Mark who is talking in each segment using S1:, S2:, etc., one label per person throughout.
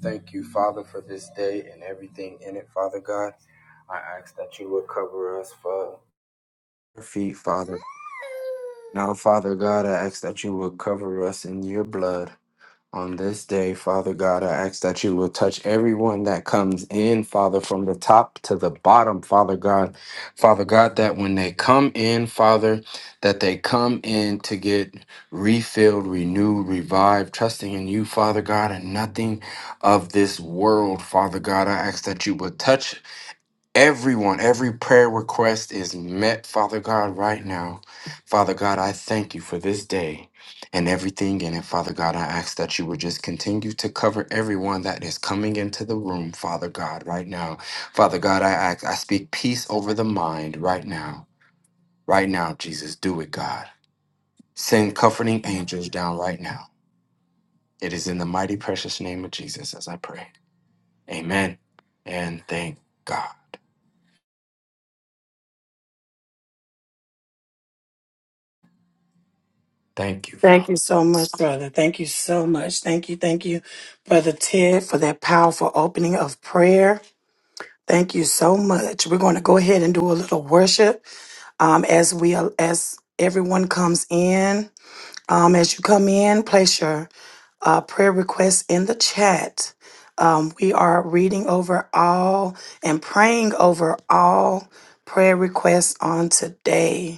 S1: Thank you, Father, for this day and everything in it, Father God. I ask that you would cover us for our feet, Father. Now, Father God, I ask that you would cover us in your blood on this day, Father God, I ask that you will touch everyone that comes in, Father, from the top to the bottom, Father God. Father God, that when they come in, Father, that they come in to get refilled, renewed, revived, trusting in you, Father God, and nothing of this world, Father God. I ask that you will touch. Everyone, every prayer request is met, Father God, right now. Father God, I thank you for this day and everything in it. Father God, I ask that you would just continue to cover everyone that is coming into the room, Father God, right now. Father God, I ask, I speak peace over the mind right now. Right now, Jesus, do it, God. Send comforting angels down right now. It is in the mighty precious name of Jesus as I pray. Amen. And thank God. Thank you,
S2: Thank
S1: Father.
S2: you so much, brother. Thank you so much. Thank you, thank you, brother Ted, for that powerful opening of prayer. Thank you so much. We're going to go ahead and do a little worship um, as we as everyone comes in. Um, as you come in, place your uh, prayer requests in the chat. Um, we are reading over all and praying over all prayer requests on today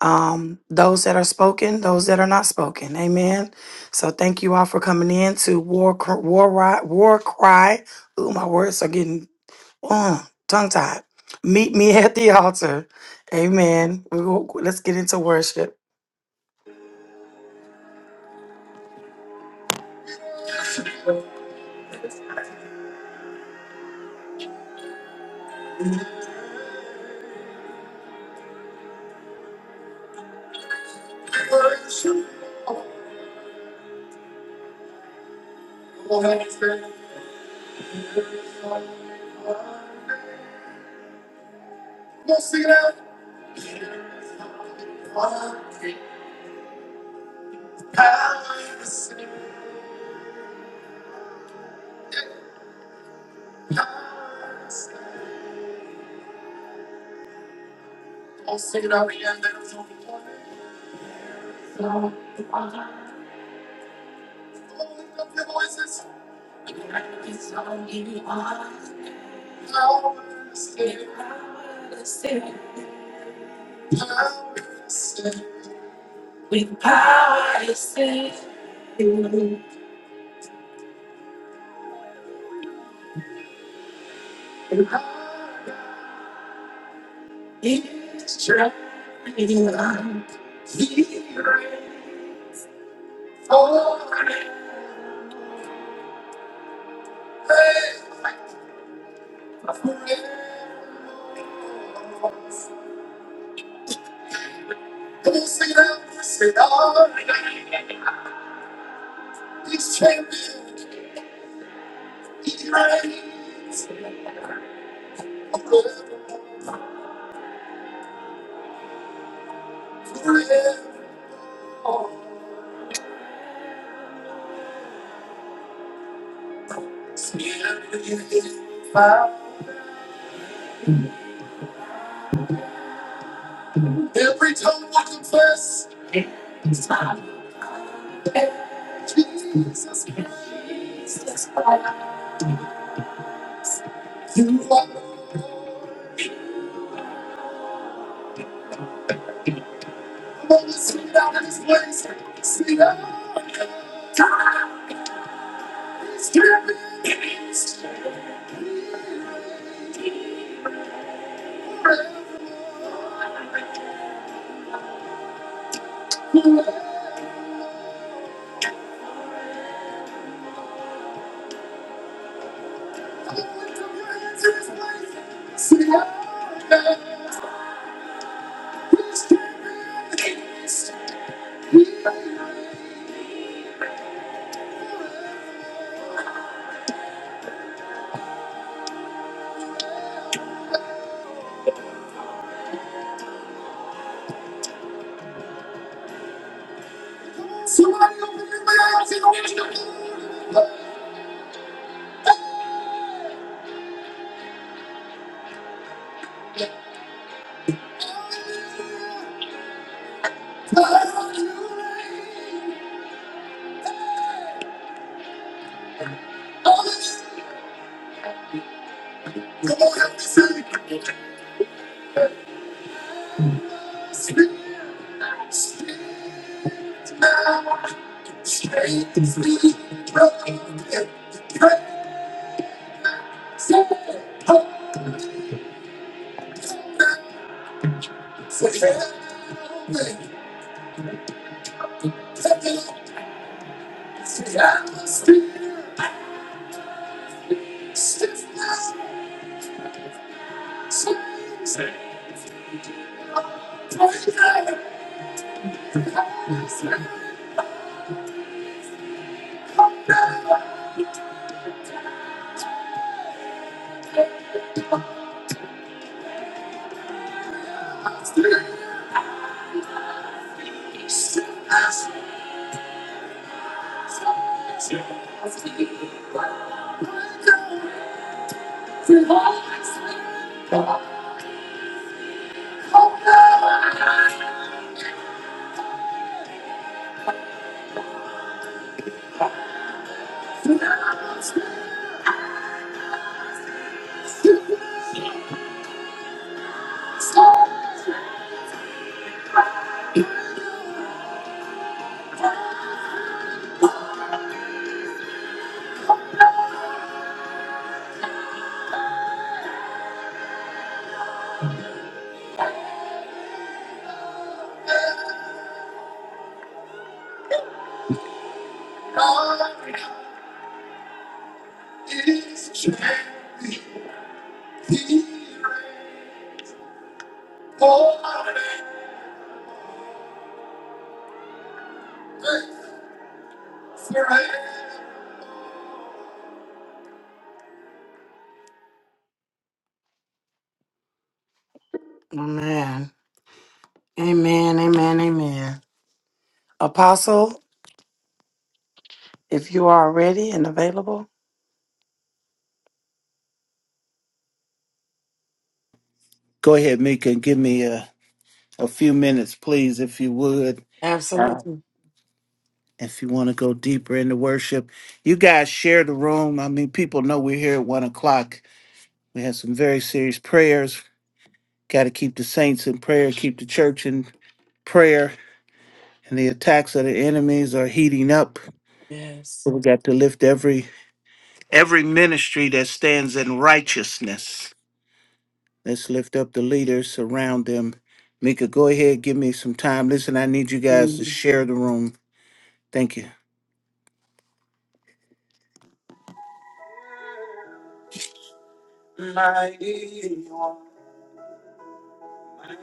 S2: um, those that are spoken, those that are not spoken. Amen. So thank you all for coming in to War Cr- War Ri- War Cry. Ooh, my words are getting uh, tongue tied. Meet me at the altar. Amen. We go, let's get into worship. With power to save you, with power is driving on. He reigns forever. Forever. Every tongue will confess, Jesus Christ, you are Lord. Come on, let's sing it out in this place. Sing it out. Stop the lights, we're fading. We're falling. All the lights are blazing. See our love. Please take me away, we're falling. Somebody open the blinds and let me see the light. Amen. Amen. Amen. Amen. Apostle, if you are ready and available.
S3: Go ahead, Mika, and give me a, a few minutes, please, if you would. Uh,
S2: Absolutely.
S3: if you want to go deeper into worship, you guys share the room. I mean, people know we're here at one o'clock. We have some very serious prayers. Got to keep the saints in prayer, keep the church in prayer, and the attacks of the enemies are heating up.
S2: Yes.
S3: We got to lift every every ministry that stands in righteousness. Let's lift up the leaders, surround them. Mika, go ahead, give me some time. Listen, I need you guys to share the room. Thank you.
S2: I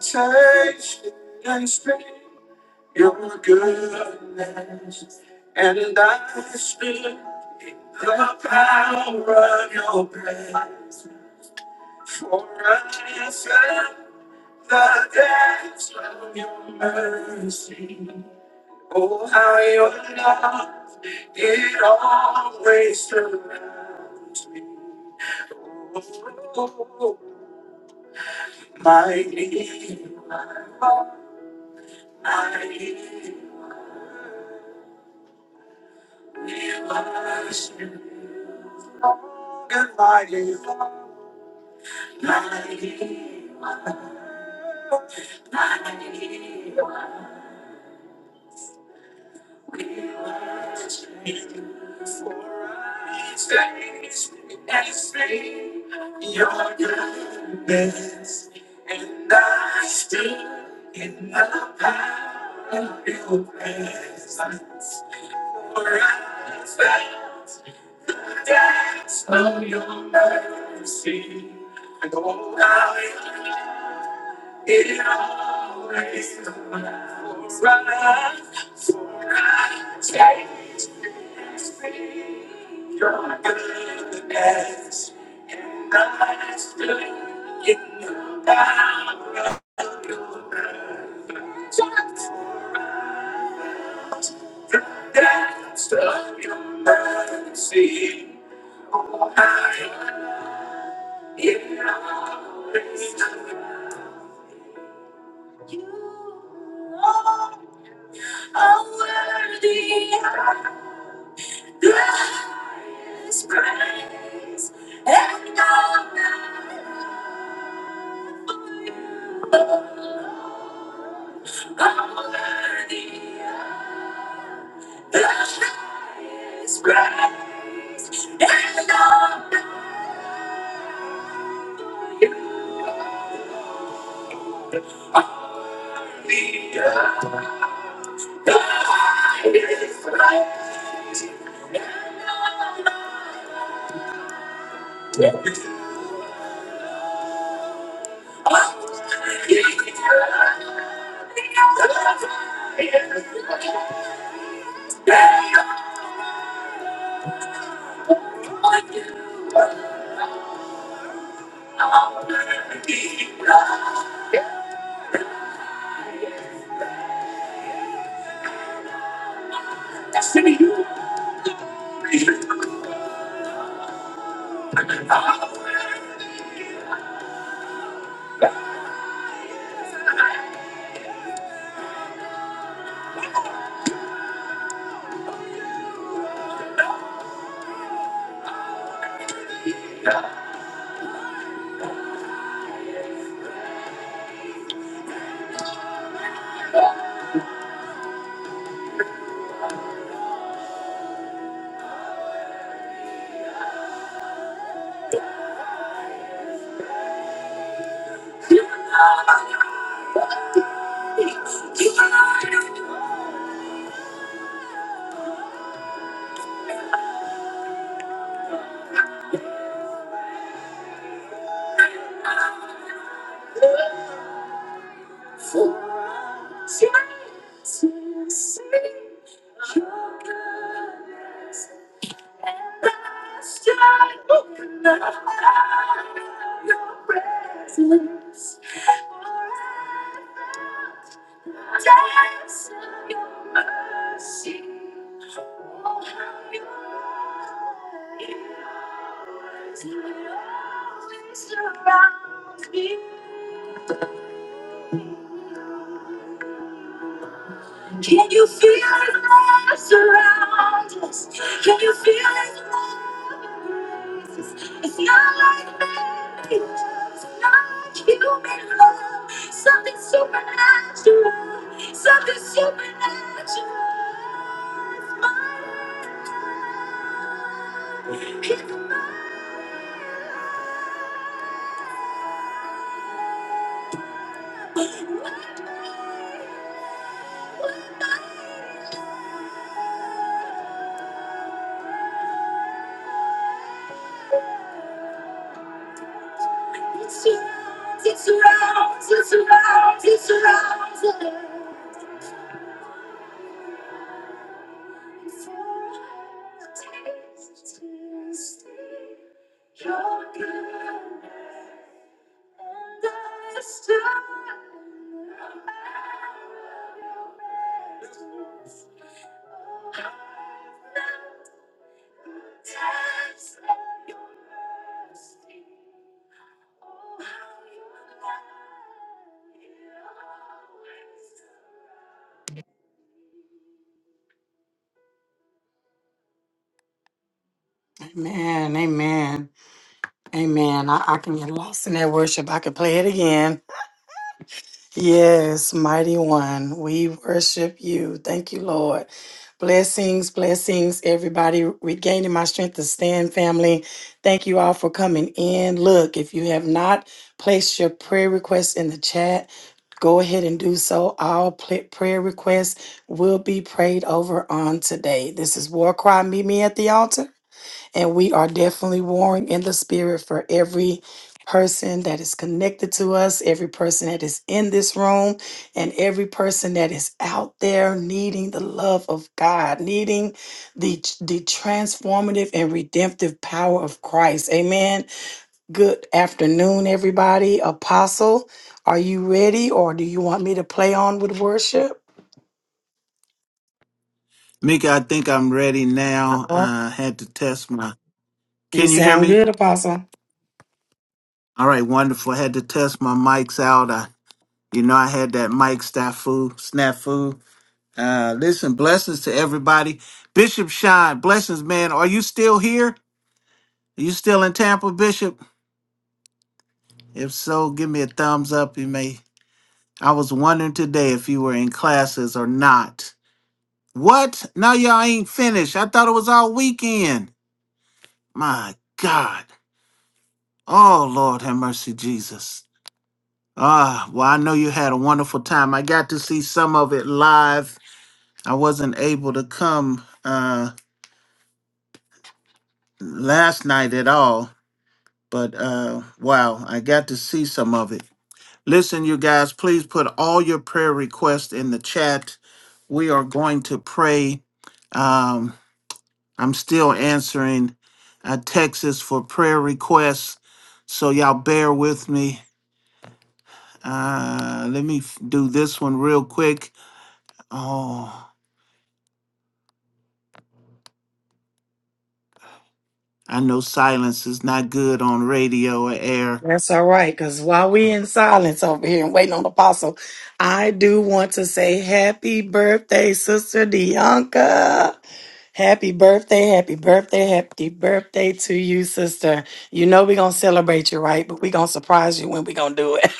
S2: taste and speak your good, and I see the power of your power. How your love it always surrounds me. Oh, my Redeemer, my Redeemer. We worship you, and like you are, like you are, like you are. We worship you, for I taste and see your goodness, and I stand in the power of your presence. For I dance of your mercy. And oh, I it always lasts. for I, for I taste your goodness. And I stood in the power of the dance of your mercy. I am all worthy. Dance of your mercy. Oh, how your love is always around me. Can you feel it all surround us? Can you feel it It's not like that. It's not like human love. Something supernatural. Something supernatural. It's mine. It surrounds. It surrounds. It surrounds It's around. Taste, taste, your goodness. Amen, amen, amen. I, I can get lost in that worship. I can play it again. Yes, mighty one. We worship you. Thank you, Lord. Blessings, blessings, everybody. Regaining my strength to stand, family. Thank you all for coming in. Look, if you have not placed your prayer requests in the chat, go ahead and do so. All pla- prayer requests will be prayed over on today. This is War Cry. Meet me at the altar. And we are definitely warring in the spirit for every person that is connected to us, every person that is in this room, and every person that is out there needing the love of God, needing the, the transformative and redemptive power of Christ. Amen. Good afternoon, everybody. Apostle, are you ready or do you want me to play on with worship?
S3: Mika, I think I'm ready now. I had to test my.
S2: You
S3: Can you hear
S2: sound
S3: me?
S2: good, Apostle.
S3: All right, wonderful. I had to test my mics out. I, you know, I had that mic snafu, snafu. Uh, listen, blessings to everybody. Bishop Shine, blessings, man. Are you still here? Are you still in Tampa, Bishop? If so, give me a thumbs up. You may I was wondering today if you were in classes or not. What? Now y'all ain't finished. I thought it was all weekend. My God. Oh, Lord have mercy, Jesus. Ah, well, I know you had a wonderful time. I got to see some of it live. I wasn't able to come uh last night at all, but uh wow, I got to see some of it. Listen, you guys, please put all your prayer requests in the chat. We are going to pray. Um, I'm still answering uh, Texas for prayer requests, so y'all bear with me. Uh, let me f- do this one real quick. Oh, I know silence is not good on radio or air.
S2: That's all right, because while we in silence over here and waiting on the apostle, I do want to say happy birthday, Sister Dianca. Happy birthday, happy birthday, happy birthday to you, sister. You know we're gonna celebrate you, right? But we're gonna surprise you when we're gonna do it.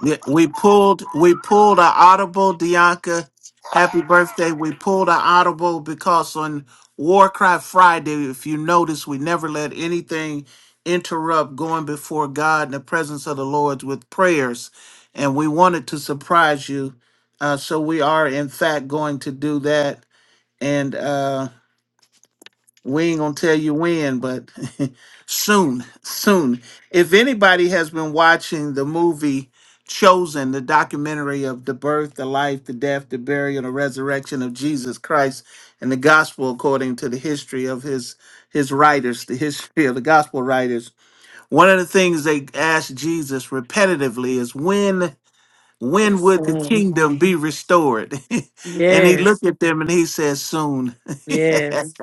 S3: Yeah, We pulled we pulled our audible, Dianca. Happy birthday. We pulled our audible because on Warcry Friday, if you notice, we never let anything interrupt going before God in the presence of the Lord with prayers. And we wanted to surprise you. Uh, so we are in fact going to do that. And uh we ain't gonna tell you when, but soon, soon. If anybody has been watching the movie Chosen, the documentary of the birth, the life, the death, the burial, and the resurrection of Jesus Christ and the gospel according to the history of his his writers, the history of the gospel writers, one of the things they asked Jesus repetitively is when when
S2: Yes.
S3: would the
S2: um,
S3: kingdom be restored? and he
S2: Yes.
S3: looked at them and he says, Soon.
S2: Yes.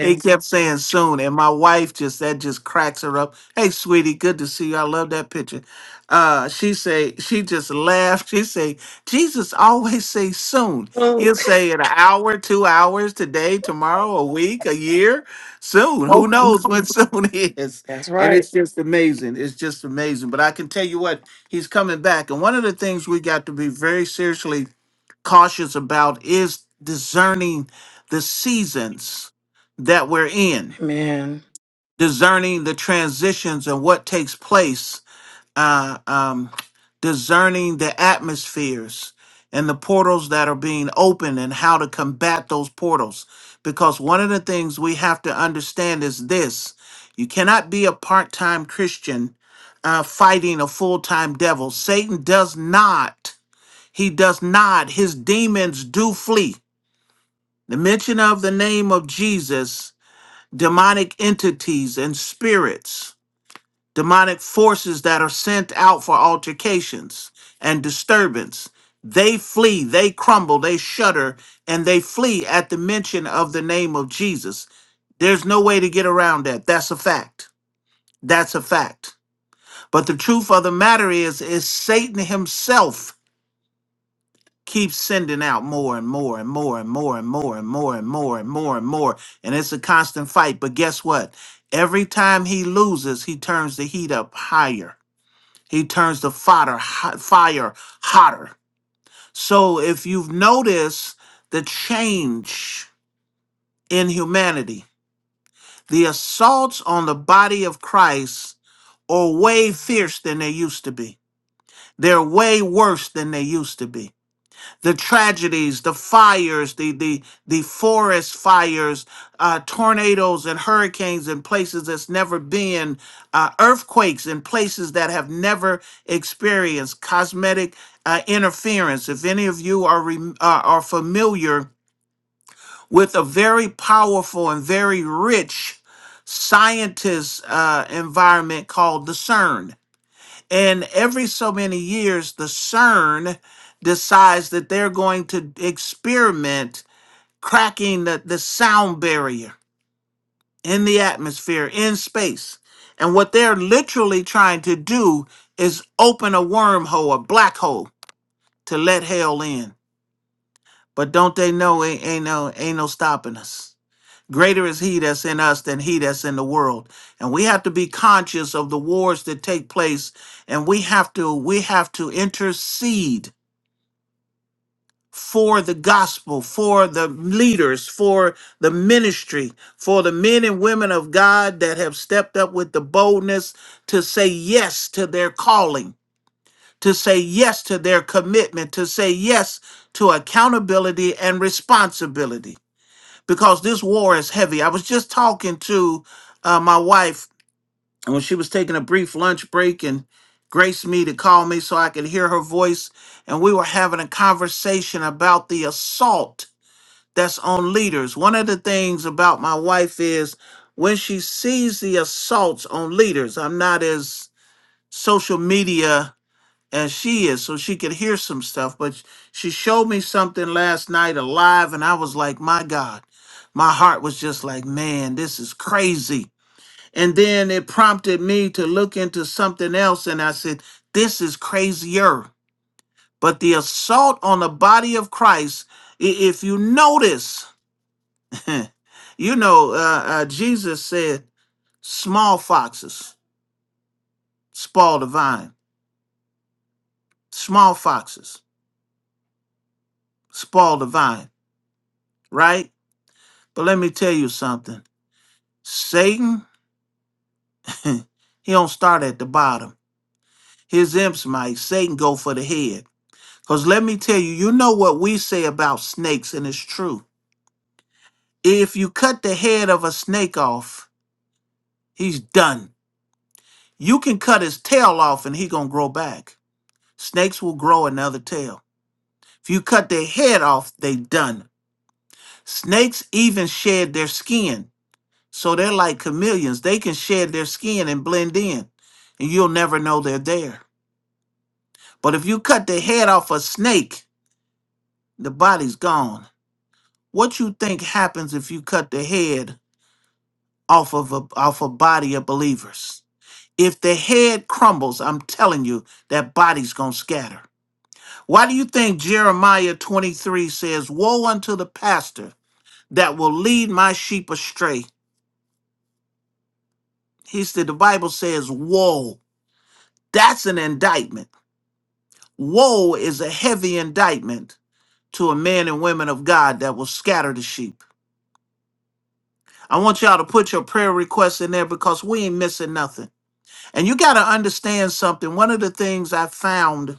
S3: he kept saying soon. And my wife just that just cracks her up. Hey, sweetie, good to see you. I love that picture. Uh, she say she just laughed. She say Jesus always say soon.
S2: Oh,
S3: He'll say in an hour, two hours, today, tomorrow, a week, a year, soon.
S2: Oh,
S3: Who knows when soon is?
S2: that's
S3: And
S2: right.
S3: it's just amazing. It's just amazing. But I can tell you what, he's coming back. And one of the things we got to be very seriously cautious about is discerning the seasons that we're in,
S2: Amen.
S3: discerning the transitions and what takes place, uh, um, discerning the atmospheres and the portals that are being opened and how to combat those portals. Because one of the things we have to understand is this you cannot be a part time Christian uh, fighting a full time devil. Satan does not. He does not. His demons do flee. The mention of the name of Jesus, demonic entities and spirits, demonic forces that are sent out for altercations and disturbance, they flee, they crumble, they shudder, and they flee at the mention of the name of Jesus. There's no way to get around that. That's a fact. That's a fact. But the truth of the matter is, is Satan himself keep sending out more and more and more and more and more and more and more and more and more. And it's a constant fight. But guess what? Every time he loses, he turns the heat up higher. He turns the fodder, hot, fire hotter. So if you've noticed the change in humanity, the assaults on the body of Christ are way fierce than they used to be. They're way worse than they used to be the tragedies, the fires, the the the forest fires, uh, tornadoes and hurricanes in places that's never been, uh, earthquakes in places that have never experienced cosmetic uh, interference. If any of you are rem uh, are familiar with a very powerful and very rich scientist uh, environment called the CERN, and every so many years, the CERN decides that they're going to experiment cracking the, the sound barrier in the atmosphere, in space. And what they're literally trying to do is open a wormhole, a black hole, to let hell in. But don't they know ain't, ain't no ain't no stopping us? Greater is he that's in us than he that's in the world. And we have to be conscious of the wars that take place and we have to we have to intercede for the gospel, for the leaders, for the ministry, for the men and women of God that have stepped up with the boldness to say yes to their calling, to say yes to their commitment, to say yes to accountability and responsibility because this war is heavy. I was just talking to uh, my wife when she was taking a brief lunch break and graced me to call me so I could hear her voice. And we were having a conversation about the assault that's on leaders. One of the things about my wife is when she sees the assaults on leaders, I'm not as social media as she is so she could hear some stuff but she showed me something last night alive and i was like my god my heart was just like man this is crazy and then it prompted me to look into something else and i said this is crazier but the assault on the body of christ i- if you notice you know uh, uh, jesus said small foxes spoil the vine small foxes spoil the vine right But let me tell you something. Satan, he don't start at the bottom. His imps might. Satan go for the head. Because let me tell you, you know what we say about snakes, and it's true. If you cut the head of a snake off, he's done. You can cut his tail off and he gonna grow back. Snakes will grow another tail. If you cut their head off, they done. Snakes even shed their skin. So they're like chameleons. They can shed their skin and blend in, and you'll never know they're there. But if you cut the head off a snake, the body's gone. What you think happens if you cut the head off of a off a body of believers? If the head crumbles, I'm telling you, that body's gonna scatter. Why do you think Jeremiah 23 says, Woe unto the pastor that will lead my sheep astray? He said the Bible says, Woe. That's an indictment. Woe is a heavy indictment to a man and women of God that will scatter the sheep. I want y'all to put your prayer requests in there because we ain't missing nothing. And you got to understand something. One of the things I found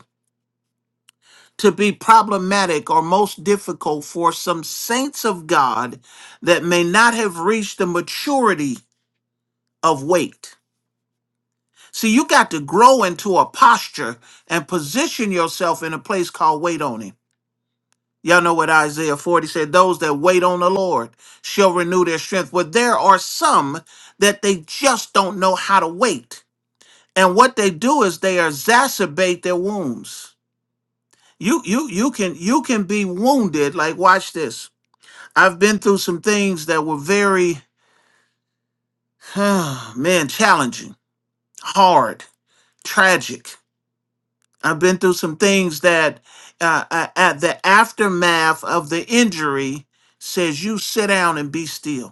S3: to be problematic or most difficult for some saints of God that may not have reached the maturity of weight. See, you got to grow into a posture and position yourself in a place called wait on Him. Y'all know what Isaiah 40 said those that wait on the Lord shall renew their strength. But there are some that they just don't know how to wait. And what they do is they exacerbate their wounds. You you you can you can be wounded. Like watch this. I've been through some things that were very man challenging, hard, tragic. I've been through some things that uh, uh, at the aftermath of the injury says you sit down and be still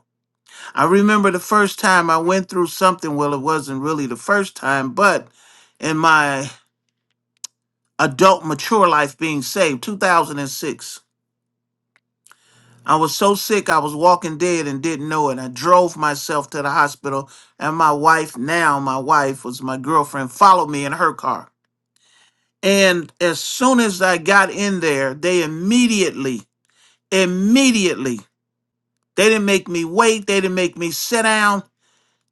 S3: I remember the first time I went through something. Well, it wasn't really the first time, but in my adult mature life being saved, 2006, I was so sick I was walking dead and didn't know it. I drove myself to the hospital, and my wife, now my wife, was my girlfriend, followed me in her car. And as soon as I got in there, they immediately, immediately, they didn't make me wait, they didn't make me sit down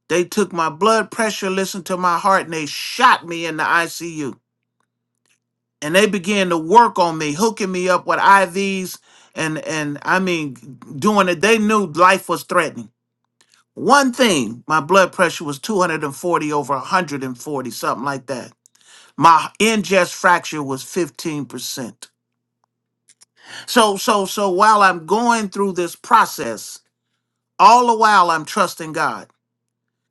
S3: They took my blood pressure, listened to my heart, and they shot me in the ICU. And they began to work on me, hooking me up with IVs and and I mean doing it. They knew life was threatening. One thing, my blood pressure was 240 over 140, something like that. My ingest fracture was 15%. So so so while I'm going through this process, all the while I'm trusting God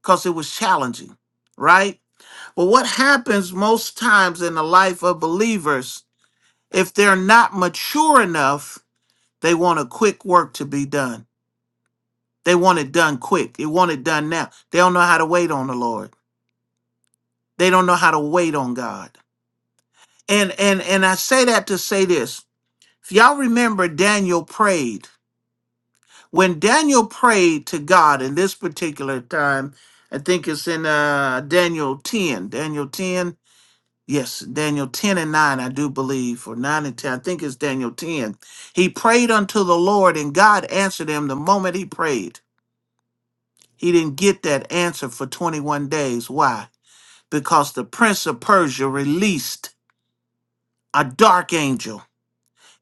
S3: because it was challenging, right? But what happens most times in the life of believers, if they're not mature enough, they want a quick work to be done. They want it done quick. They want it done now. They don't know how to wait on the Lord. They don't know how to wait on God. And and and I say that to say this. If y'all remember Daniel prayed. When Daniel prayed to God in this particular time, I think it's in uh Daniel 10, Daniel 10 Yes, Daniel 10 and 9, I do believe, or 9 and 10, I think it's Daniel 10. He prayed unto the Lord, and God answered him the moment he prayed. He didn't get that answer for 21 days. Why? Because the prince of Persia released a dark angel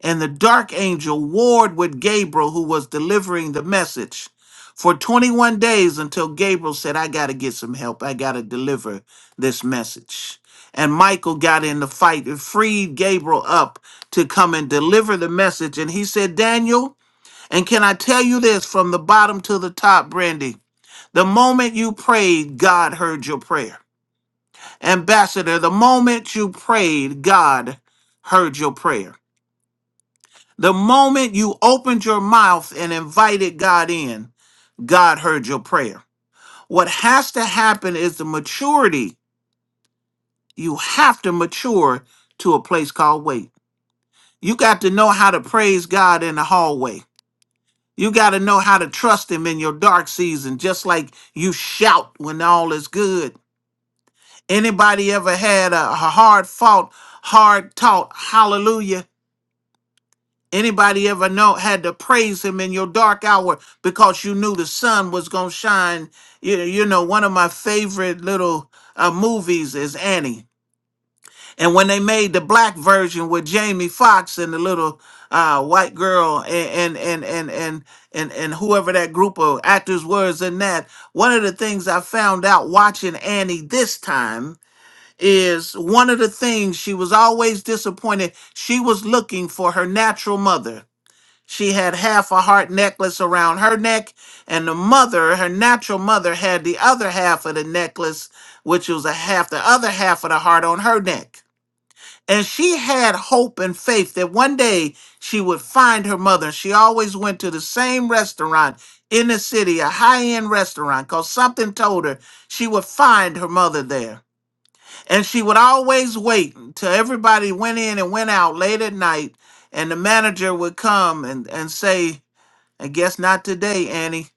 S3: and the dark angel warred with Gabriel, who was delivering the message, for 21 days until Gabriel said, I got to get some help. I got to deliver this message. And Michael got in the fight and freed Gabriel up to come and deliver the message. And he said, Daniel, and can I tell you this from the bottom to the top, Brandy? The moment you prayed, God heard your prayer. Ambassador, the moment you prayed, God heard your prayer. The moment you opened your mouth and invited God in, God heard your prayer. What has to happen is the maturity. You have to mature to a place called wait. You got to know how to praise God in the hallway. You got to know how to trust Him in your dark season, just like you shout when all is good. Anybody ever had a a hard fought, hard taught hallelujah? Anybody ever know had to praise him in your dark hour because you knew the sun was gonna shine? You, you know, one of my favorite little uh, movies is Annie. And when they made the black version with Jamie Foxx and the little uh, white girl and and and and and and and whoever that group of actors was in that, one of the things I found out watching Annie this time is one of the things she was always disappointed. She was looking for her natural mother she had half a heart necklace around her neck, and the mother, her natural mother, had the other half of the necklace, which was a half, the other half of the heart on her neck. And she had hope and faith that one day she would find her mother. She always went to the same restaurant in the city, a high end restaurant, because something told her she would find her mother there. And she would always wait until everybody went in and went out late at night, and the manager would come and, and say, and guess not today, Annie.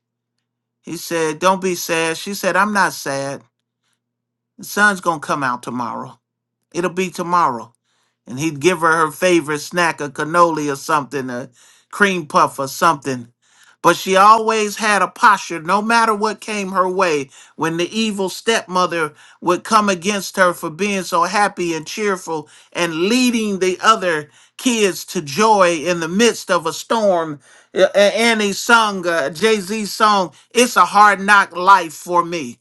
S3: He said, Don't be sad. She said, I'm not sad. The sun's going to come out tomorrow. It'll be tomorrow. And he'd give her her favorite snack, a cannoli or something, a cream puff or something. But she always had a posture, no matter what came her way, when the evil stepmother would come against her for being so happy and cheerful and leading the other kids to joy in the midst of a storm. A- a- Annie sung a Jay Z song, It's a Hard Knock Life for Me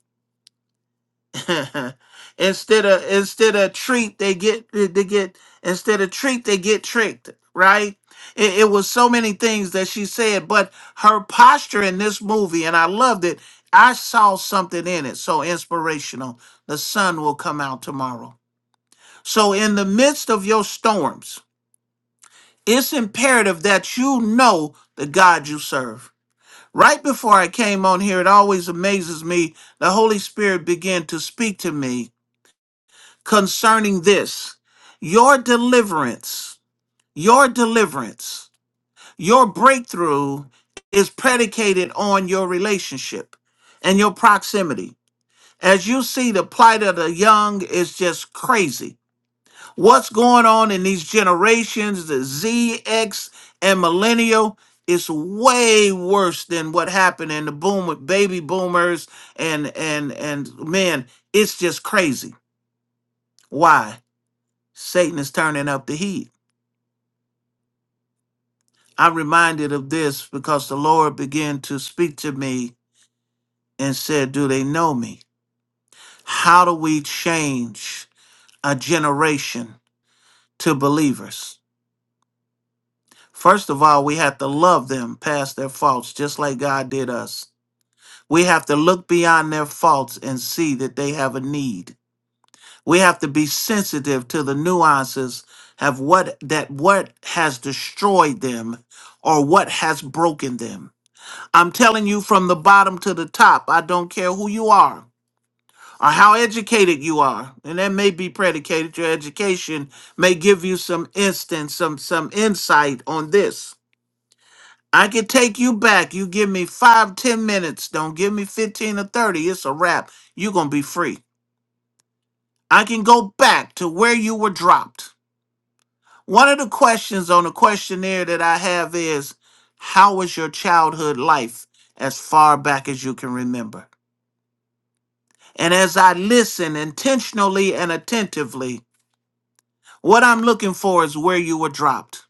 S3: instead of instead of treat they get they get instead of treat they get tricked right it, it was so many things that she said but her posture in this movie and i loved it i saw something in it so inspirational the sun will come out tomorrow so in the midst of your storms it's imperative that you know the god you serve right before i came on here it always amazes me the holy spirit began to speak to me concerning this your deliverance, your deliverance, your breakthrough is predicated on your relationship and your proximity. As you see, the plight of the young is just crazy. What's going on in these generations, the Z, X, and millennial, is way worse than what happened in the boom with baby boomers and and and man, it's just crazy. Why? Satan is turning up the heat. I'm reminded of this because the Lord began to speak to me and said, Do they know me? How do we change a generation to believers? First of all, we have to love them past their faults, just like God did us. We have to look beyond their faults and see that they have a need. We have to be sensitive to the nuances of what that what has destroyed them or what has broken them. I'm telling you from the bottom to the top. I don't care who you are or how educated you are. And that may be predicated. Your education may give you some instance, some some insight on this. I could take you back. You give me five, ten minutes. Don't give me 15 or 30. It's a wrap. You're gonna be free. I can go back to where you were dropped. One of the questions on the questionnaire that I have is how was your childhood life as far back as you can remember? And as I listen intentionally and attentively, what I'm looking for is where you were dropped.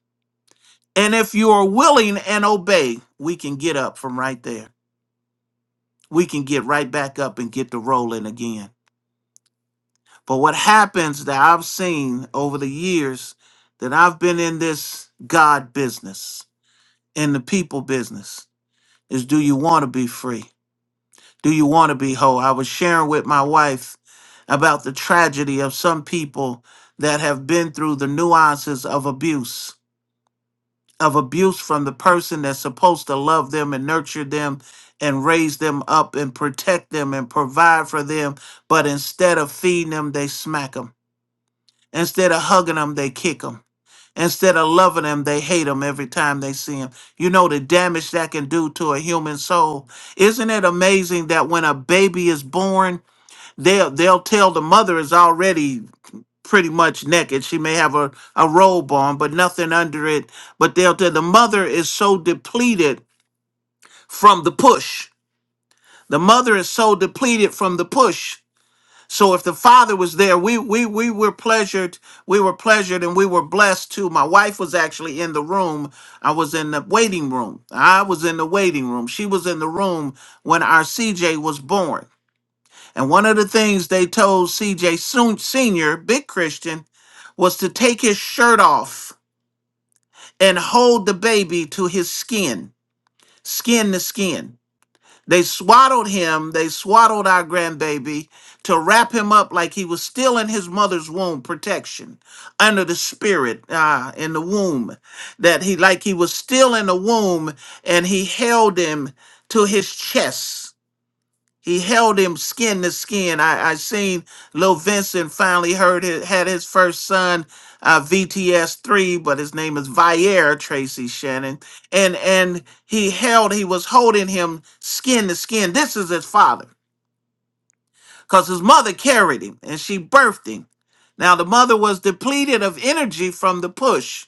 S3: And if you are willing and obey, we can get up from right there. We can get right back up and get the rolling again. But what happens that I've seen over the years that I've been in this God business, in the people business, is do you want to be free? Do you want to be whole? I was sharing with my wife about the tragedy of some people that have been through the nuances of abuse, of abuse from the person that's supposed to love them and nurture them and raise them up and protect them and provide for them. But instead of feeding them, they smack them. Instead of hugging them, they kick them. Instead of loving them, they hate them every time they see them. You know the damage that can do to a human soul. Isn't it amazing that when a baby is born, they'll they'll tell the mother is already pretty much naked. She may have a, a robe on, but nothing under it. But they'll tell the mother is so depleted from the push. The mother is so depleted from the push. So if the father was there, we we we were pleasured. We were pleasured and we were blessed too. My wife was actually in the room. I was in the waiting room. I was in the waiting room. She was in the room when our CJ was born. And one of the things they told CJ Soon Sr., big Christian, was to take his shirt off and hold the baby to his skin, skin to skin. They swaddled him, they swaddled our grandbaby to wrap him up like he was still in his mother's womb, protection under the spirit uh, in the womb, that he like he was still in the womb and he held him to his chest he held him skin to skin. I, I seen Lil Vincent finally heard his, had his first son, uh, VTS three, but his name is Viera Tracy Shannon, and and he held he was holding him skin to skin. This is his father, cause his mother carried him and she birthed him. Now the mother was depleted of energy from the push,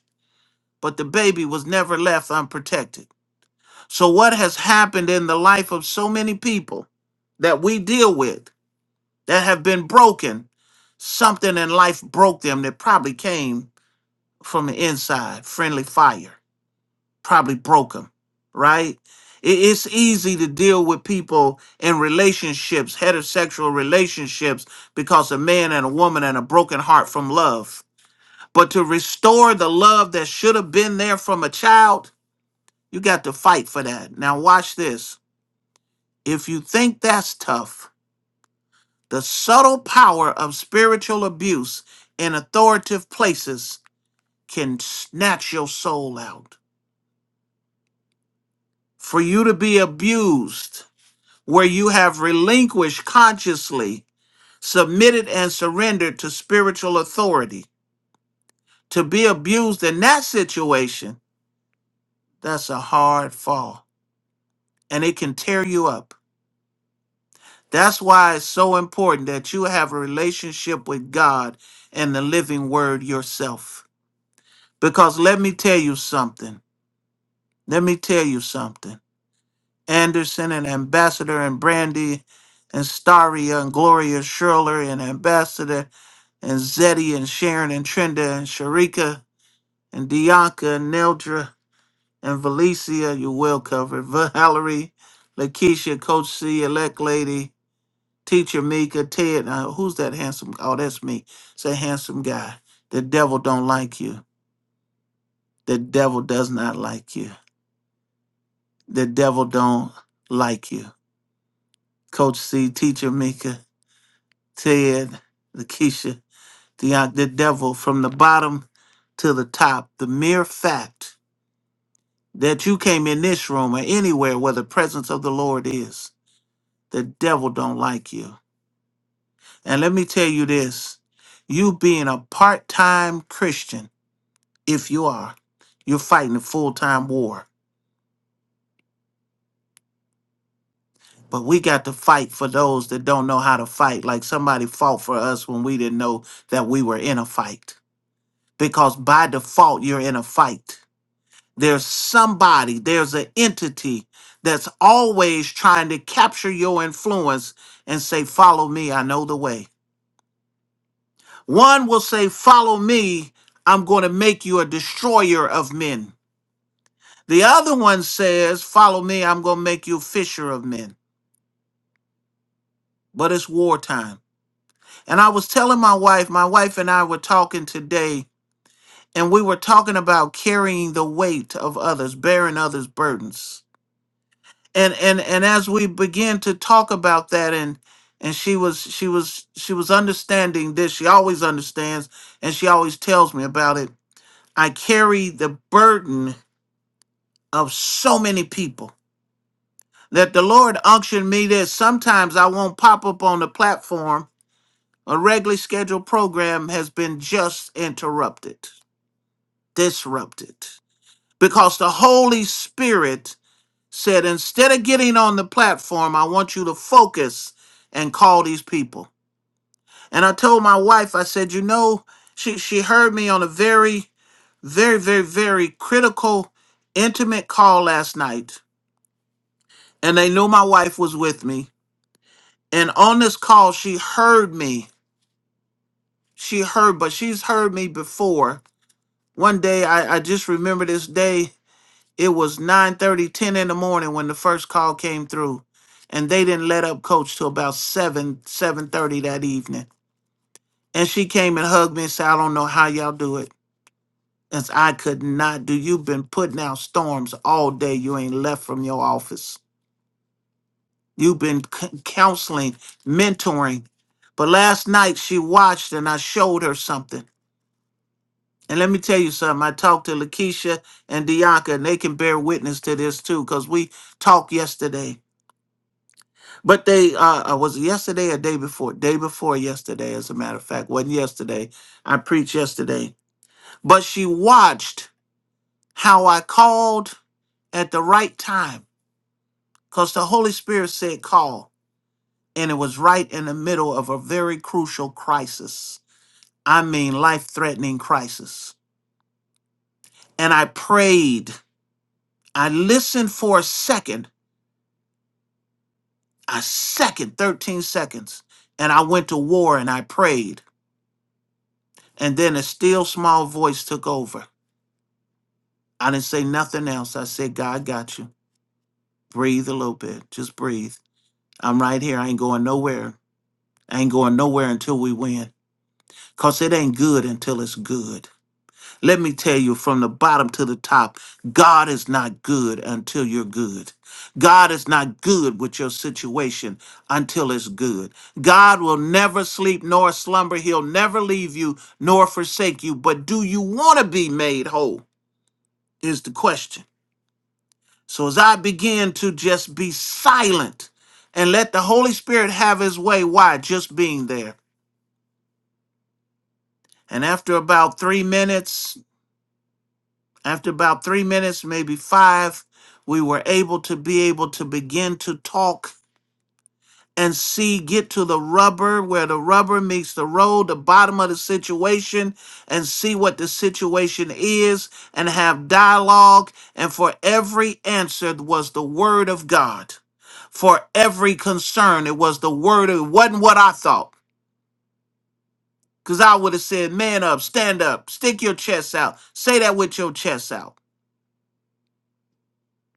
S3: but the baby was never left unprotected. So what has happened in the life of so many people that we deal with? that have been broken. Something in life broke them that probably came from the inside. Friendly fire probably broke them, right? I- It's easy to deal with people in relationships, heterosexual relationships, because a man and a woman and a broken heart from love. But to restore the love that should have been there from a child, you got to fight for that. Now, watch this. If you think that's tough, The subtle power of spiritual abuse in authoritative places can snatch your soul out. For you to be abused, where you have relinquished consciously, submitted and surrendered to spiritual authority, to be abused in that situation, that's a hard fall and it can tear you up. That's why it's so important that you have a relationship with God and the living word yourself. Because let me tell you something. Let me tell you something. Anderson and Ambassador and Brandy and Staria and Gloria Schurler and Ambassador and Zeddy and Sharon and Trinda and Sharika and Dianca and Neldra and Valicia, you well covered. Valerie, Lakeisha, Coach C, Elect Lady, Teacher Mika, Ted. Now, who's that handsome? Oh, that's me. It's a handsome guy. The devil don't like you. The devil does not like you. The devil don't like you. Coach C, Teacher Mika, Ted, Lakeisha, the, the devil from the bottom to the top. The mere fact that you came in this room or anywhere where the presence of the Lord is, the devil don't like you. And let me tell you this, you being a part-time Christian, if you are, you're fighting a full-time war But we got to fight for those that don't know how to fight, like somebody fought for us when we didn't know that we were in a fight. Because by default, you're in a fight. There's somebody, there's an entity that's always trying to capture your influence and say, Follow me, I know the way. One will say, Follow me, I'm going to make you a destroyer of men. The other one says, Follow me, I'm going to make you a fisher of men. But it's wartime. And I was telling my wife, my wife and I were talking today, and we were talking about carrying the weight of others, bearing others' burdens. And and and as we began to talk about that and and she was she was she was understanding this. She always understands and she always tells me about it. I carry the burden of so many people that the Lord unctioned me that sometimes I won't pop up on the platform. A regularly scheduled program has been just interrupted disrupted because the Holy Spirit said, instead of getting on the platform, I want you to focus and call these people. And I told my wife, I said, you know, she, she heard me on a very, very, very, very critical, intimate call last night. And they knew my wife was with me. And on this call, she heard me. She heard, but she's heard me before. One day, I, I just remember this day It was nine thirty, ten in the morning when the first call came through. And they didn't let up coach till about 7, seven thirty that evening. And she came and hugged me and said, I don't know how y'all do it. As I could not do. You've been putting out storms all day. You ain't left from your office. You've been c- counseling, mentoring. But last night she watched and I showed her something. And let me tell you something. I talked to Lakeisha and Dianca, and they can bear witness to this too, because we talked yesterday But they uh uh, was it yesterday or day before? Day before yesterday, as a matter of fact. Wasn't yesterday. I preached yesterday. But she watched how I called at the right time. Because the Holy Spirit said call. And it was right in the middle of a very crucial crisis. I mean, life threatening crisis. And I prayed. I listened for a second, a second, 13 seconds. And I went to war and I prayed. And then a still small voice took over I didn't say nothing else. I said, God got you. Breathe a little bit. Just breathe. I'm right here. I ain't going nowhere. I ain't going nowhere until we win. Because it ain't good until it's good. Let me tell you from the bottom to the top God is not good until you're good. God is not good with your situation until it's good. God will never sleep nor slumber. He'll never leave you nor forsake you. But do you want to be made whole? Is the question. So as I begin to just be silent and let the Holy Spirit have his way, why? Just being there. And after about three minutes, after about three minutes, maybe five, we were able to be able to begin to talk and see get to the rubber where the rubber meets the road the bottom of the situation and see what the situation is and have dialogue and for every answer was the word of god for every concern it was the word it wasn't what i thought because i would have said man up stand up stick your chest out say that with your chest out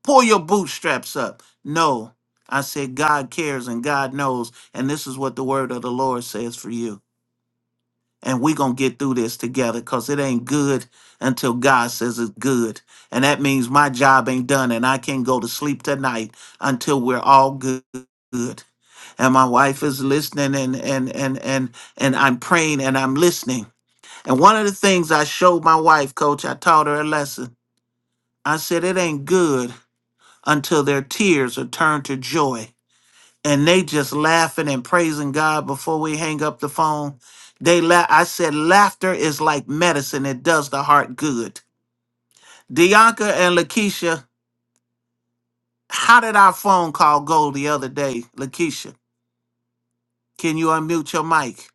S3: pull your bootstraps up no i said god cares and god knows and this is what the word of the lord says for you and we're going to get through this together because it ain't good until God says it's good. And that means my job ain't done and I can't go to sleep tonight until we're all good. And my wife is listening and and and and and I'm praying and I'm listening. And one of the things I showed my wife, coach, I taught her a lesson. I said it ain't good until their tears are turned to joy and they just laughing and praising God before we hang up the phone. They la- I said laughter is like medicine; it does the heart good. Dianca and Lakeisha, how did our phone call go the other day? Lakeisha, can you unmute your mic?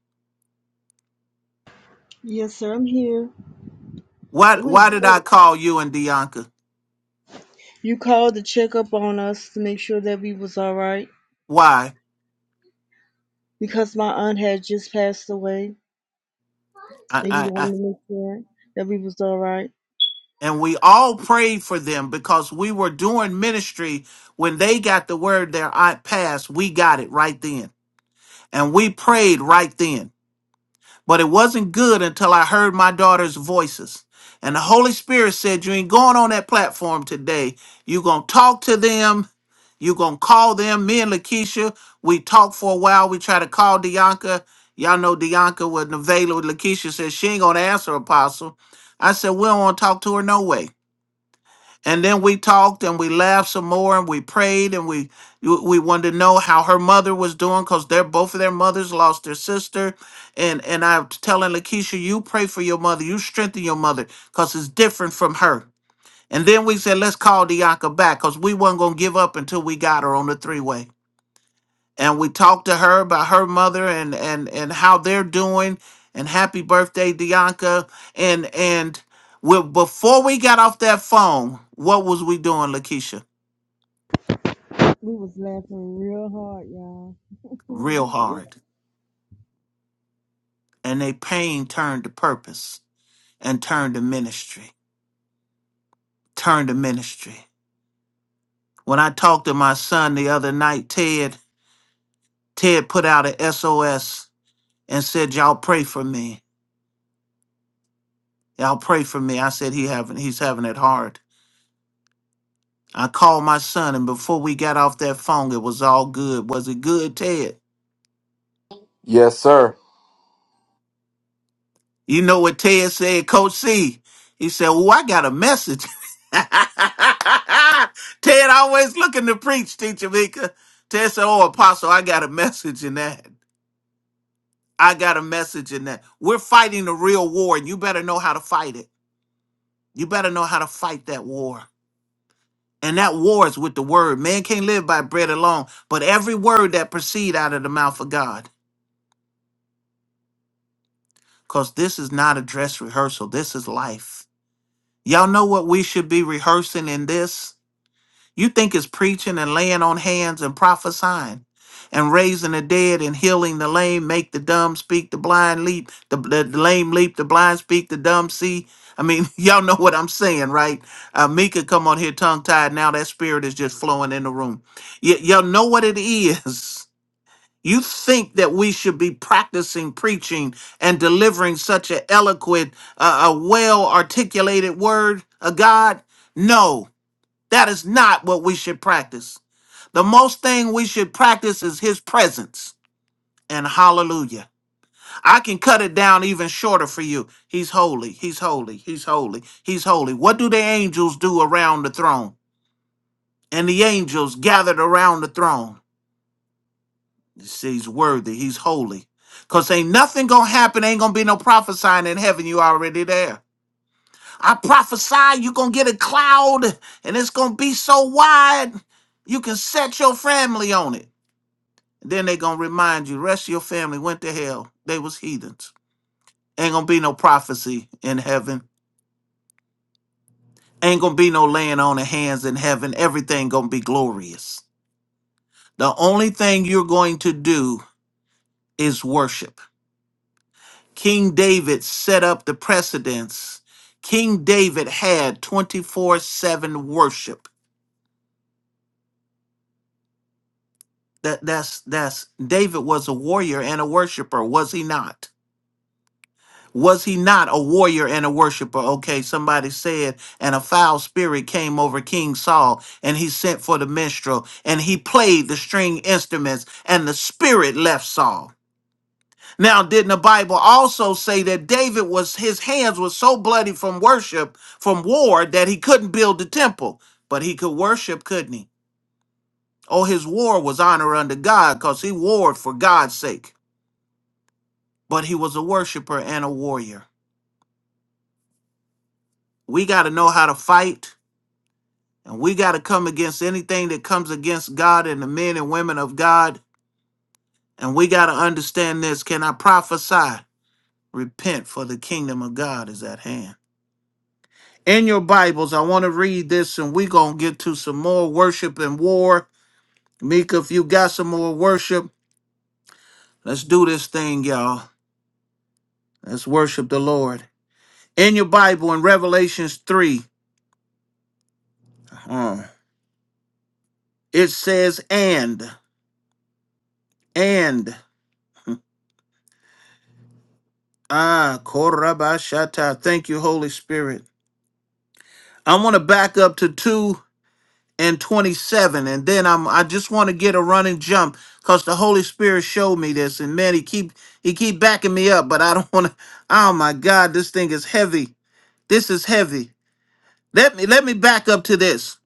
S4: Yes, sir, I'm here.
S3: Why
S4: It went
S3: why did I
S4: great.
S3: call you and Dianca?
S4: You called to check up on us to make sure that we was all right
S3: Why?
S4: because my aunt had just passed away,
S3: I,
S4: and you
S3: I, I
S4: wanted to make sure that we was all right.
S3: and we all prayed for them because we were doing ministry when they got the word their aunt passed. We got it right then, and we prayed right then but it wasn't good until I heard my daughter's voices. And the Holy Spirit said, You ain't going on that platform today. you going to talk to them. you going to call them. Me and Lakeisha, we talked for a while. We tried to call Dianca. Y'all know Dianca with Nevela. Lakeisha said, She ain't going to answer, Apostle. I said, We don't want to talk to her no way. And then we talked and we laughed some more and we prayed and we we wanted to know how her mother was doing because they're both of their mothers lost their sister. And and I'm telling Lakeisha, you pray for your mother, you strengthen your mother, because it's different from her. And then we said, let's call Dianca back because we weren't gonna give up until we got her on the three-way and we talked to her about her mother and and and how they're doing and happy birthday Dianca and and we, before we got off that phone what was we doing Lakeisha
S4: We was laughing real hard, y'all.
S3: real hard and they pain turned to purpose and turned to ministry turned to ministry when I talked to my son the other night Ted Ted put out an SOS and said y'all pray for me y'all pray for me I said he having he's having it hard I called my son, and before we got off that phone, it was all good. Was it good, Ted?
S1: Yes, sir.
S3: You know what Ted said, Coach C? He said, "Oh, I got a message." Ted always looking to preach, Teacher Mika. Ted said, "Oh, Apostle, I got a message in that. I got a message in that. We're fighting a real war, and you better know how to fight it. You better know how to fight that war." And that war is with the word. Man can't live by bread alone, but every word that proceed out of the mouth of God. because this is not a dress rehearsal. This is life. Y'all know what we should be rehearsing in this? You think it's preaching and laying on hands and prophesying and raising the dead and healing the lame, make the dumb speak, the blind leap, the, the lame leap, the blind speak, the dumb see. I mean, y'all know what I'm saying, right? Uh, Mika come on here tongue tied. Now that spirit is just flowing in the room. Y- y'all know what it is. You think that we should be practicing preaching and delivering such an eloquent, uh, a well articulated word of God? No, that is not what we should practice. The most thing we should practice is his presence and hallelujah. I can cut it down even shorter for you. He's holy, he's holy, he's holy, he's holy. What do the angels do around the throne? And the angels gathered around the throne. He's worthy. He's holy. Cause ain't nothing gonna happen. Ain't gonna be no prophesying in heaven. You already there. I prophesy you gonna get a cloud and it's gonna be so wide you can set your family on it. Then they gonna remind you, rest of your family went to hell. They was heathens. Ain't gonna be no prophecy in heaven. Ain't gonna be no laying on of hands in heaven. Everything gonna be glorious. The only thing you're going to do is worship. King David set up the precedence. King David had 24/7 worship. That that's that's David was a warrior and a worshiper, was he not? Was he not a warrior and a worshiper? Okay, somebody said, and a foul spirit came over King Saul, and he sent for the minstrel, and he played the string instruments, and the spirit left Saul. Now, didn't the Bible also say that David was his hands were so bloody from worship, from war, that he couldn't build the temple, but he could worship, couldn't he? Oh, his war was honor unto God because he warred for God's sake. But he was a worshiper and a warrior. We got to know how to fight, and we got to come against anything that comes against God and the men and women of God. And we got to understand this. Can I prophesy? Repent, for the kingdom of God is at hand. In your Bibles, I want to read this and we're going to get to some more worship and war. Mika, if you got some more worship, let's do this thing, y'all. Let's worship the Lord. In your Bible, in Revelations 3, uh, it says, and, and, ah, Korabashata. Thank you, Holy Spirit. I want to back up to 2 and 27 and then i'm i just want to get a running jump because the holy spirit showed me this and man he keep he keep backing me up but i don't want to oh my god this thing is heavy this is heavy let me let me back up to this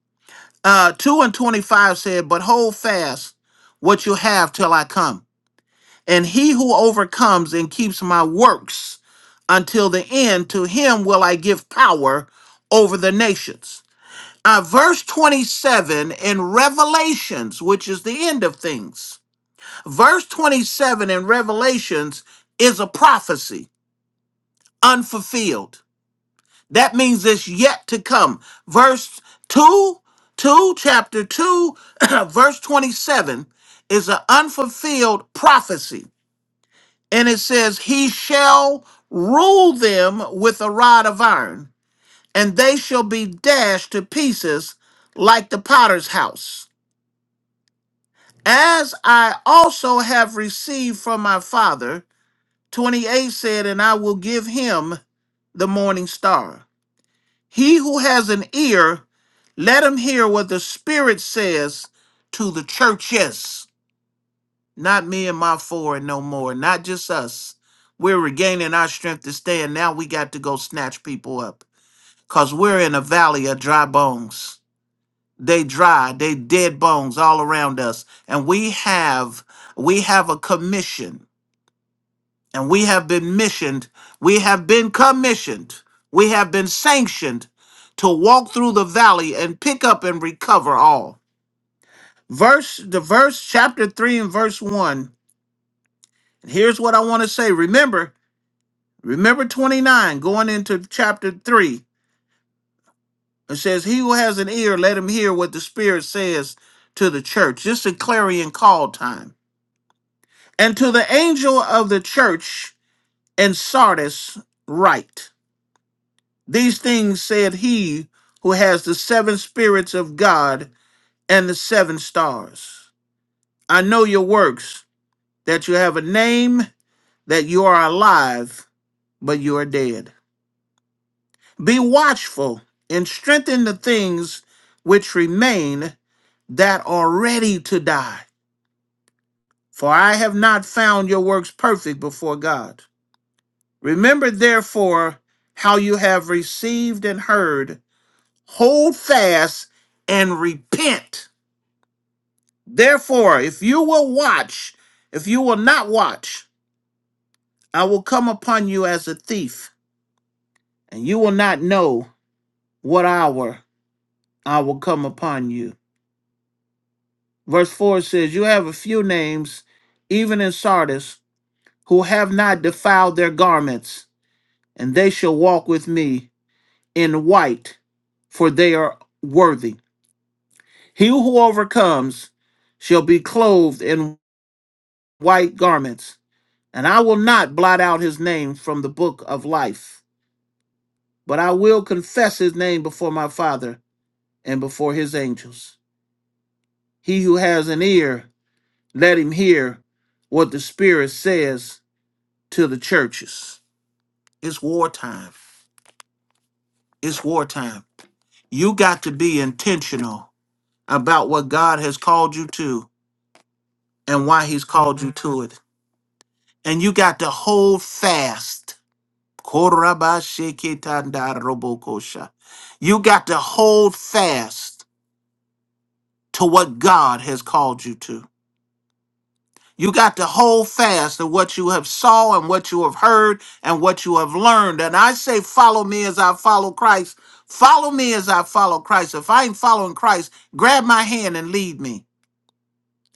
S3: uh 2 and 25 said but hold fast what you have till i come and he who overcomes and keeps my works until the end to him will i give power over the nations uh, verse 27 in Revelations, which is the end of things. Verse 27 in Revelations is a prophecy, unfulfilled. That means it's yet to come. Verse 2, 2, chapter 2, verse 27 is an unfulfilled prophecy. And it says, He shall rule them with a rod of iron, and they shall be dashed to pieces like the potter's house. as I also have received from my father. 28 said, And I will give him the morning star. He who has an ear, let him hear what the Spirit says to the churches. Not me and my four and no more, not just us. We're regaining our strength to stand. Now we got to go snatch people up because we're in a valley of dry bones they dry they dead bones all around us and we have we have a commission and we have been missioned we have been commissioned we have been sanctioned to walk through the valley and pick up and recover all verse the verse chapter 3 and verse 1 and here's what i want to say remember remember 29 going into chapter 3 it says he who has an ear let him hear what the spirit says to the church this is a clarion call time And to the angel of the church in Sardis write, These things said he who has the seven spirits of God and the seven stars. I know your works, that you have a name, that you are alive, but you are dead. Be watchful and strengthen the things which remain that are ready to die. For I have not found your works perfect before God. Remember, therefore, how you have received and heard, hold fast and repent. Therefore, if you will watch, if you will not watch, I will come upon you as a thief, and you will not know what hour I will come upon you. Verse 4 says, You have a few names, even in Sardis, who have not defiled their garments, and they shall walk with me in white, for they are worthy. He who overcomes shall be clothed in white garments, and I will not blot out his name from the book of life, but I will confess his name before my Father and before his angels. He who has an ear, let him hear what the Spirit says to the churches. It's wartime. It's wartime. You got to be intentional about what God has called you to and why he's called you to it. And you got to hold fast Korabashekitanda robokosha. You got to hold fast to what God has called you to. You got to hold fast to what you have saw and what you have heard and what you have learned. And I say, follow me as I follow Christ. Follow me as I follow Christ. If I ain't following Christ, grab my hand and lead me.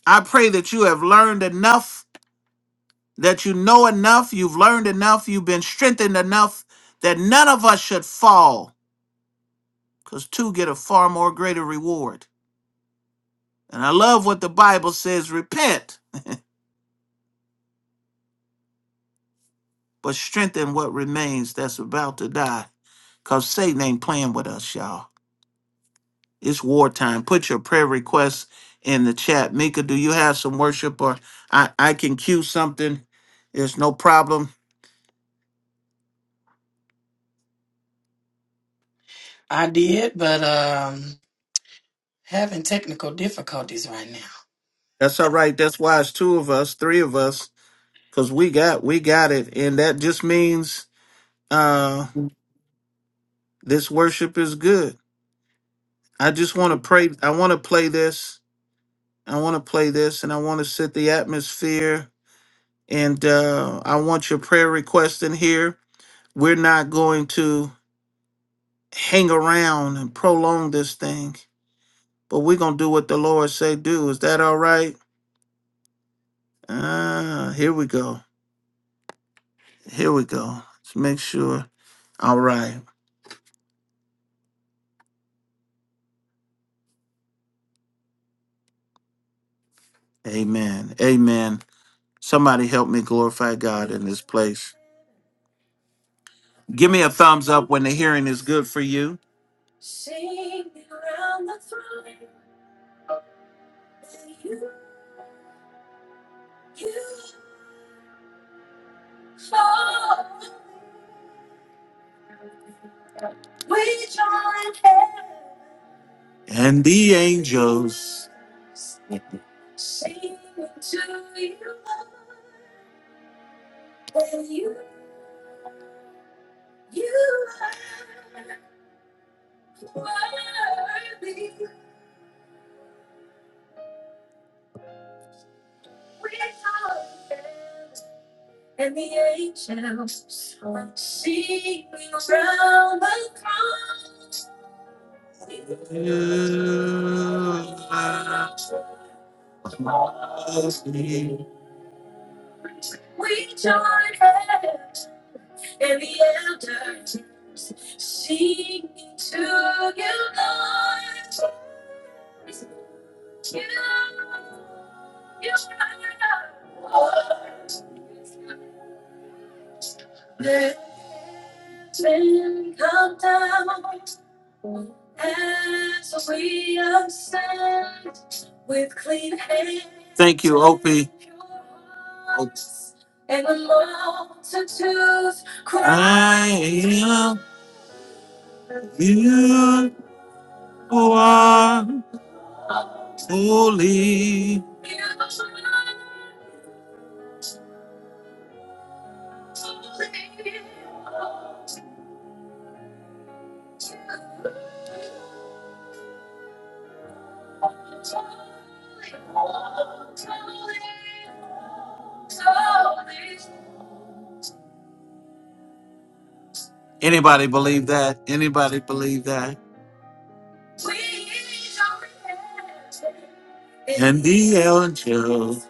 S3: I pray that you have learned enough, that you know enough, you've learned enough, you've been strengthened enough that none of us should fall because two get a far more greater reward. And I love what the Bible says repent, but strengthen what remains that's about to die, because Satan ain't playing with us, y'all. It's wartime. Put your prayer requests in the chat. Mika, do you have some worship or I, I can cue something? There's no problem.
S2: I did, but um, having technical difficulties right now.
S3: That's all right. That's why it's two of us, three of us, because we got we got it. And that just means uh this worship is good. I just want to pray. I want to play this I want to play this and I want to set the atmosphere. And uh, I want your prayer request in here. We're not going to hang around and prolong this thing, but we're going to do what the Lord say do. Is that all right? Ah, here we go. Here we go. Let's make sure. All right. Amen. Amen. Somebody help me glorify God in this place. Give me a thumbs up when the hearing is good for you. And the angels I love you. You are holy. Anybody believe that? Anybody believe that? The angels.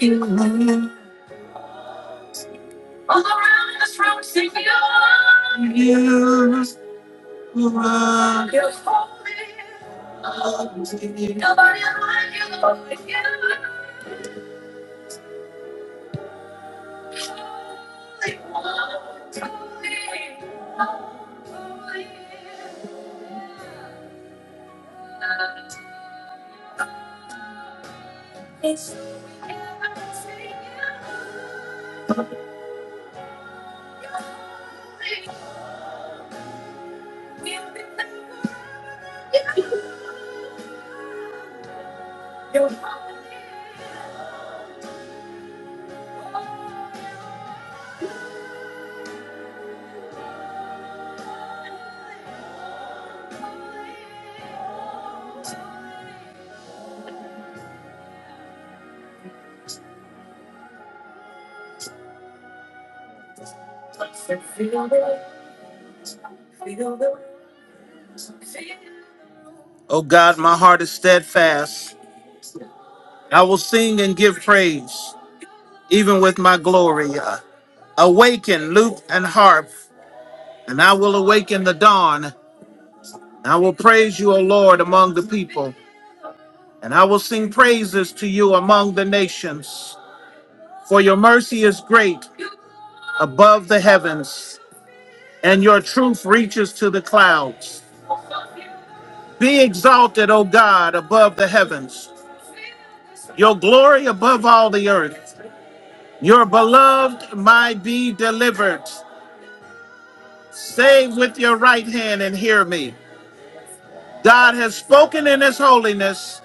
S3: You are holy. Oh God, my heart is steadfast. I will sing and give praise, even with my glory. Uh, Awaken lute and harp, and I will awaken the dawn. I will praise you, O Lord, among the people, and I will sing praises to you among the nations. For your mercy is great above the heavens, and your truth reaches to the clouds. Be exalted, O God, above the heavens, your glory above all the earth. Your beloved might be delivered. Save with your right hand and hear me. God has spoken in his holiness.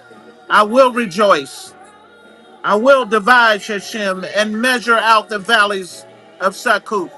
S3: I will rejoice. I will divide Shechem and measure out the valleys of Sakuk.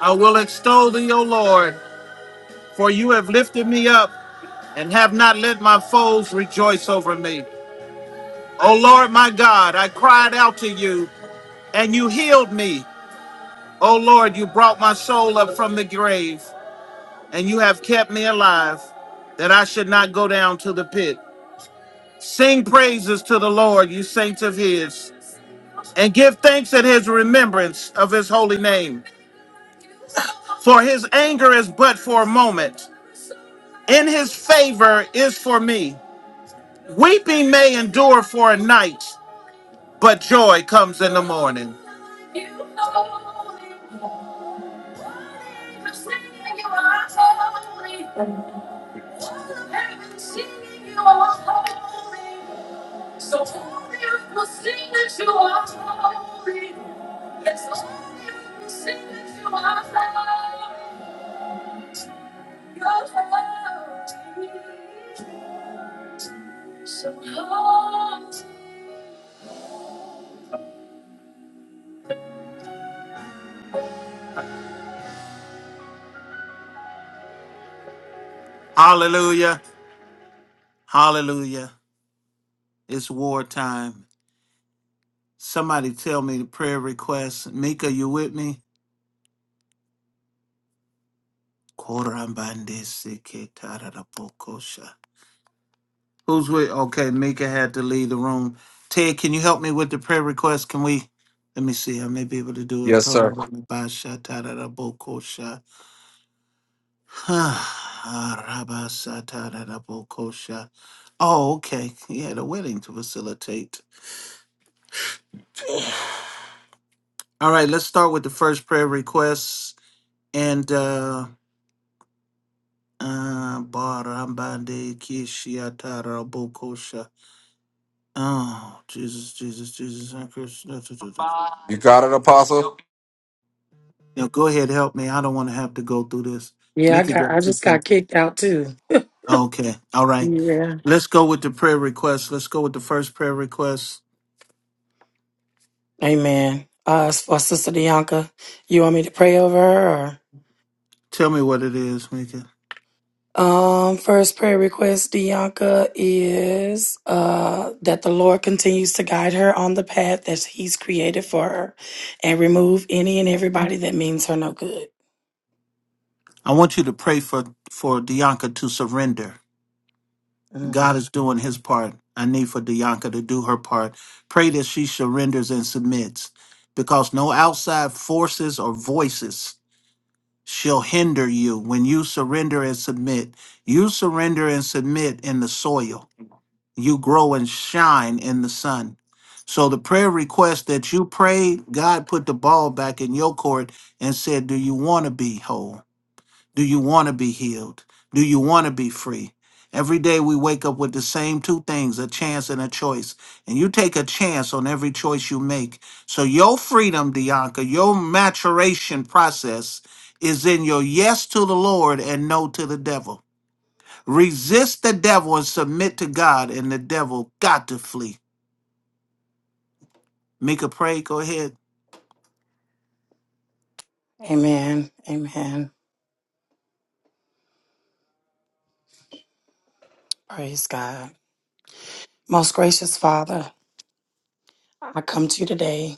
S3: I will extol thee, O Lord, for you have lifted me up and have not let my foes rejoice over me. O Lord my God, I cried out to you, and you healed me. O Lord, you brought my soul up from the grave, and you have kept me alive, that I should not go down to the pit. Sing praises to the Lord, you saints of his, and give thanks at his remembrance of his holy name. For his anger is but for a moment, in his favor is for me. Weeping may endure for a night but joy comes in the morning. Hallelujah. Hallelujah. It's wartime. Somebody tell me the prayer request. Mika, you with me? Korambandeseketararakokosha. Who's with? Okay, Mika had to leave the room. Ted, can you help me with the prayer request? Can we? Let me see. I may be able to do it.
S1: Yes, sir.
S3: Torabashatarabokosha. Arabasatarabokosha. Oh, okay. He had a wedding to facilitate. All right, let's start with the first prayer request. And uh uh Barambande Kishiatara Bokosha. Oh, Jesus, Jesus, Jesus. and Christ.
S1: You got it, Apostle?
S3: Now go ahead, help me. I don't want to have to go through this.
S2: Yeah, I
S3: Mika
S2: got I
S3: got sick
S2: just
S3: there.
S2: got kicked out too.
S3: Okay. All right.
S2: Yeah.
S3: Let's go with the prayer request. Let's go with the first prayer request.
S2: Amen. Uh, as for Sister Bianca, you want me to pray over her? Or?
S3: Tell me what it is, Mika.
S2: Um, first prayer request, Dianca, is uh, that the Lord continues to guide her on the path that He's created for her and remove any and everybody that means her no good.
S3: I want you to pray for for Dianca to surrender.
S2: Mm.
S3: God is doing his part. I need for Dianca to do her part. Pray that she surrenders and submits because no outside forces or voices shall hinder you when you surrender and submit. You surrender and submit in the soil, you grow and shine in the sun. So, the prayer request that you prayed, God put the ball back in your court and said, Do you want to be whole? Do you want to be healed? Do you want to be free? Every day we wake up with the same two things a chance and a choice. And you take a chance on every choice you make. So your freedom, Dianca, your maturation process is in your yes to the Lord and no to the devil. Resist the devil and submit to God, and the devil got to flee. Mika, pray. Go ahead.
S2: Amen. Amen. Praise God. Most gracious Father, I come to you today.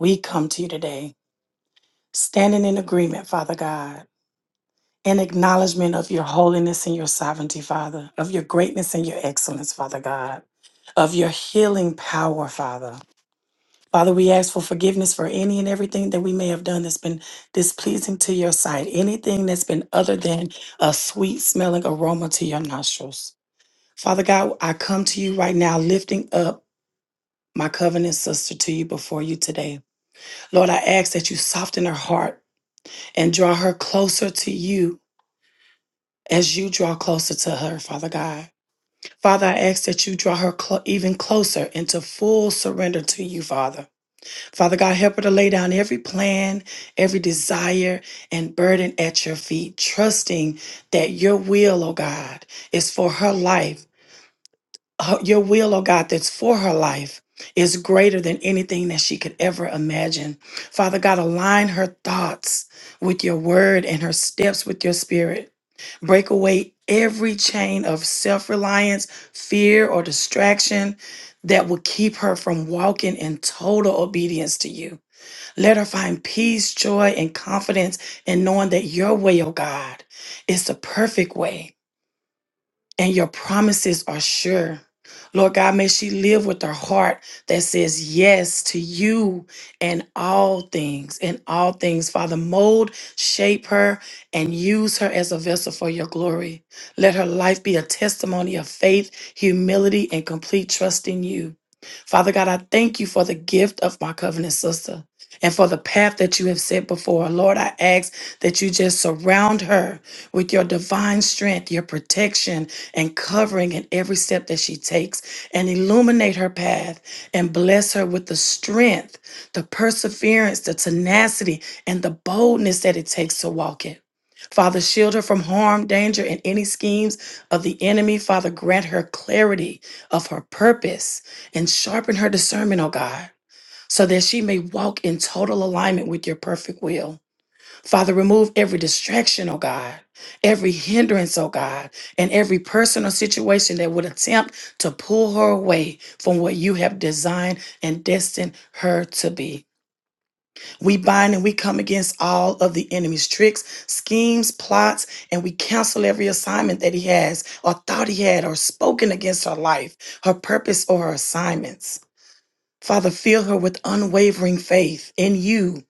S2: We come to you today, standing in agreement, Father God. in acknowledgement of your holiness and your sovereignty, Father, of your greatness and your excellence, Father God, of your healing power, Father. Father, we ask for forgiveness for any and everything that we may have done that's been displeasing to your sight, anything that's been other than a sweet smelling aroma to your nostrils. Father God, I come to you right now, lifting up my covenant sister to you before you today. Lord, I ask that you soften her heart and draw her closer to you as you draw closer to her, Father God. Father, I ask that you draw her clo- even closer into full surrender to you, Father. Father God, help her to lay down every plan, every desire, and burden at your feet, trusting that your will, oh God, is for her life her- your will, oh God, that's for her life is greater than anything that she could ever imagine. Father God, align her thoughts with your word and her steps with your spirit. Break away every chain of self reliance, fear, or distraction that will keep her from walking in total obedience to you. Let her find peace, joy, and confidence in knowing that your way, oh God, is the perfect way and your promises are sure. Lord God, may she live with her heart that says yes to you and all things, and all things. Father, mold, shape her, and use her as a vessel for your glory. Let her life be a testimony of faith, humility, and complete trust in you. Father God, I thank you for the gift of my covenant sister and for the path that you have set before her. Lord, I ask that you just surround her with your divine strength, your protection, and covering in every step that she takes and illuminate her path and bless her with the strength, the perseverance, the tenacity, and the boldness that it takes to walk it. Father, shield her from harm, danger, and any schemes of the enemy. Father, grant her clarity of her purpose and sharpen her discernment, oh God, so that she may walk in total alignment with your perfect will. Father, remove every distraction, oh God, every hindrance, oh God, and every person or situation that would attempt to pull her away from what you have designed and destined her to be. We bind and we come against all of the enemy's tricks, schemes, plots, and we cancel every assignment that he has or thought he had or spoken against her life, her purpose, or her assignments. Father, fill her with unwavering faith in you,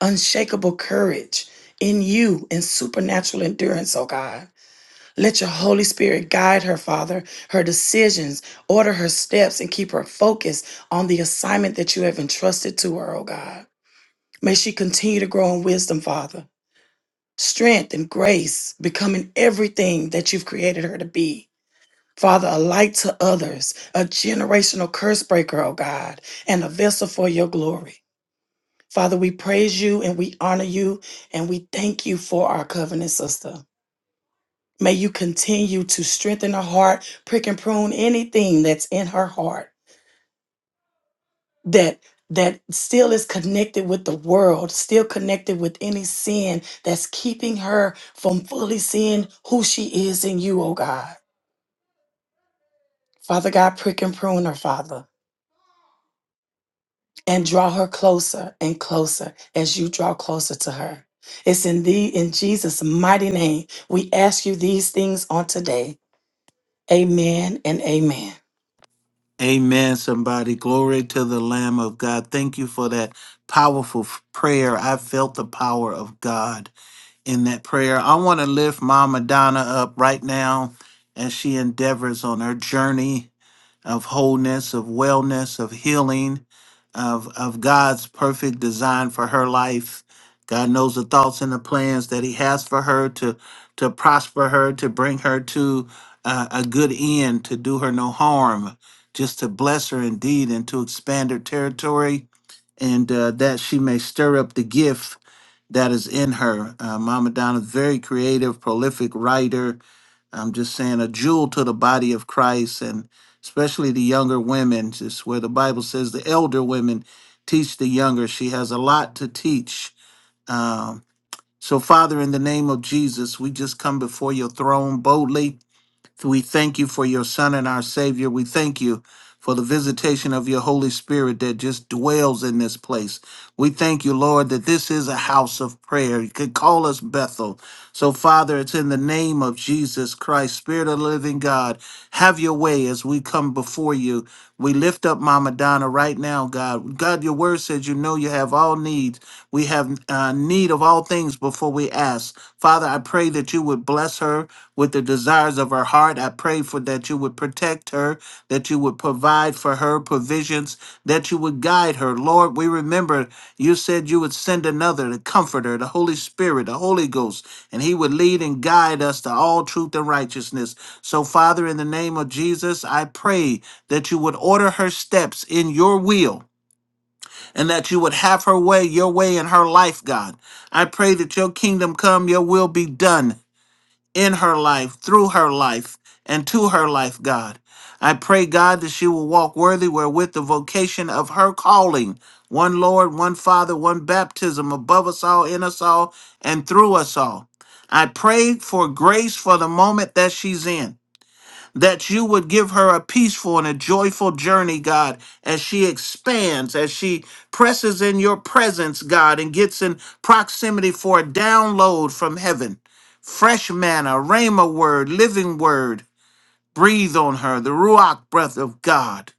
S2: unshakable courage in you, and supernatural endurance, oh God. Let your Holy Spirit guide her, Father, her decisions, order her steps, and keep her focused on the assignment that you have entrusted to her, oh God. May she continue to grow in wisdom, Father, strength and grace, becoming everything that you've created her to be. Father, a light to others, a generational curse breaker, oh God, and a vessel for your glory. Father, we praise you and we honor you and we thank you for our covenant sister. May you continue to strengthen her heart, prick and prune anything that's in her heart that that still is connected with the world, still connected with any sin that's keeping her from fully seeing who she is in you, oh God. Father God, prick and prune her, Father. and draw her closer and closer as you draw closer to her. It's in thee, in Jesus' mighty name, we ask you these things on today. Amen and amen.
S3: Amen, somebody. Glory to the Lamb of God. Thank you for that powerful f- prayer. I felt the power of God in that prayer. I want to lift Mama Donna up right now as she endeavors on her journey of wholeness, of wellness, of healing, of, of God's perfect design for her life. God knows the thoughts and the plans that He has for her to, to prosper her, to bring her to uh, a good end, to do her no harm, just to bless her indeed and to expand her territory, and uh, that she may stir up the gift that is in her. Uh, Mama Donna, very creative, prolific writer. I'm just saying, a jewel to the body of Christ, and especially the younger women. Just where the Bible says the elder women teach the younger. She has a lot to teach. Um, so, Father, in the name of Jesus, we just come before your throne boldly so we thank you for your Son and our Savior. We thank you for the visitation of your Holy Spirit that just dwells in this place. We thank you, Lord, that this is a house of prayer. You could call us Bethel. So, Father, it's in the name of Jesus Christ, Spirit of the living God. Have your way as we come before you. We lift up Mama Donna right now, God. God, your word says you know you have all needs. We have uh, need of all things before we ask. Father, I pray that you would bless her with the desires of her heart. I pray for that you would protect her, that you would provide provide for her provisions, that you would guide her. Lord, we remember you said you would send another, the Comforter, the Holy Spirit, the Holy Ghost, and he would lead and guide us to all truth and righteousness. So, Father, in the name of Jesus, I pray that you would order her steps in your will and that you would have her way, your way in her life, God. I pray that your kingdom come, your will be done in her life, through her life, and to her life, God. I pray, God, that she will walk worthy wherewith the vocation of her calling. One Lord, one Father, one baptism above us all, in us all, and through us all. I pray for grace for the moment that she's in that you would give her a peaceful and a joyful journey, God, as she expands, as she presses in your presence, God, and gets in proximity for a download from heaven. Fresh manna, rhema word, living word, breathe on her, the Ruach breath of God.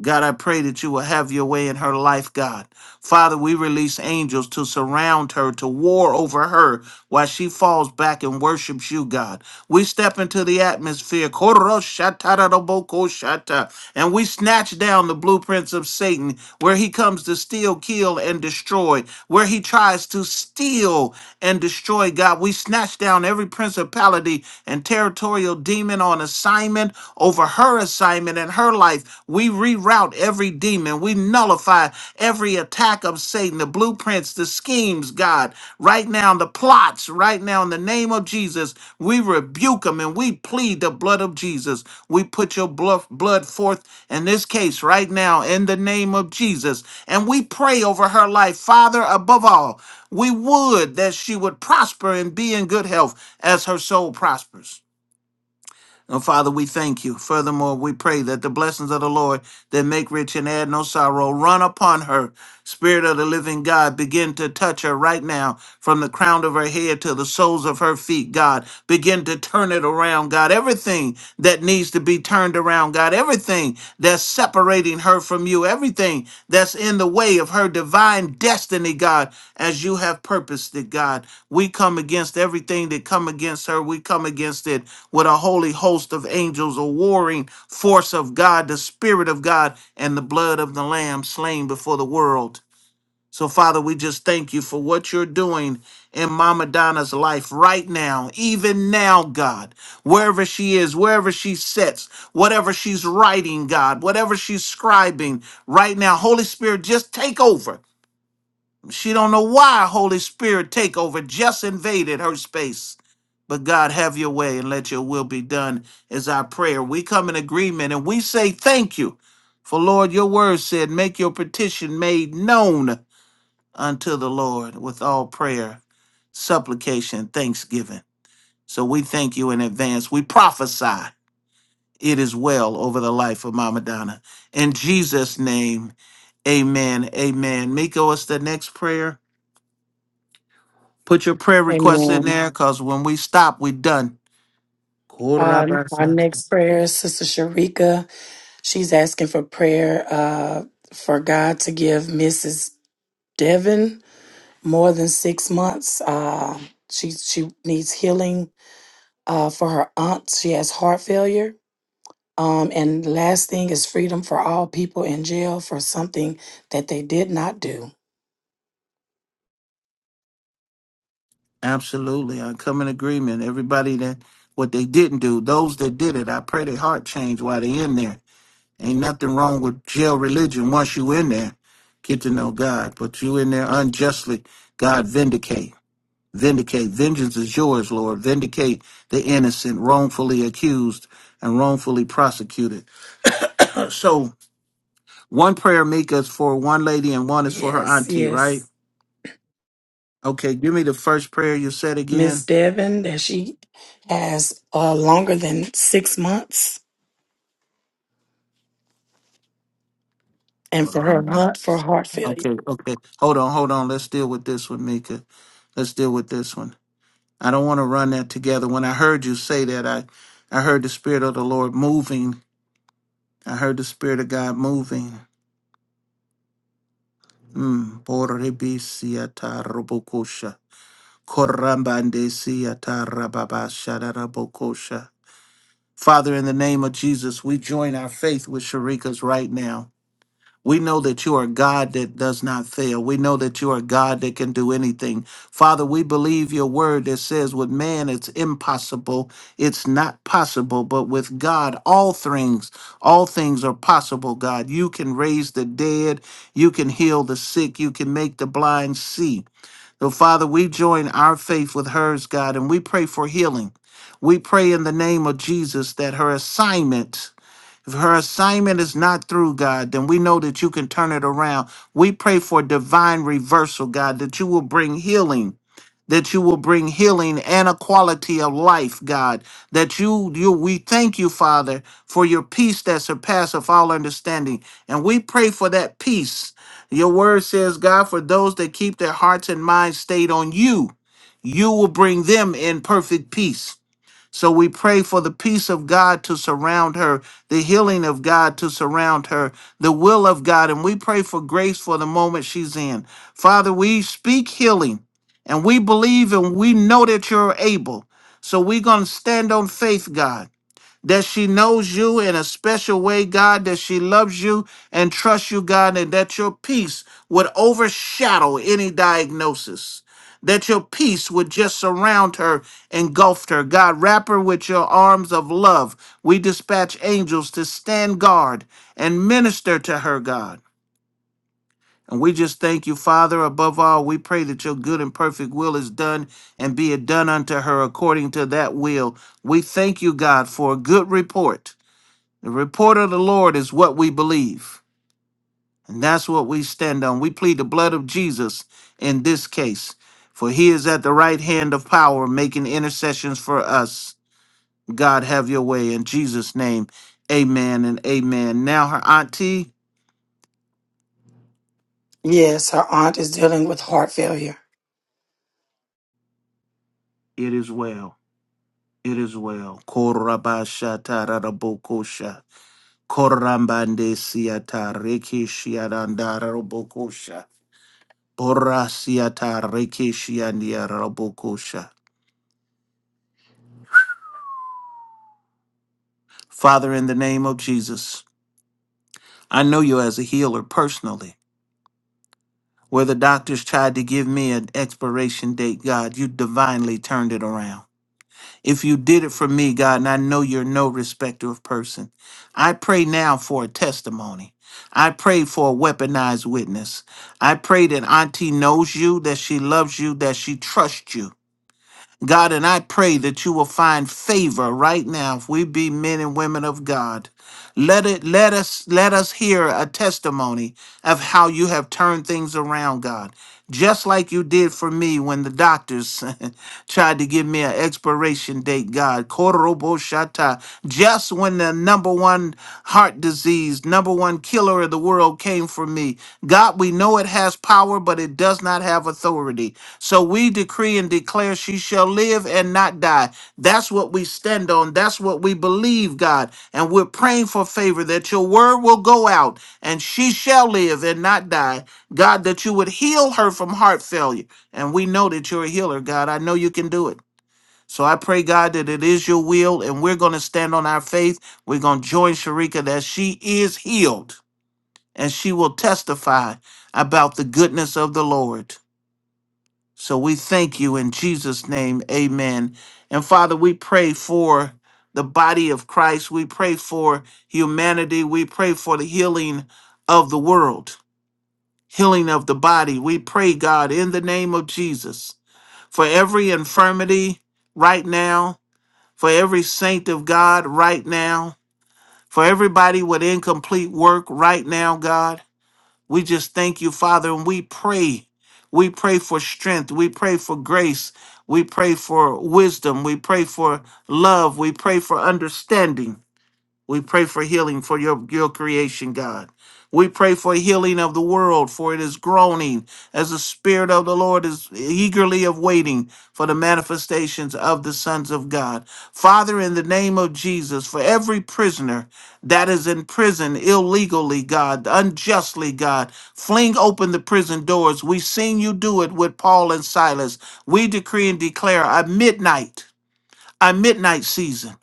S3: God, I pray that you will have your way in her life, God. Father, we release angels to surround her, to war over her while she falls back and worships you, God. We step into the atmosphere, koroshatarabokosata, and we snatch down the blueprints of Satan, where he comes to steal, kill, and destroy, where he tries to steal and destroy, God. We snatch down every principality and territorial demon on assignment over over her assignment in her life. We reroute every demon. We nullify every attack of Satan, the blueprints, the schemes, God, right now, the plots, right now, in the name of Jesus. We rebuke them and we plead the blood of Jesus. We put your bluff- blood forth in this case right now, in the name of Jesus. And we pray over her life, Father, above all. We would that she would prosper and be in good health as her soul prospers. And Father, we thank you. Furthermore, we pray that the blessings of the Lord that make rich and add no sorrow run upon her. Spirit of the living God, begin to touch her right now from the crown of her head to the soles of her feet, God. Begin to turn it around, God. Everything that needs to be turned around, God. Everything that's separating her from you, everything that's in the way of her divine destiny, God, as you have purposed it, God. We come against everything that come against her. We come against it with a holy host of angels, a warring force of God, the Spirit of God, and the blood of the Lamb slain before the world. So, Father, we just thank you for what you're doing in Mama Donna's life right now, even now, God. Wherever she is, wherever she sits, whatever she's writing, God, whatever she's scribing right now, Holy Spirit, just take over. She don't know why Holy Spirit take over just invaded her space. But God, have your way and let your will be done is our prayer. We come in agreement and we say thank you. For Lord, your word said, make your petition made known unto the Lord with all prayer, supplication, thanksgiving. So we thank you in advance. We prophesy it is well over the life of Mama Donna. In Jesus' name, amen. Amen. Miko, what's the next prayer? Put your prayer request in
S2: Amen.
S3: there because when we stop, we done.
S2: Um, our
S3: Korabasat.
S2: next prayer is Sister Sharika. She's asking for prayer uh, for God to give Mrs. Devon more than six months. Uh, she she needs healing uh, for her aunt. She has heart failure Um, and the last thing is freedom for all people in jail for something that they did not do.
S3: Absolutely. I come in agreement. Everybody that what they didn't do, those that did it, I pray their heart change while they're in there Ain't nothing wrong with jail religion once you in there. Get to know God, but you in there unjustly. God vindicate, vindicate. Vengeance is yours, Lord. Vindicate the innocent, wrongfully accused and wrongfully prosecuted. So one prayer, Mika, is for one lady and one is for her
S2: Yes,
S3: auntie,
S2: yes.
S3: right? Okay, give me the first prayer you said
S2: Miss
S3: again.
S2: Devon, that she has uh, longer than six months, and
S3: Hold
S2: for her
S3: I'm- not.
S2: hunt for heart failure.
S3: Okay, okay. Hold on, hold on. Let's deal with this one, Mika. Let's deal with this one. I don't want to run that together. When I heard you say that, I, I heard the Spirit of the Lord moving. I heard the Spirit of God moving. Mm. Borrebisiata robokosha. Father, in the name of Jesus, we join our faith with Sharika's right now. We know that you are a God that does not fail. We know that you are a God that can do anything. Father, we believe your word that says, with man it's impossible, it's not possible, but with God all things, all things are possible, God. You can raise the dead, you can heal the sick, you can make the blind see. So, Father, we join our faith with hers, God, and we pray for healing. We pray in the name of Jesus that her assignment if her assignment is not through, God, then we know that you can turn it around. We pray for divine reversal, God, that you will bring healing. That you will bring healing and a quality of life, God. That you, you, we thank you, Father, for your peace that surpasseth all understanding. And we pray for that peace. Your word says, God, for those that keep their hearts and minds stayed on you, you will bring them in perfect peace. So we pray for the peace of God to surround her, the healing of God to surround her, the will of God. And we pray for grace for the moment she's in. Father, we speak healing and we believe and we know that you're able. So we're going to stand on faith, God that she knows you in a special way, God, that she loves you and trusts you, God, and that your peace would overshadow any diagnosis. That your peace would just surround her, engulf her. God, wrap her with your arms of love. We dispatch angels to stand guard and minister to her, God. And we just thank you, Father. Above all, we pray that your good and perfect will is done and be it done unto her according to that will. We thank you, God, for a good report the report of the Lord is what we believe, and that's what we stand on. We plead the blood of Jesus in this case, for he is at the right hand of power, making intercessions for us. God, have your way in Jesus' name. Amen and amen. Now, her auntie,
S2: Yes, her aunt is dealing with heart failure.
S3: it is well. It is well. Korabashatarabokosha. Korambande siata reki Borasiata reki Father, in the name of Jesus, I know you as a healer personally. Where the doctors tried to give me an expiration date, God, you divinely turned it around. If you did it for me, God, and I know you're no respecter of person, I pray now for a testimony. I pray for a weaponized witness. I pray that Auntie knows you, that she loves you, that she trusts you, God, and I pray that you will find favor right now if we be men and women of God. Let it let us let us hear a testimony of how you have turned things around, God. Just like you did for me when the doctors tried to give me an that expiration date, God. Koroboshata. Just when the number one heart disease, number one killer of the world came for me. God, we know it has power, but it does not have authority. So we decree and declare she shall live and not die. That's what we stand on. That's what we believe, God. And we're praying for favor that your word will go out and she shall live and not die. God, that you would heal her from heart failure. And we know that you're a healer, God. I know you can do it. So I pray, God, that it is your will, and we're going to stand on our faith. We're going to join Sharika that she is healed and she will testify about the goodness of the Lord. So we thank you in Jesus' name. Amen. And Father, we pray for the body of Christ. We pray for humanity. We pray for the healing of the world, healing of the body. We pray, God, in the name of Jesus, for every infirmity right now for every saint of God right now, for everybody with incomplete work right now, God. We just thank you, Father, and we pray. We pray for strength. We pray for grace. We pray for wisdom. We pray for love. We pray for understanding. We pray for healing for your, your creation, God. We pray for healing of the world, for it is groaning as the Spirit of the Lord is eagerly of waiting for the manifestations of the sons of God. Father, in the name of Jesus, for every prisoner that is in prison illegally, God, unjustly, God, fling open the prison doors. We've seen you do it with Paul and Silas. We decree and declare a midnight, a midnight season.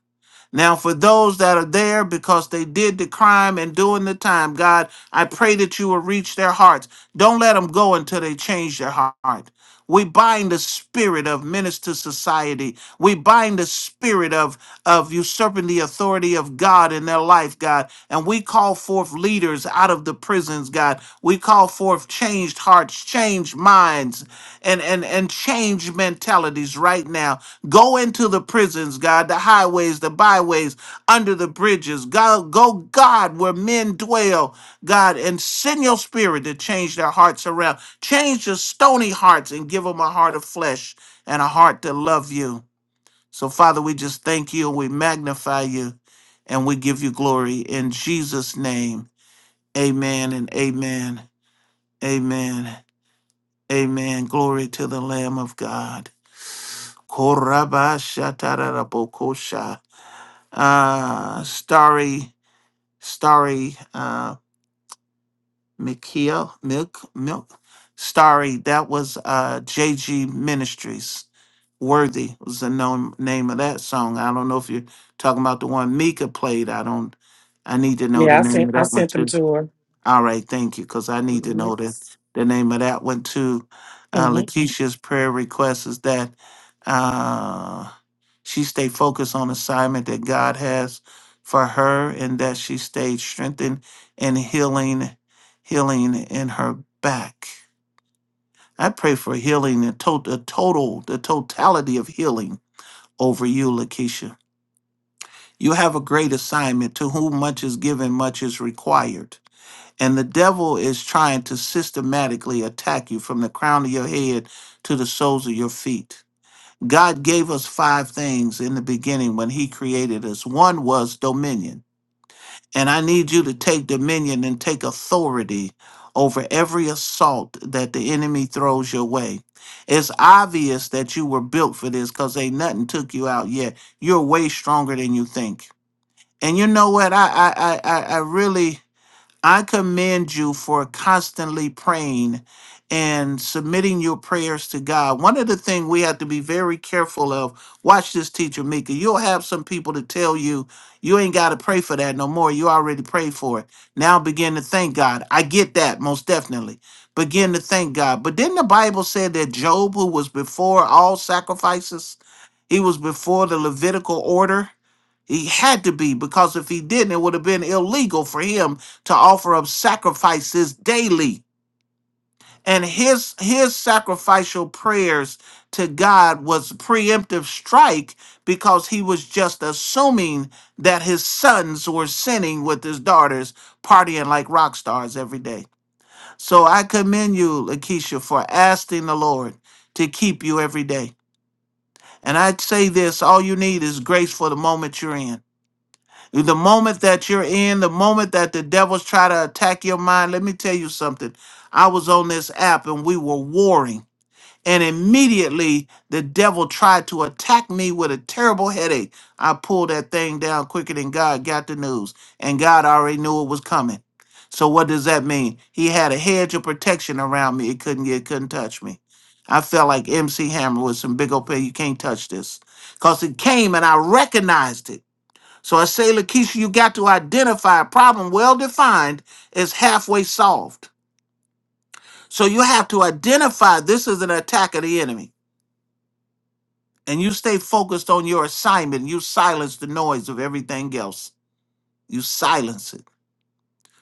S3: Now, for those that are there because they did the crime and doing the time, God, I pray that you will reach their hearts. Don't let them go until they change their heart. We bind the spirit of minister society. We bind the spirit of, of usurping the authority of God in their life, God. And we call forth leaders out of the prisons, God. We call forth changed hearts, changed minds, and, and, and changed mentality fatalities right now. Go into the prisons, God, the highways, the byways, under the bridges. God, go, God, where men dwell, God, and send your spirit to change their hearts around. Change the stony hearts and give them a heart of flesh and a heart to love you. So, Father, we just thank you and we magnify you and we give you glory in Jesus' name. Amen and amen. Amen. Amen. Glory to the Lamb of God. Koraba shatarabokosha. Uh, starry, starry, uh, Mikia, milk, milk, starry. That was uh, JG Ministries. Worthy was the nom- name of that song. I don't know if you're talking about the one Mika played. I don't. I need to know the
S2: Yeah, I
S3: name
S2: sent
S3: of
S2: I
S3: that one
S2: sent them
S3: too.
S2: to her.
S3: All right, thank you, because I need to
S2: hmm
S3: know the the name of that one too. Uh, Lakeisha's prayer request is that. uh, she stayed focused on assignment that God has for her and that she stayed strengthened and healing, healing in her back. I pray for healing, the, to- the total, the totality of healing over you, Lakeisha. You have a great assignment. To whom much is given, much is required. And the devil is trying to systematically attack you from the crown of your head to the soles of your feet. God gave us five things in the beginning when He created us. One was dominion. And I need you to take dominion and take authority over every assault that the enemy throws your way. It's obvious that you were built for this because ain't nothing took you out yet. You're way stronger than you think. And you know what? I I I, I I really I commend you for constantly praying and submitting your prayers to God. One of the things we have to be very careful of, watch this teacher Mika. You'll have some people to tell you you ain't got to pray for that no more. You already prayed for it. Now begin to thank God. I get that most definitely. Begin to thank God. But didn't the Bible say that Job, who was before all sacrifices, he was before the Levitical order? He had to be, because if he didn't, it would have been illegal for him to offer up sacrifices daily. And his his sacrificial prayers to God was preemptive strike because he was just assuming that his sons were sinning with his daughters, partying like rock stars every day. So I commend you, Lakeisha, for asking the Lord to keep you every day. And I'd say this all you need is grace for the moment you're in. The moment that you're in, the moment that the devils try to attack your mind, let me tell you something. I was on this app and we were warring. And immediately the devil tried to attack me with a terrible headache. I pulled that thing down quicker than God got the news. And God already knew it was coming. So what does that mean? He had a hedge of protection around me. It couldn't get, it couldn't touch me. I felt like MC Hammer with some big old pill. You can't touch this. Because it came and I recognized it. So I say, Lakeisha, you got to identify a problem well defined as halfway solved. So you have to identify this is an attack of the enemy. And you stay focused on your assignment. You silence the noise of everything else. You silence it.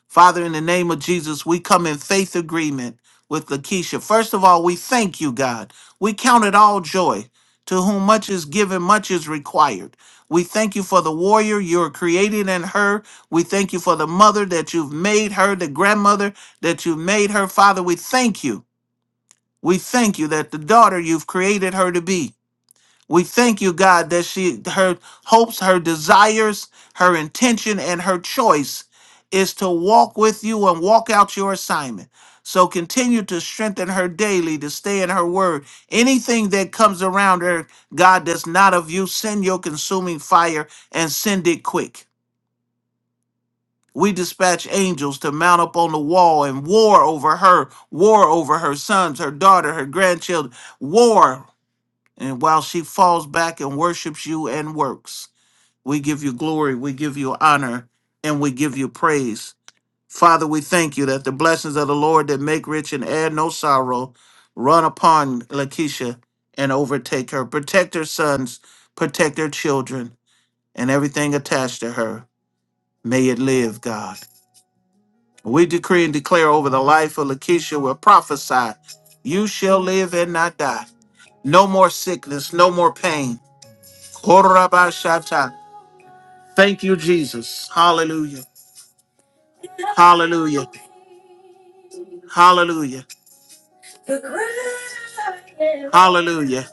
S3: Father, in the name of Jesus, we come in faith agreement with Lakeisha. First of all, we thank you, God. We count it all joy. To whom much is given, much is required. We thank you for the warrior you're creating in her. We thank you for the mother that you've made her, the grandmother that you've made her. Father, we thank you. We thank you that the daughter you've created her to be. We thank you, God, that she her hopes, her desires, her intention, and her choice is to walk with you and walk out your assignment. So continue to strengthen her daily, to stay in her word. Anything that comes around her, God, that's not of you, send your consuming fire and send it quick. We dispatch angels to mount up on the wall and war over her, war over her sons, her daughter, her grandchildren, war. And while she falls back and worships you and works, we give you glory, we give you honor, and we give you praise. Father, we thank you that the blessings of the Lord that make rich and add no sorrow run upon Lakeisha and overtake her. Protect her sons, protect her children, and everything attached to her. May it live, God. We decree and declare over the life of Lakeisha, we prophesy, you shall live and not die. No more sickness, no more pain Korabashata. Thank you, Jesus. Hallelujah. Hallelujah. Hallelujah. Hallelujah.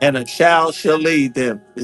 S3: And a child shall lead them.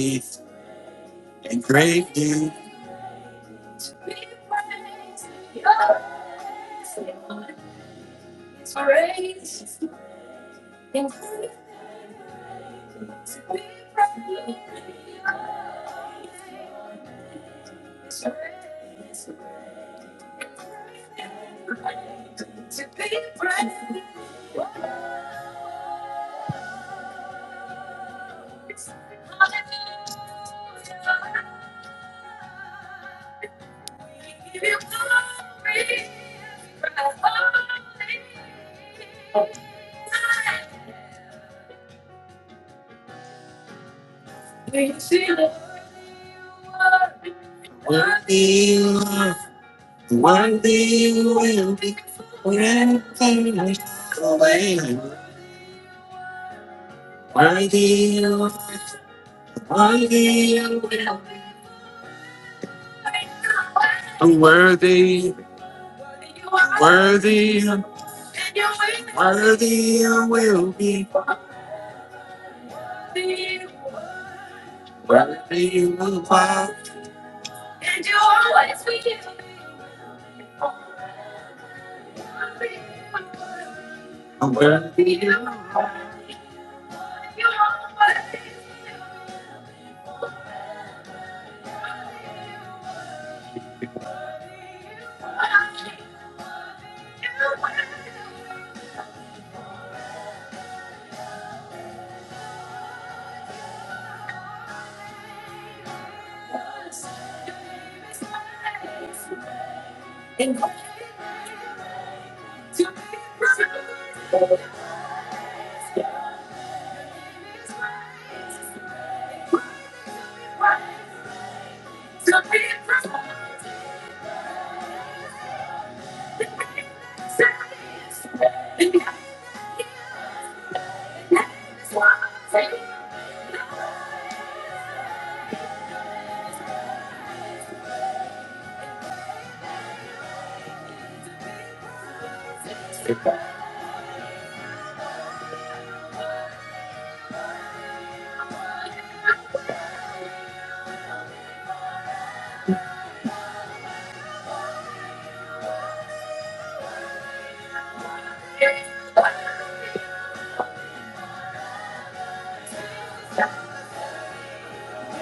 S3: and great and worthy of me. Worthy of me. Worthy of all. Worthy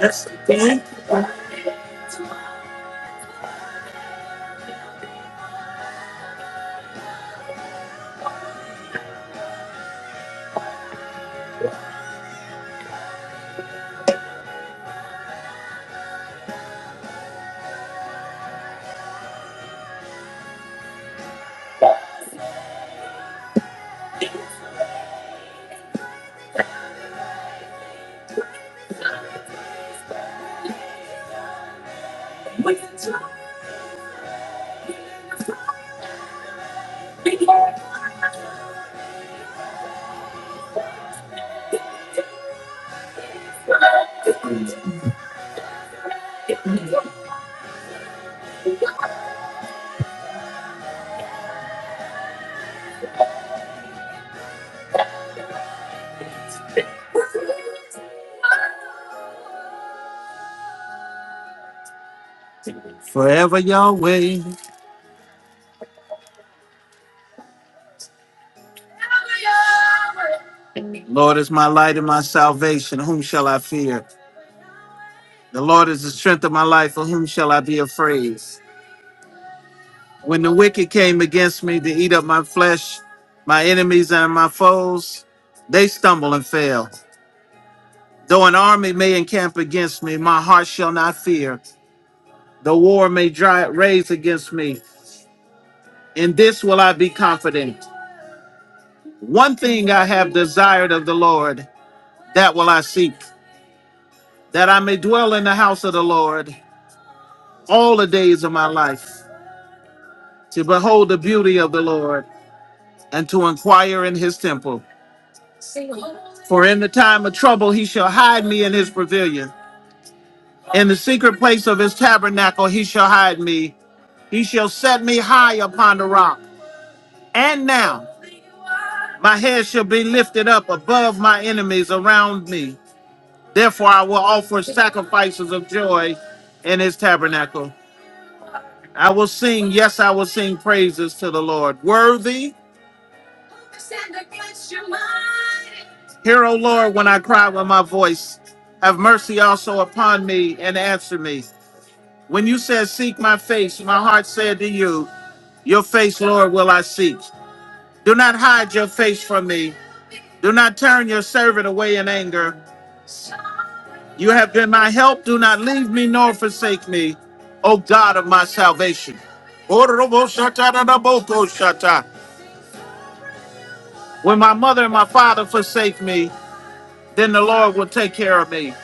S3: Yes, again. Forever Yahweh. Lord is my light and my salvation. Whom shall I fear? The Lord is the strength of my life, of whom shall I be afraid? When the wicked came against me to eat up my flesh, my enemies and my foes, they stumble and fail. Though an army may encamp against me, my heart shall not fear. The war may dry, raise against me. In this will I be confident. One thing I have desired of the Lord, that will I seek, that I may dwell in the house of the Lord all the days of my life, to behold the beauty of the Lord and to inquire in his temple. For in the time of trouble he shall hide me in his pavilion. In the secret place of his tabernacle he shall hide me. He shall set me high upon the rock. And now my head shall be lifted up above my enemies around me. Therefore I will offer sacrifices of joy in his tabernacle. I will sing, yes, I will sing praises to the Lord. Worthy, hear, O Lord, when I cry with my voice. Have mercy also upon me and answer me. When you said, Seek my face, my heart said to you, Your face, Lord, will I seek. Do not hide your face from me. Do not turn your servant away in anger. You have been my help. Do not leave me nor forsake me, O God of my salvation. When my mother and my father forsake me, then the Lord will take care of me.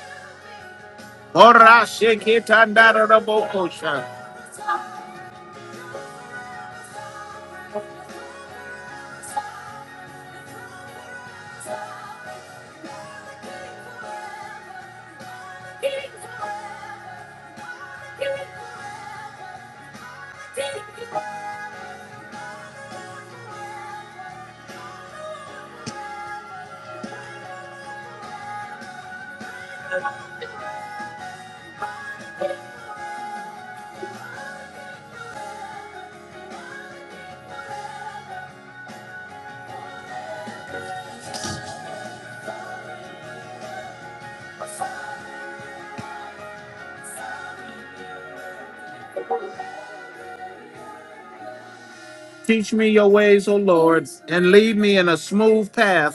S3: Teach me your ways, O Lord, and lead me in a smooth path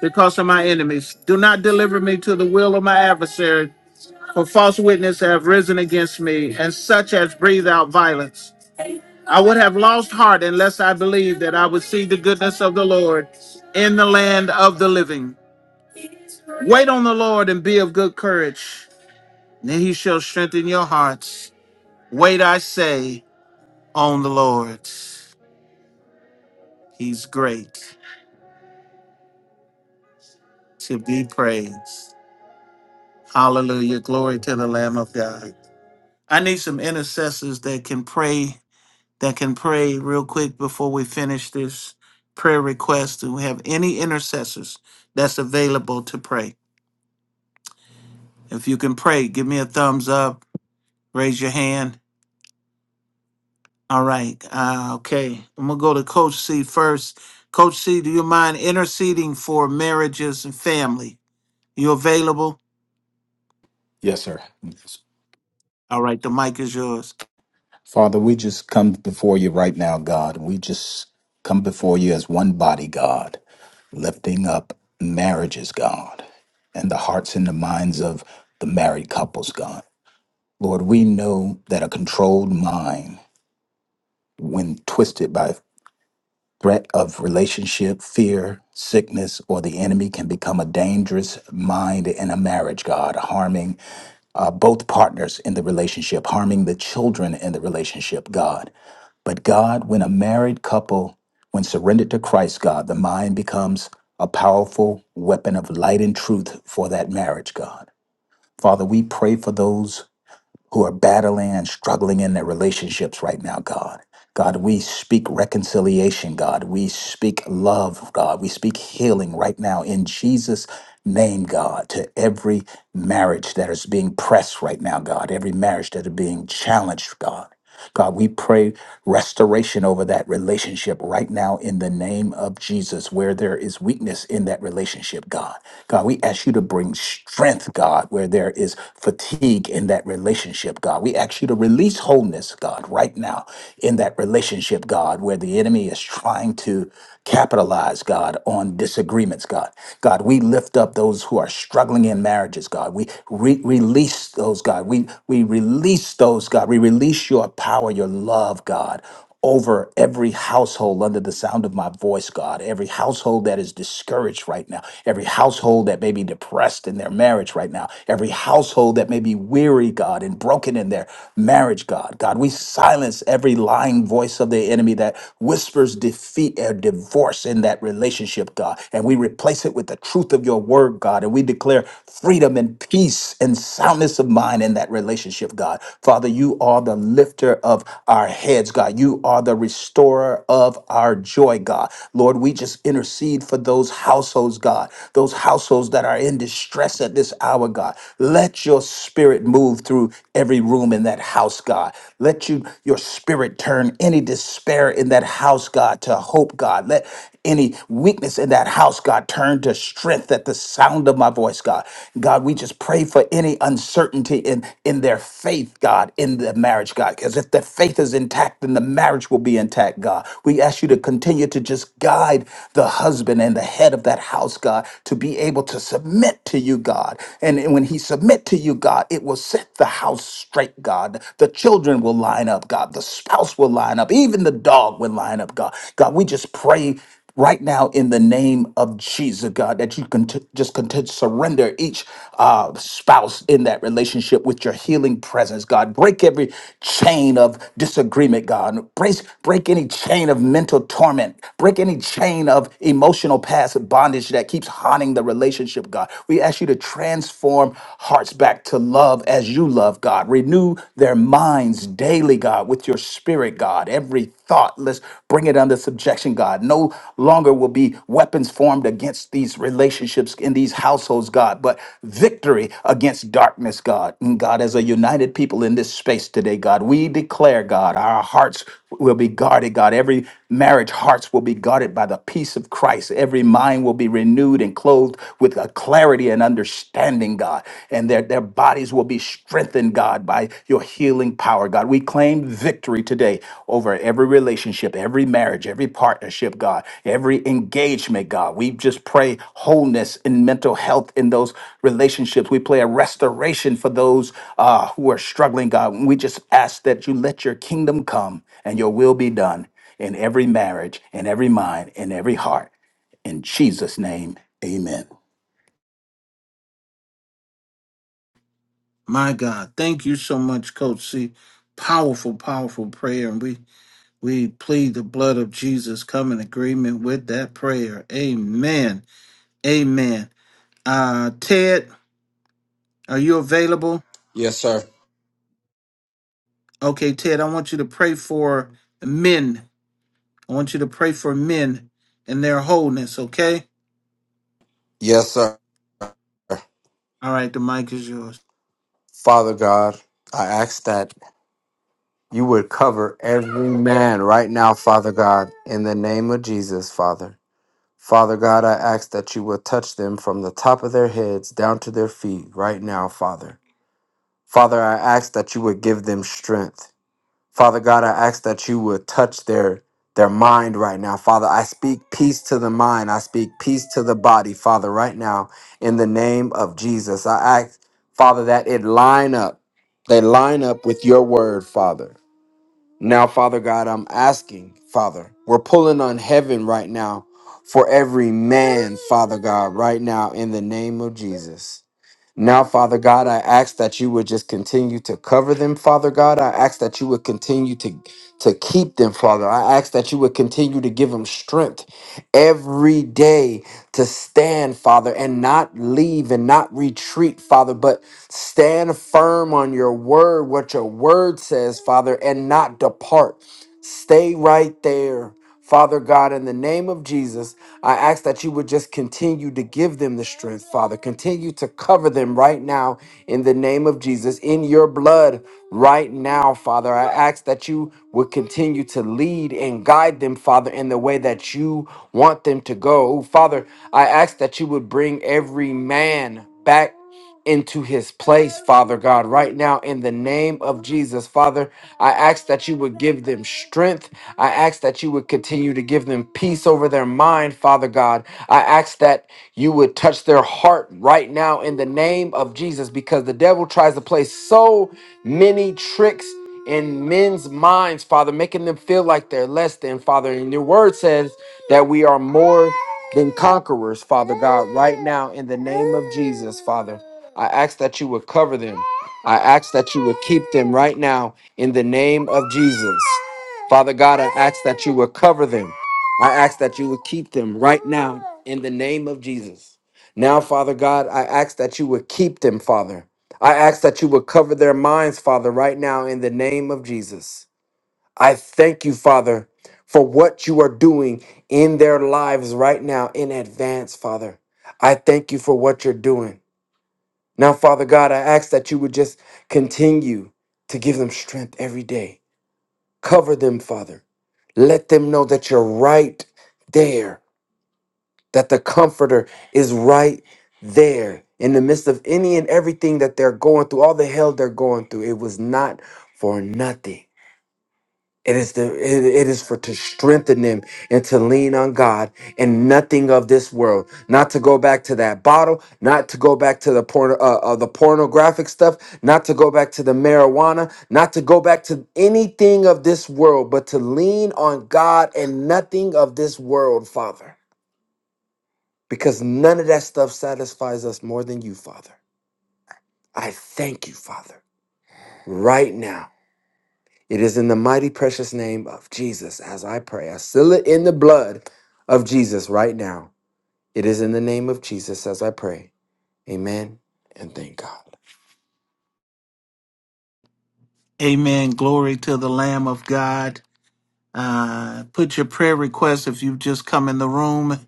S3: because of my enemies. Do not deliver me to the will of my adversary, for false witnesses have risen against me, and such as breathe out violence. I would have lost heart unless I believed that I would see the goodness of the Lord in the land of the living. Wait on the Lord and be of good courage, and he shall strengthen your hearts. Wait, I say, on the Lord. He's great to be praised. Hallelujah. Glory to the Lamb of God. I need some intercessors that can pray, that can pray real quick before we finish this prayer request. Do we have any intercessors that's available to pray? If you can pray, give me a thumbs up, raise your hand. All right. Uh, okay. I'm going to go to Coach C first. Coach C, do you mind interceding for marriages and family? You available?
S5: Yes, sir.
S3: All right. The mic is yours.
S5: Father, we just come before you right now, God. We just come before you as one body, God, lifting up marriages, God, and the hearts and the minds of the married couples, God. Lord, we know that a controlled mind, when twisted by threat of relationship, fear, sickness, or the enemy, can become a dangerous mind in a marriage, God, harming uh, both partners in the relationship, harming the children in the relationship, God. But God, when a married couple, when surrendered to Christ, God, the mind becomes a powerful weapon of light and truth for that marriage, God. Father, we pray for those who are battling and struggling in their relationships right now, God. God, we speak reconciliation, God. We speak love, God. We speak healing right now in Jesus' name, God, to every marriage that is being pressed right now, God, every marriage that is being challenged, God. God, we pray restoration over that relationship right now in the name of Jesus, where there is weakness in that relationship, God. God, we ask you to bring strength, God, where there is fatigue in that relationship, God. We ask you to release wholeness, God, right now in that relationship, God, where the enemy is trying to. Capitalize, God, on disagreements, God. God, we lift up those who are struggling in marriages, God. We re- release those, God. We, we release those, God. We release your power, your love, God over every household under the sound of my voice, God. Every household that is discouraged right now. Every household that may be depressed in their marriage right now. Every household that may be weary, God, and broken in their marriage, God. God, we silence every lying voice of the enemy enemy that whispers defeat or divorce in that relationship, God. And we replace it with the truth of your word, God. And we declare freedom and peace and soundness of mind in that relationship, God. Father, you are the lifter of our heads, God. You are the restorer of our joy, God. Lord, we just intercede for those households, God, those households that are in distress at this hour, God. Let your spirit move through every room in that house, God. Let let you your spirit turn any despair in that house, God, to hope, God. Let any weakness in that house, God, turn to strength at the sound of my voice, God. God, we just pray for any uncertainty in in their faith, God, in the marriage, God. Because if the faith is intact, then the marriage will be intact, God. We ask you to continue to just guide the husband and the head of that house, God, to be able to submit to you, God. And when he submit to you, God, it will set the house house straight, God. The children will line up, God. The spouse will line up. Even the dog will line up, God. God, we just pray right now in the name of Jesus, God, that you can t- just continue to surrender each uh, spouse in that relationship with your healing presence, God. Break every chain of disagreement, God. Break, break any chain of mental torment. Break any chain of emotional past bondage that keeps haunting the relationship, God. We ask you to transform transform hearts back to love as you love, God. Renew their minds daily, God, with your spirit, God. Every thought, let's bring it under subjection, God. No longer will be weapons formed against these relationships in these households, God, but victory against darkness, God. And God, as a united people in this space today, God, we declare, God, our hearts will be guarded, God. Every marriage hearts will be guarded by the peace of Christ. Every mind will be renewed and clothed with a clarity and understanding, God. And their, their bodies will be strengthened, God, by your healing power, God. We claim victory today over every relationship, every marriage, every every partnership, God, every engagement, God. We just pray wholeness and mental health in those relationships. We pray a restoration for those uh, who are struggling, God. We just ask that you let your kingdom come and your will be done in every marriage, in every mind, in every heart. In Jesus' name, amen.
S3: My God. Thank you so much, Coach C. Powerful, powerful prayer. And we We plead the blood of Jesus. Come in agreement with that prayer. Amen. Amen. Uh, Ted, are you available?
S1: Yes, sir.
S3: Okay, Ted, I want you to pray for men. I want you to pray for men and their wholeness, okay?
S1: Yes, sir.
S3: All right, the mic is yours.
S1: Father God, I ask that you would cover every man right now, Father God, in the name of Jesus, Father. Father God, I ask that you would touch them from the top of their heads down to their feet right now, Father. Father, I ask that you would give them strength. Father God, I ask that you would touch their their mind right now. Father, I speak peace to the mind. I speak peace to the body, Father, right now in the name of Jesus. I ask, Father, that it line up. They line up with your word, Father. Now, Father God, I'm asking, Father, we're pulling on heaven right now for every man, Father God, right now in the name of Jesus. Now, Father God, I ask that you would just continue to cover them, Father God. I ask that you would continue to, to keep them, Father. I ask that you would continue to give them strength every day to stand, Father, and not leave and not retreat, Father, but stand firm on your word, what your word says, Father, and not depart. Stay right there. Father God, in the name of Jesus, I ask that you would just continue to give them the strength, Father. Continue to cover them right now in the name of Jesus, in your blood right now, Father. I ask that you would continue to lead and guide them, Father, in the way that you want them to go. Father, I ask that you would bring every man back into his place, Father God, right now in the name of Jesus. Father, I ask that you would give them strength. I ask that you would continue to give them peace over their mind, Father God. I ask that you would touch their heart right now in the name of Jesus because the devil tries to play so many tricks in men's minds, Father, making them feel like they're less than, Father. And your word says, that we are more than conquerors, Father God, right now in the name of Jesus, Father. I ask that you would cover them. I ask that you would keep them right now in the name of Jesus. Father God, I ask that you would cover them. I ask that you would keep them right now in the name of Jesus. Now, Father God, I ask that you would keep them, Father. I ask that you would cover their minds, Father, right now in the name of Jesus. I thank you, Father, for what you are doing in their lives right now in advance, Father. I thank you for what you're doing. Now, Father God, I ask that you would just continue to give them strength every day. Cover them, Father. Let them know that you're right there, that the Comforter is right there in the midst of any and everything that they're going through, all the hell they're going through. It was not for nothing. It is the it it is for to strengthen them and to lean on God and nothing of this world. Not to go back to that bottle, not to go back to the porn uh, uh, the pornographic stuff, not to go back to the marijuana, not to go back to anything of this world, but to lean on God and nothing of this world, Father. Because none of that stuff satisfies us more than you, Father. I thank you, Father, right now It is in the mighty precious name of Jesus as I pray. I seal it in the blood of Jesus right now. It is in the name of Jesus as I pray. Amen and thank God.
S3: Amen. Glory to the Lamb of God. Uh, put your prayer request if you've just come in the room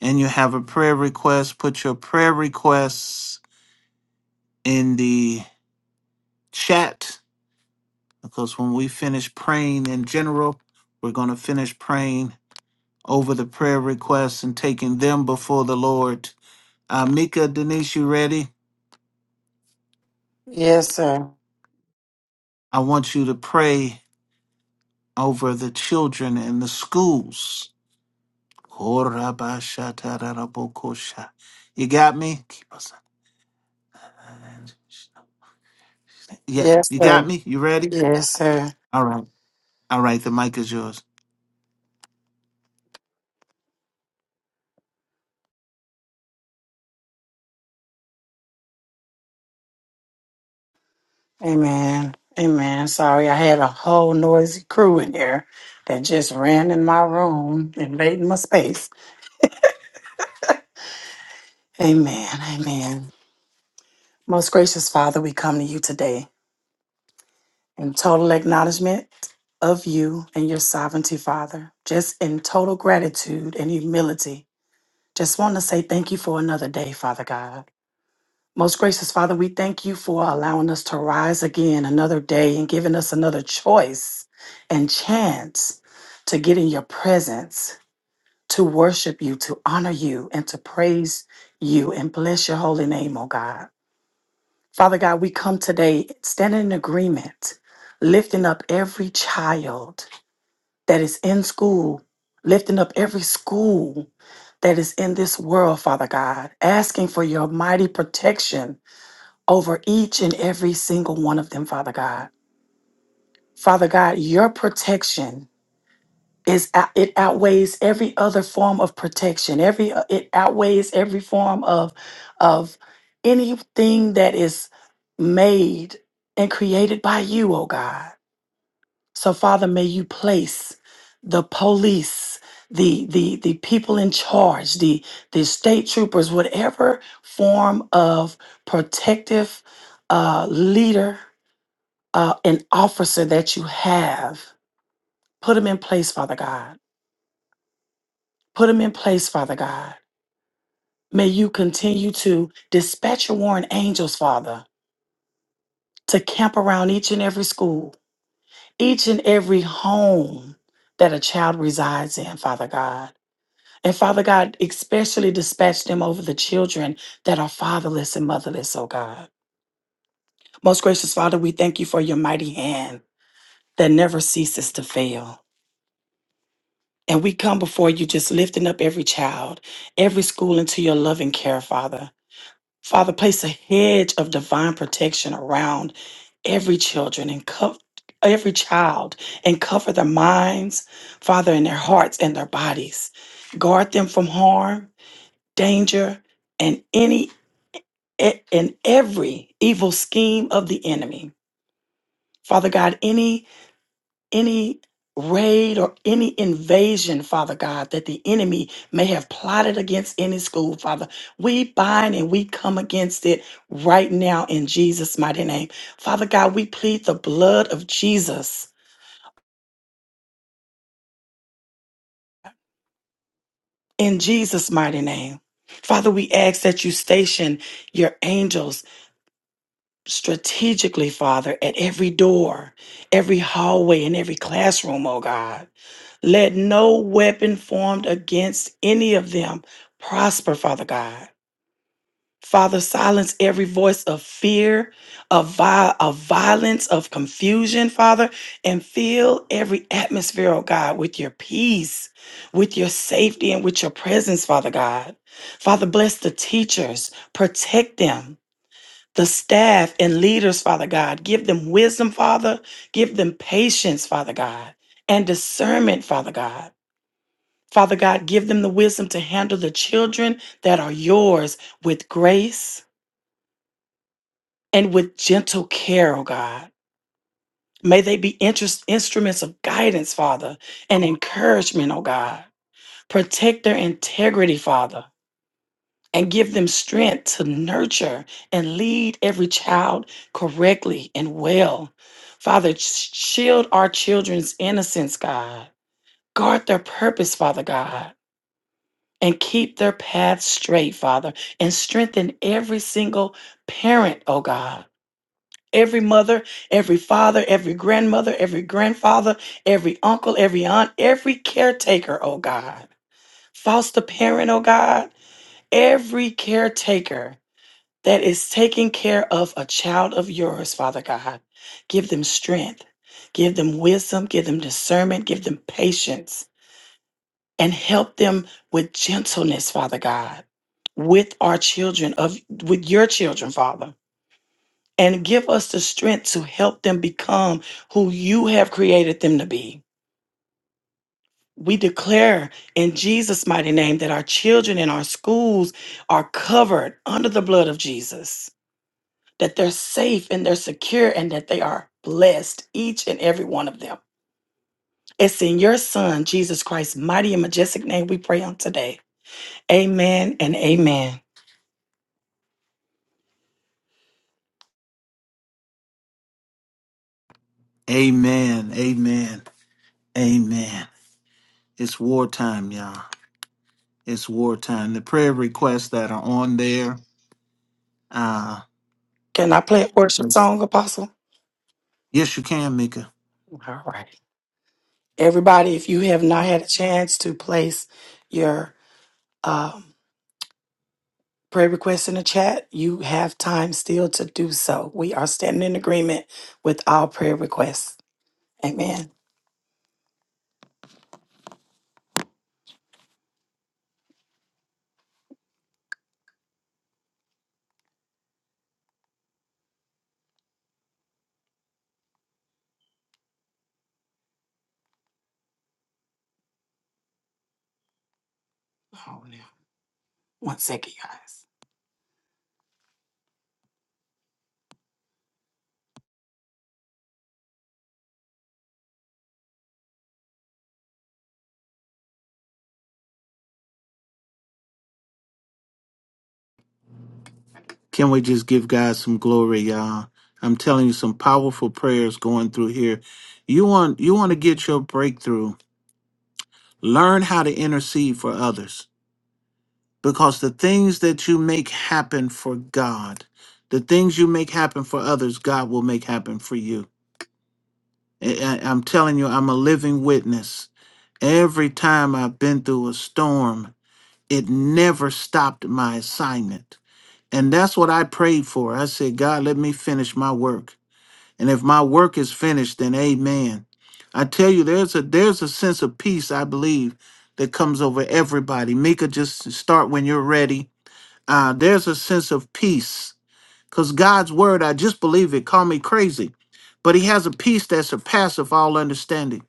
S3: and you have a prayer request, put your prayer requests in the chat because when we finish praying in general, we're going to finish praying over the prayer requests and taking them before the Lord. Uh, Mika, Denise, you ready?
S2: Yes, sir.
S3: I want you to pray over the children in the schools. Korabashatarabokosha. You got me? Keep us. Yeah,
S2: Yes,
S3: you got
S2: sir.
S3: me? You ready?
S2: Yes, sir.
S3: All right. All right, the mic is yours.
S2: Amen. Amen. Sorry, I had a whole noisy crew in here that just ran in my room, invading my space. Amen. Amen. Most gracious Father, we come to you today in total acknowledgement of you and your sovereignty, Father, just in total gratitude and humility. Just want to say thank you for another day, Father God. Most gracious Father, we thank you for allowing us to rise again another day and giving us another choice and chance to get in your presence, to worship you, to honor you, and to praise you and bless your holy name, oh God. Father God, we come today standing in agreement, lifting up every child that is in school, lifting up every school that is in this world, Father God, asking for your mighty protection over each and every single one of them, Father God. Father God, your protection is out- it outweighs every other form of protection. Every uh, it outweighs every form of of anything that is made and created by you, oh God. So Father, may you place the police, the the the people in charge, the the state troopers, whatever form of protective uh, leader uh, an officer that you have, put them in place, Father God. Put them in place, Father God. May you continue to dispatch your warring angels, Father, to camp around each and every school, each and every home that a child resides in, Father God. And Father God, especially dispatch them over the children that are fatherless and motherless, oh God. Most gracious Father, we thank you for your mighty hand that never ceases to fail. And we come before you just lifting up every child, every school into your loving care, Father. Father, place a hedge of divine protection around every children and cover every child and cover their minds, Father, and their hearts and their bodies. Guard them from harm, danger, and any e, and every evil scheme of the enemy. Father God, any any raid or any invasion, Father God, that the enemy may have plotted against any school, Father. We bind and we come against it right now in Jesus' mighty name. Father God, we plead the blood of Jesus in Jesus' mighty name. Father, we ask that you station your angels strategically, Father, at every door, every hallway, and every classroom, oh God. Let no weapon formed against any of them prosper, Father God. Father, silence every voice of fear, of, vi- of violence, of confusion, Father, and fill every atmosphere, oh God, with your peace, with your safety, and with your presence, Father God. Father, bless the teachers, protect them, the staff and leaders, Father God. Give them wisdom, Father. Give them patience, Father God, and discernment, Father God. Father God, give them the wisdom to handle the children that are yours with grace and with gentle care, oh God. May they be interest, instruments of guidance, Father, and encouragement, oh God. Protect their integrity, Father, and give them strength to nurture and lead every child correctly and well. Father, sh- shield our children's innocence, God. Guard their purpose, Father God and keep their paths straight, Father, and strengthen every single parent, oh God. Every mother, every father, every grandmother, every grandfather, every uncle, every aunt, every caretaker, oh God. Foster parent, oh God. Every caretaker that is taking care of a child of yours, Father God. Give them strength, give them wisdom, give them discernment, give them patience and help them with gentleness, Father God, with our children, of with your children, Father. And give us the strength to help them become who you have created them to be. We declare in Jesus' mighty name that our children in our schools are covered under the blood of Jesus, that they're safe and they're secure, and that they are blessed, each and every one of them. It's in your Son, Jesus Christ's mighty and majestic name we pray on today. Amen and amen.
S3: Amen. Amen. Amen. It's wartime, y'all. It's wartime. The prayer requests that are on there. Uh,
S2: Can I play a worship
S3: let's,
S2: song, Apostle?
S3: yes, you can, Mika.
S2: All right. Everybody, if you have not had a chance to place your um, prayer request in the chat, you have time still to do so. We are standing in agreement with all prayer requests. Amen. Hold on. One second, guys.
S3: Can we just give God some glory, y'all? I'm telling you, some powerful prayers going through here. You want you want to get your breakthrough. Learn how to intercede for others, because the things that you make happen for God, the things you make happen for others, God will make happen for you. I, I- I'm telling you, I'm a living witness. Every time I've been through a storm, it never stopped my assignment. And that's what I prayed for. I said, God, let me finish my work. And if my work is finished, then amen. I tell you, there's a there's a sense of peace, I believe, that comes over everybody. Mika, just start when you're ready. Uh, there's a sense of peace. Because God's word, I just believe it, call me crazy. But he has a peace that surpasses all understanding.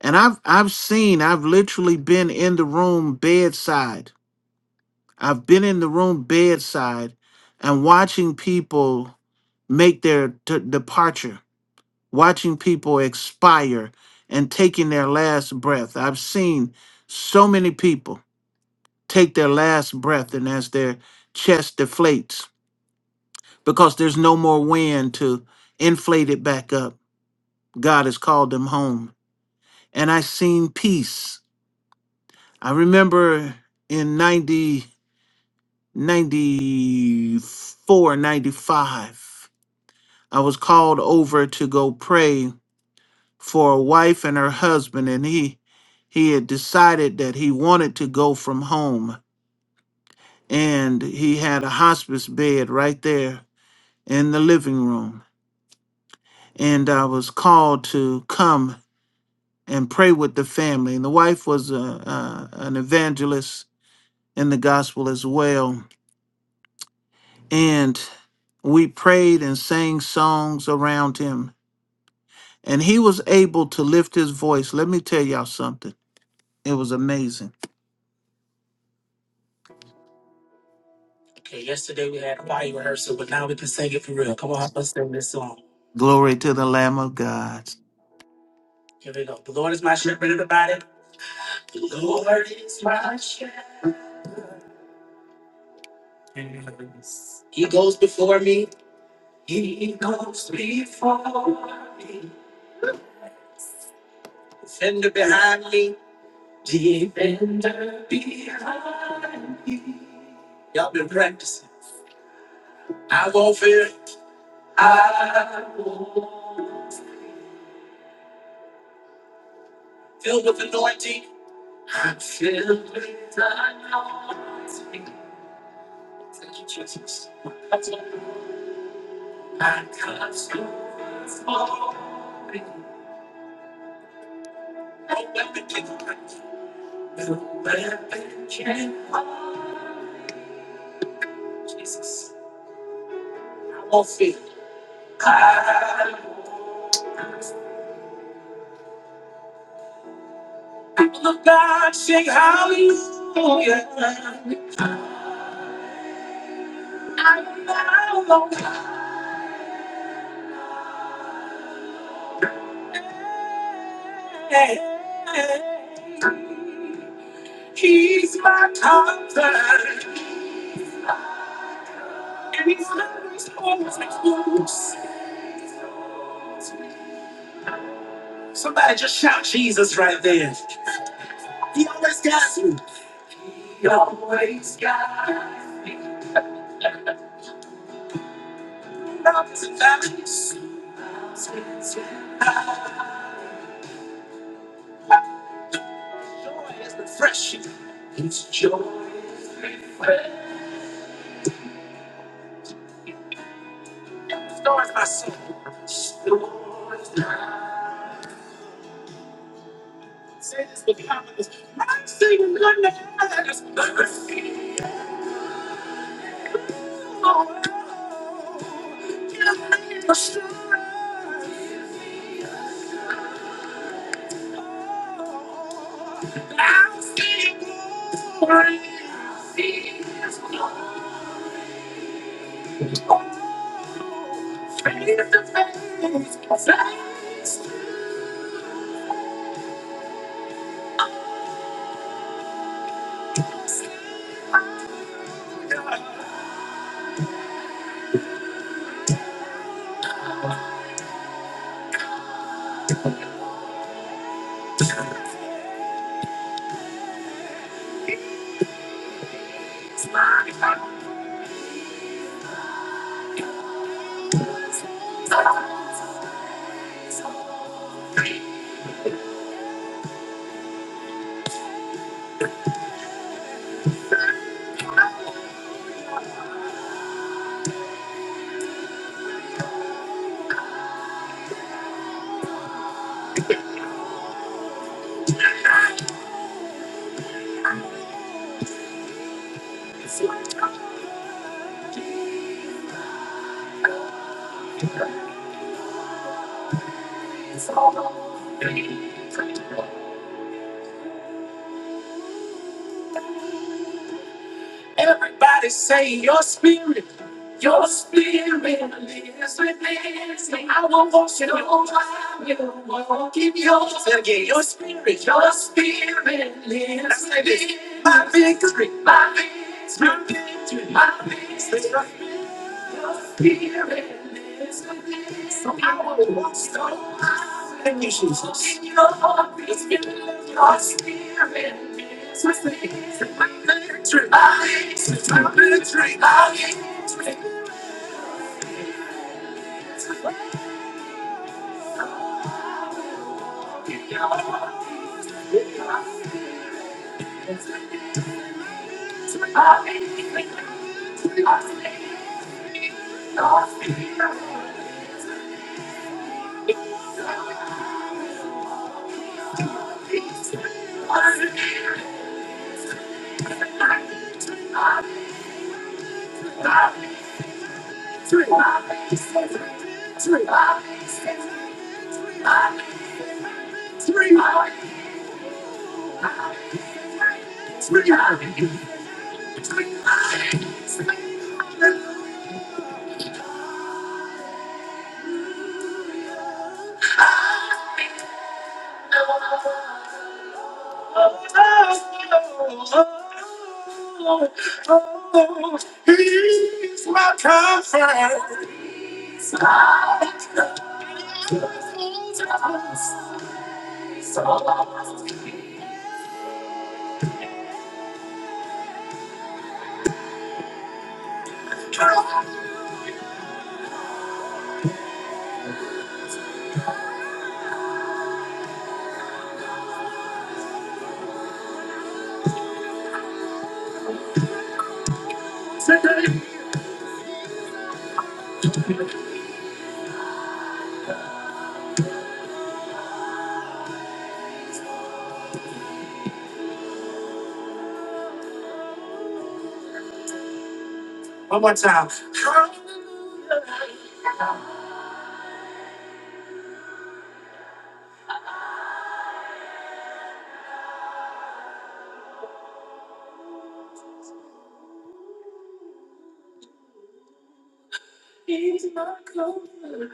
S3: And I've I've seen, I've literally been in the room bedside I've been in the room bedside and watching people make their t- departure, watching people expire and taking their last breath. I've seen so many people take their last breath, and as their chest deflates, because there's no more wind to inflate it back up, God has called them home. And i seen peace. I remember in 90 94, 95. I was called over to go pray for a wife and her husband, and he he had decided that he wanted to go from home, and he had a hospice bed right there in the living room, and I was called to come and pray with the family. And the wife was a, a, an evangelist in the gospel as well, and we prayed and sang songs around him, and he was able to lift his voice. Let me tell y'all something It was amazing.
S2: Okay, yesterday we had a body rehearsal, but now we can sing it for real. Come on, let's sing this song.
S3: Glory to the Lamb of God.
S2: Here we go. The Lord is my shepherd, everybody. The Lord is my shepherd. He goes before me. He goes before me, defender behind me, defender behind me. Y'all been practicing. I won't fear. I won't. Filled with anointing. I'm filled with anointing. Thank you, Jesus. I'm constantly falling. No weapon can break. No weapon can. Jesus, I won't fear. People of God sing hallelujah. I'm not alone. He's my comfort. And he's not exposed. Somebody just shout Jesus right there. He always got you. He always got me. Mountains and valleys. Joy is refreshing. His joy is refreshing. Restores my soul. Restores my Say this with confidence. My singing goodness. Give me the strength. I'll see i glory. I'll See his glory. Oh, face to face. Face to face. Everybody say your spirit, your spirit lives within me. I will walk you while you walk in yours again. Your spirit, your spirit lives within me. My victory, my victory, my victory, my victory. Oh, He's my comfort. One more time. He's my comfort.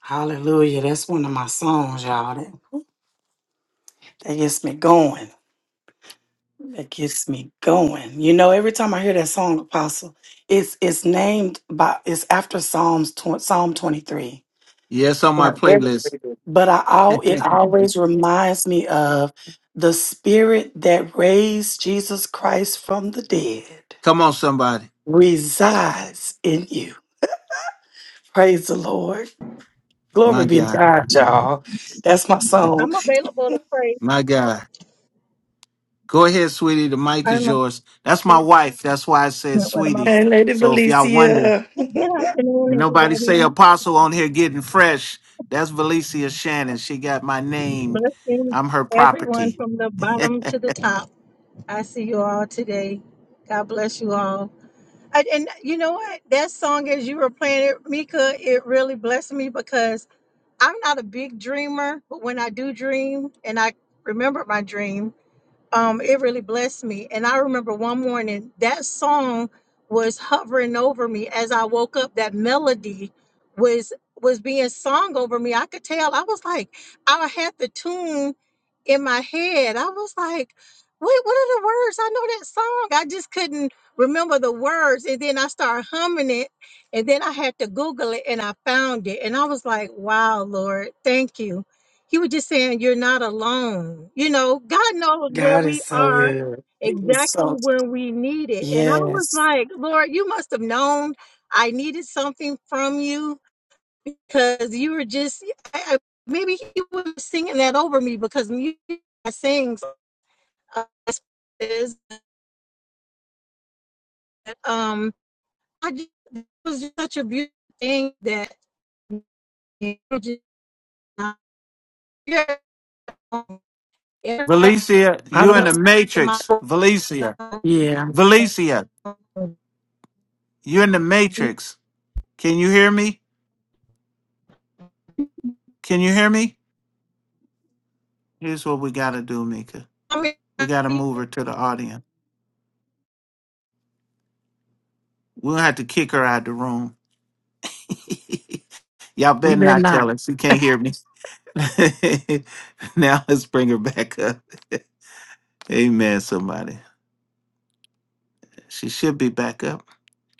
S2: Hallelujah. That's one of my songs, y'all. That gets me going. That gets me going. You know, every time I hear that song, Apostle, it's it's named by it's after Psalms tw- Psalm twenty three.
S3: Yes, on my
S2: Right.
S3: playlist.
S2: But I al- it always reminds me of the Spirit that raised Jesus Christ from the dead
S3: Come on, somebody.
S2: resides in you. Praise the Lord. Glory
S3: My
S2: be to
S3: God.
S2: God, y'all. That's my song.
S6: I'm available to pray.
S3: My God. Go ahead, sweetie. The mic
S6: I don't
S3: is yours. That's my
S6: know
S3: wife. That's why I said
S6: what am I
S3: sweetie.
S2: And
S6: praying.
S2: Lady
S3: So if y'all wonder,
S2: Felicia.
S6: Good afternoon,
S3: and nobody say
S6: everybody.
S3: apostle on here getting fresh, that's Valicia Shannon. She got my name.
S6: Blessings,
S3: I'm her
S6: everyone
S3: property.
S6: from the bottom to the top. I see you all today. God bless you all. I, and you know what? That song, as you were playing it, Mika, it really blessed me because I'm not a big dreamer, but when I do dream and I remember my dream, um, it really blessed me. And I remember one morning that song was hovering over me as I woke up. That melody was was being sung over me. I could tell. I was like, I had the tune in my head. I was like, wait, what are the words? I know that song. I just couldn't remember the words. And then I started humming it. And then I had to Google it and I found it. And I was like, wow, Lord, thank you you were just saying you're not alone. You know, God knows where
S2: God
S6: we
S2: is so
S6: are
S2: good. He is
S6: exactly
S2: so good.
S6: when we need it. And I was
S2: Yes.
S6: like, Lord, you must have known I needed something from you because you were just, I, I- maybe He was singing that over me because music I sing uh, is, um, I just, it was just such a beautiful thing that you were just, not here. Um, everybody
S3: Valicia,
S2: I
S3: you
S2: don't
S3: in
S2: know.
S3: the
S6: in my
S3: matrix. Valicia.
S2: Yeah,
S3: Valicia, you in the matrix. Can you hear me? Can you hear me? Here's what we gotta do, Mika.
S6: Can
S3: We gotta move her to the audience. We'll have to kick her out the room. Y'all
S2: we
S3: better
S2: better
S3: not
S2: not.
S3: tell her. She can't hear me. now let's bring her back up. Amen, somebody. She should be back up.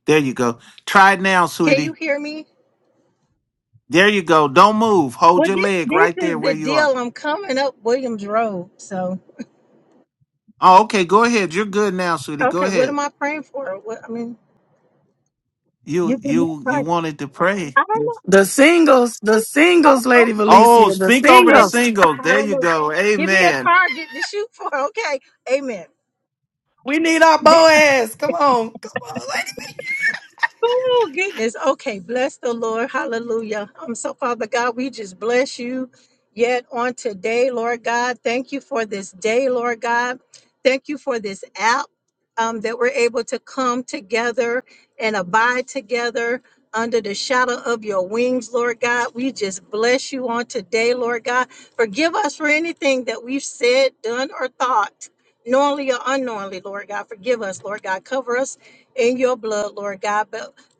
S3: There you go. Try it now,
S6: you
S3: sweetie.
S6: hear me?
S3: There you go. Don't move. Hold
S6: Well,
S3: your
S6: thi-
S3: leg
S6: this
S3: right there
S6: is the
S3: where you are.
S6: deal. I'm coming up Williams Road. So,
S3: Oh, okay. Go ahead. You're good now, sweetie. Go
S6: okay, what am
S3: ahead.
S6: I praying for? What, I mean, you
S3: You
S6: give me
S3: you
S6: a
S3: you
S6: target.
S3: wanted to pray.
S6: I don't know.
S2: The singles, the
S6: Oh,
S2: singles,
S6: oh,
S2: Lady
S3: Oh,
S2: Valencia, the
S3: speak over the
S6: amen.
S2: singles.
S3: singles. There you
S6: Hallelujah.
S3: go.
S6: Give me a
S3: Amen.
S6: target to shoot for. Okay, amen.
S2: We need our Boaz. Come on, come on, Lady.
S6: Oh, goodness. Okay. Bless the Lord. Hallelujah. Um, so, Father God, we just bless you yet on today, Lord God. Thank you for this day, Lord God. Thank you for this app um, that we're able to come together and abide together under the shadow of your wings, Lord God. We just bless you on today, Lord God. Forgive us for anything that we've said, done, or thought, knowingly or unknowingly, Lord God. Forgive us, Lord God. Cover us in your blood, Lord God.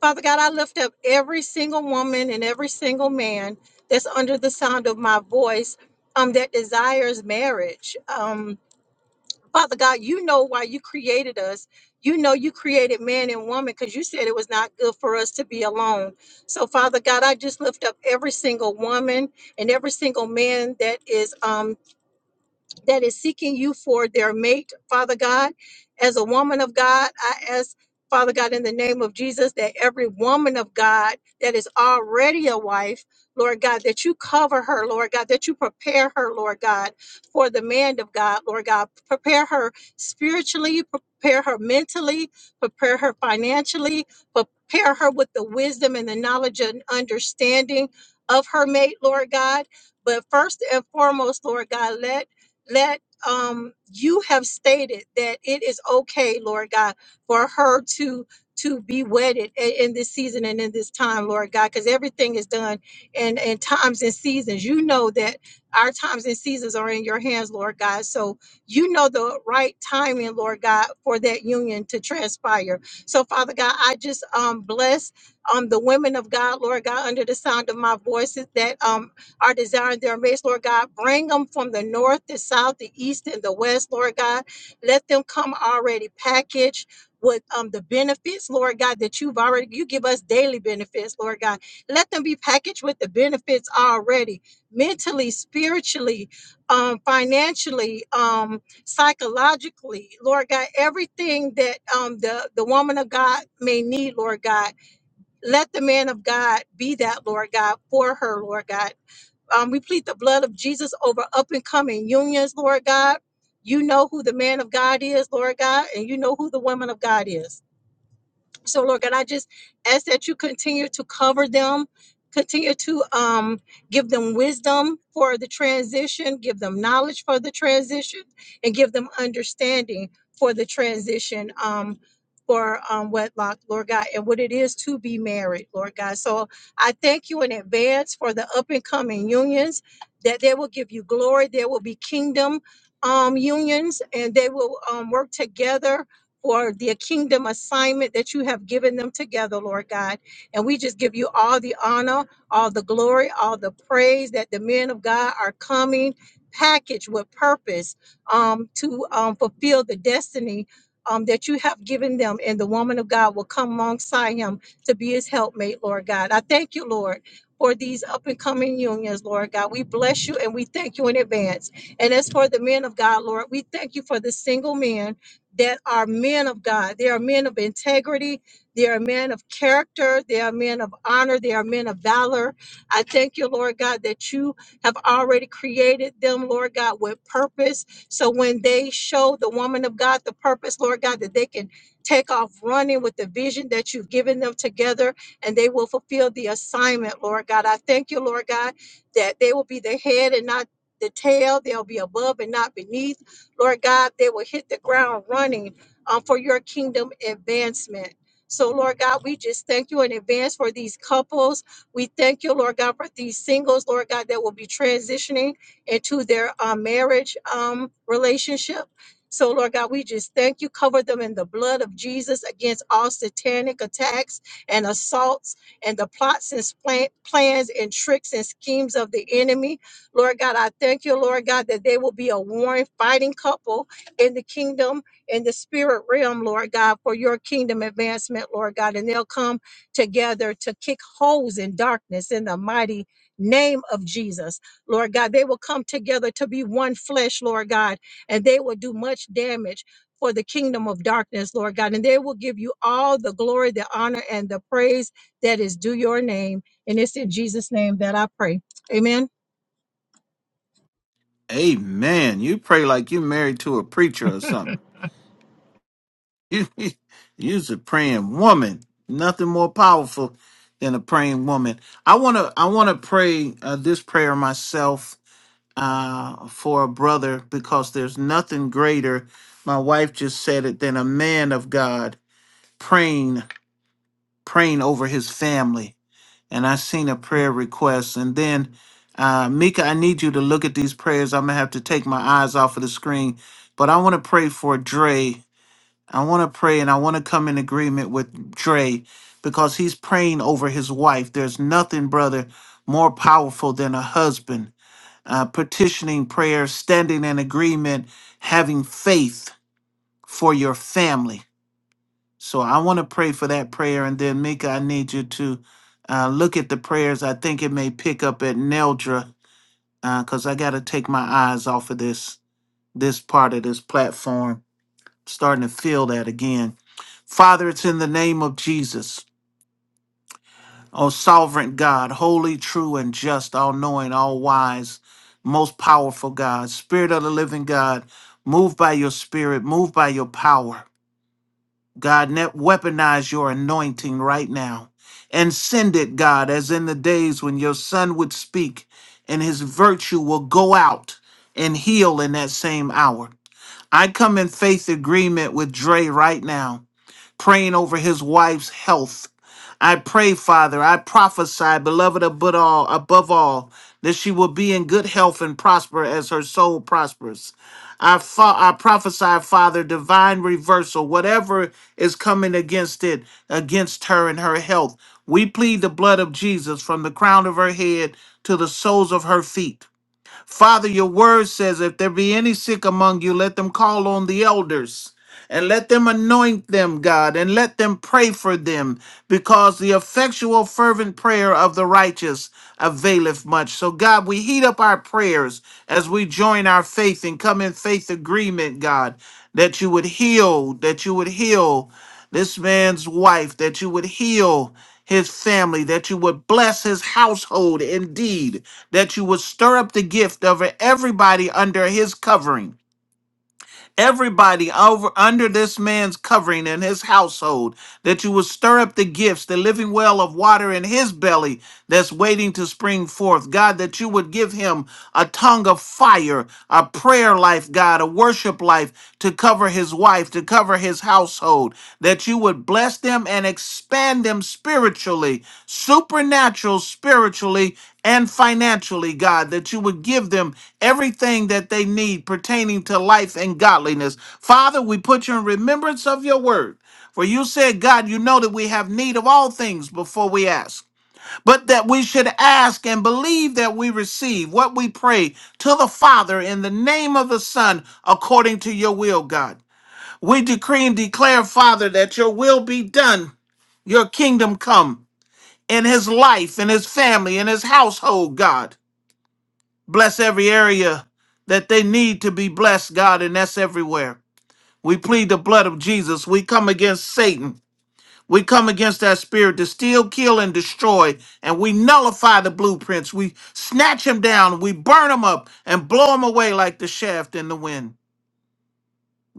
S6: Father God, I lift up every single woman and every single man that's under the sound of my voice um, that desires marriage. Um, Father God, you know why you created us. You know you created man and woman because you said it was not good for us to be alone. So, Father God, I just lift up every single woman and every single man that is um, that is seeking you for their mate, Father God. As a woman of God, I ask, Father God, in the name of Jesus, that every woman of God that is already a wife, Lord God, that you cover her, Lord God, that you prepare her, Lord God, for the man of God, Lord God. Prepare her spiritually, prepare her mentally, prepare her financially, prepare her with the wisdom and the knowledge and understanding of her mate, Lord God. But first and foremost, Lord God, let let um you have stated that it is okay lord god for her to to be wedded i- in this season and in this time lord god because everything is done in in times and seasons you know that our times and seasons are in your hands lord god so you know the right timing lord god for that union to transpire so father god i just um bless um the women of god lord god under the sound of my voices that um are desiring their marriage, Lord God. Bring them from the north, the south, the east, and the west, Lord God. Let them come already packaged with um, the benefits, Lord God, that you've already, you give us daily benefits, Lord God. Let them be packaged with the benefits already, mentally, spiritually, um, financially, um, psychologically, Lord God, everything that um, the, the woman of God may need, Lord God. Let the man of God be that, Lord God, for her, Lord God um, we plead the blood of Jesus over up and coming unions, Lord God. You know who the man of God is, Lord God, and you know who the woman of God is. So, Lord God, I just ask that you continue to cover them, continue to um, give them wisdom for the transition, give them knowledge for the transition, and give them understanding for the transition. Um, for um, wedlock, Lord God, and what it is to be married, Lord God. So I thank you in advance for the up and coming unions, that they will give you glory. There will be kingdom um, unions, and they will um, work together for the kingdom assignment that you have given them together, Lord God. And we just give you all the honor, all the glory, all the praise that the men of God are coming packaged with purpose um, to um, fulfill the destiny. um, that you have given them, and the woman of God will come alongside him to be his helpmate, Lord God. I thank you, Lord, for these up and coming unions, Lord God. We bless you and we thank you in advance. And as for the men of God, Lord, we thank you for the single men that are men of God. They are men of integrity. They are men of character. They are men of honor. They are men of valor. I thank you, Lord God, that you have already created them, Lord God, with purpose. So when they show the woman of God the purpose, Lord God, that they can take off running with the vision that you've given them together and they will fulfill the assignment, Lord God. I thank you, Lord God, that they will be the head and not the tail. They'll be above and not beneath. Lord God, they will hit the ground running um, for your kingdom advancement. So, Lord God, we just thank you in advance for these couples. We thank you, Lord God, for these singles, Lord God, that will be transitioning into their uh, marriage um, relationship. So, Lord God, we just thank you. Cover them in the blood of Jesus against all satanic attacks and assaults and the plots and splan- plans and tricks and schemes of the enemy. Lord God, I thank you, Lord God, that they will be a warring, fighting couple in the kingdom, in the spirit realm, Lord God, for your kingdom advancement, Lord God. And they'll come together to kick holes in darkness in the mighty name of Jesus, Lord God. They will come together to be one flesh, Lord God, and they will do much damage. For the kingdom of darkness, Lord God, and they will give you all the glory, the honor, and the praise that is due your name. And it's in Jesus' name that I pray. Amen.
S3: Amen. You pray like you married to a preacher or something. You, you's a praying woman. Nothing more powerful than a praying woman. I wanna I wanna pray uh, this prayer myself uh, for a brother because there's nothing greater. My wife just said it than a man of God praying praying over his family. and I seen a prayer request. And then, uh, Mika, I need you to look at these prayers. I'm gonna have to take my eyes off of the screen, but I want to pray for Dre. I want to pray, and I want to come in agreement with Dre because he's praying over his wife. There's nothing, brother, more powerful than a husband uh, petitioning prayer, standing in agreement, having faith for your family. So I want to pray for that prayer. And then, Mika, I need you to uh, look at the prayers. I think it may pick up at Neldra because I got to take my eyes off of this this part of this platform. Starting to feel that again. Father, it's in the name of Jesus. Oh, sovereign God, holy, true, and just, all knowing, all wise, most powerful God, Spirit of the living God, move by your spirit, move by your power. God, net weaponize your anointing right now and send it, God, as in the days when your son would speak and his virtue will go out and heal in that same hour. I come in faith agreement with Dre right now praying over his wife's health. I pray, Father, I prophesy, beloved above all, above all, that she will be in good health and prosper as her soul prospers. I, fa- I prophesy, Father, divine reversal, whatever is coming against it, against her and her health. We plead the blood of Jesus from the crown of her head to the soles of her feet. Father, your word says, if there be any sick among you, let them call on the elders and let them anoint them, God, and let them pray for them, because the effectual, fervent prayer of the righteous availeth much. So, God, we heat up our prayers as we join our faith and come in faith agreement, God, that you would heal, that you would heal this man's wife, that you would heal his family, that you would bless his household indeed, that you would stir up the gift of everybody under his covering everybody over under this man's covering and his household, that you will stir up the gifts, the living well of water in his belly that's waiting to spring forth. God, that you would give him a tongue of fire, a prayer life, God, a worship life to cover his wife, to cover his household, that you would bless them and expand them spiritually, supernatural spiritually and financially, God, that you would give them everything that they need pertaining to life and godliness. Father, we put you in remembrance of your word. For you said, God, you know that we have need of all things before we ask, but that we should ask and believe that we receive what we pray to the Father in the name of the Son, according to your will, God. We decree and declare, Father, that your will be done your kingdom come in his life, in his family, in his household, God. Bless every area that they need to be blessed, God, and that's everywhere. We plead the blood of Jesus. We come against Satan. We come against that spirit to steal, kill, and destroy. And we nullify the blueprints. We snatch them down. We burn them up and blow them away like the shaft in the wind.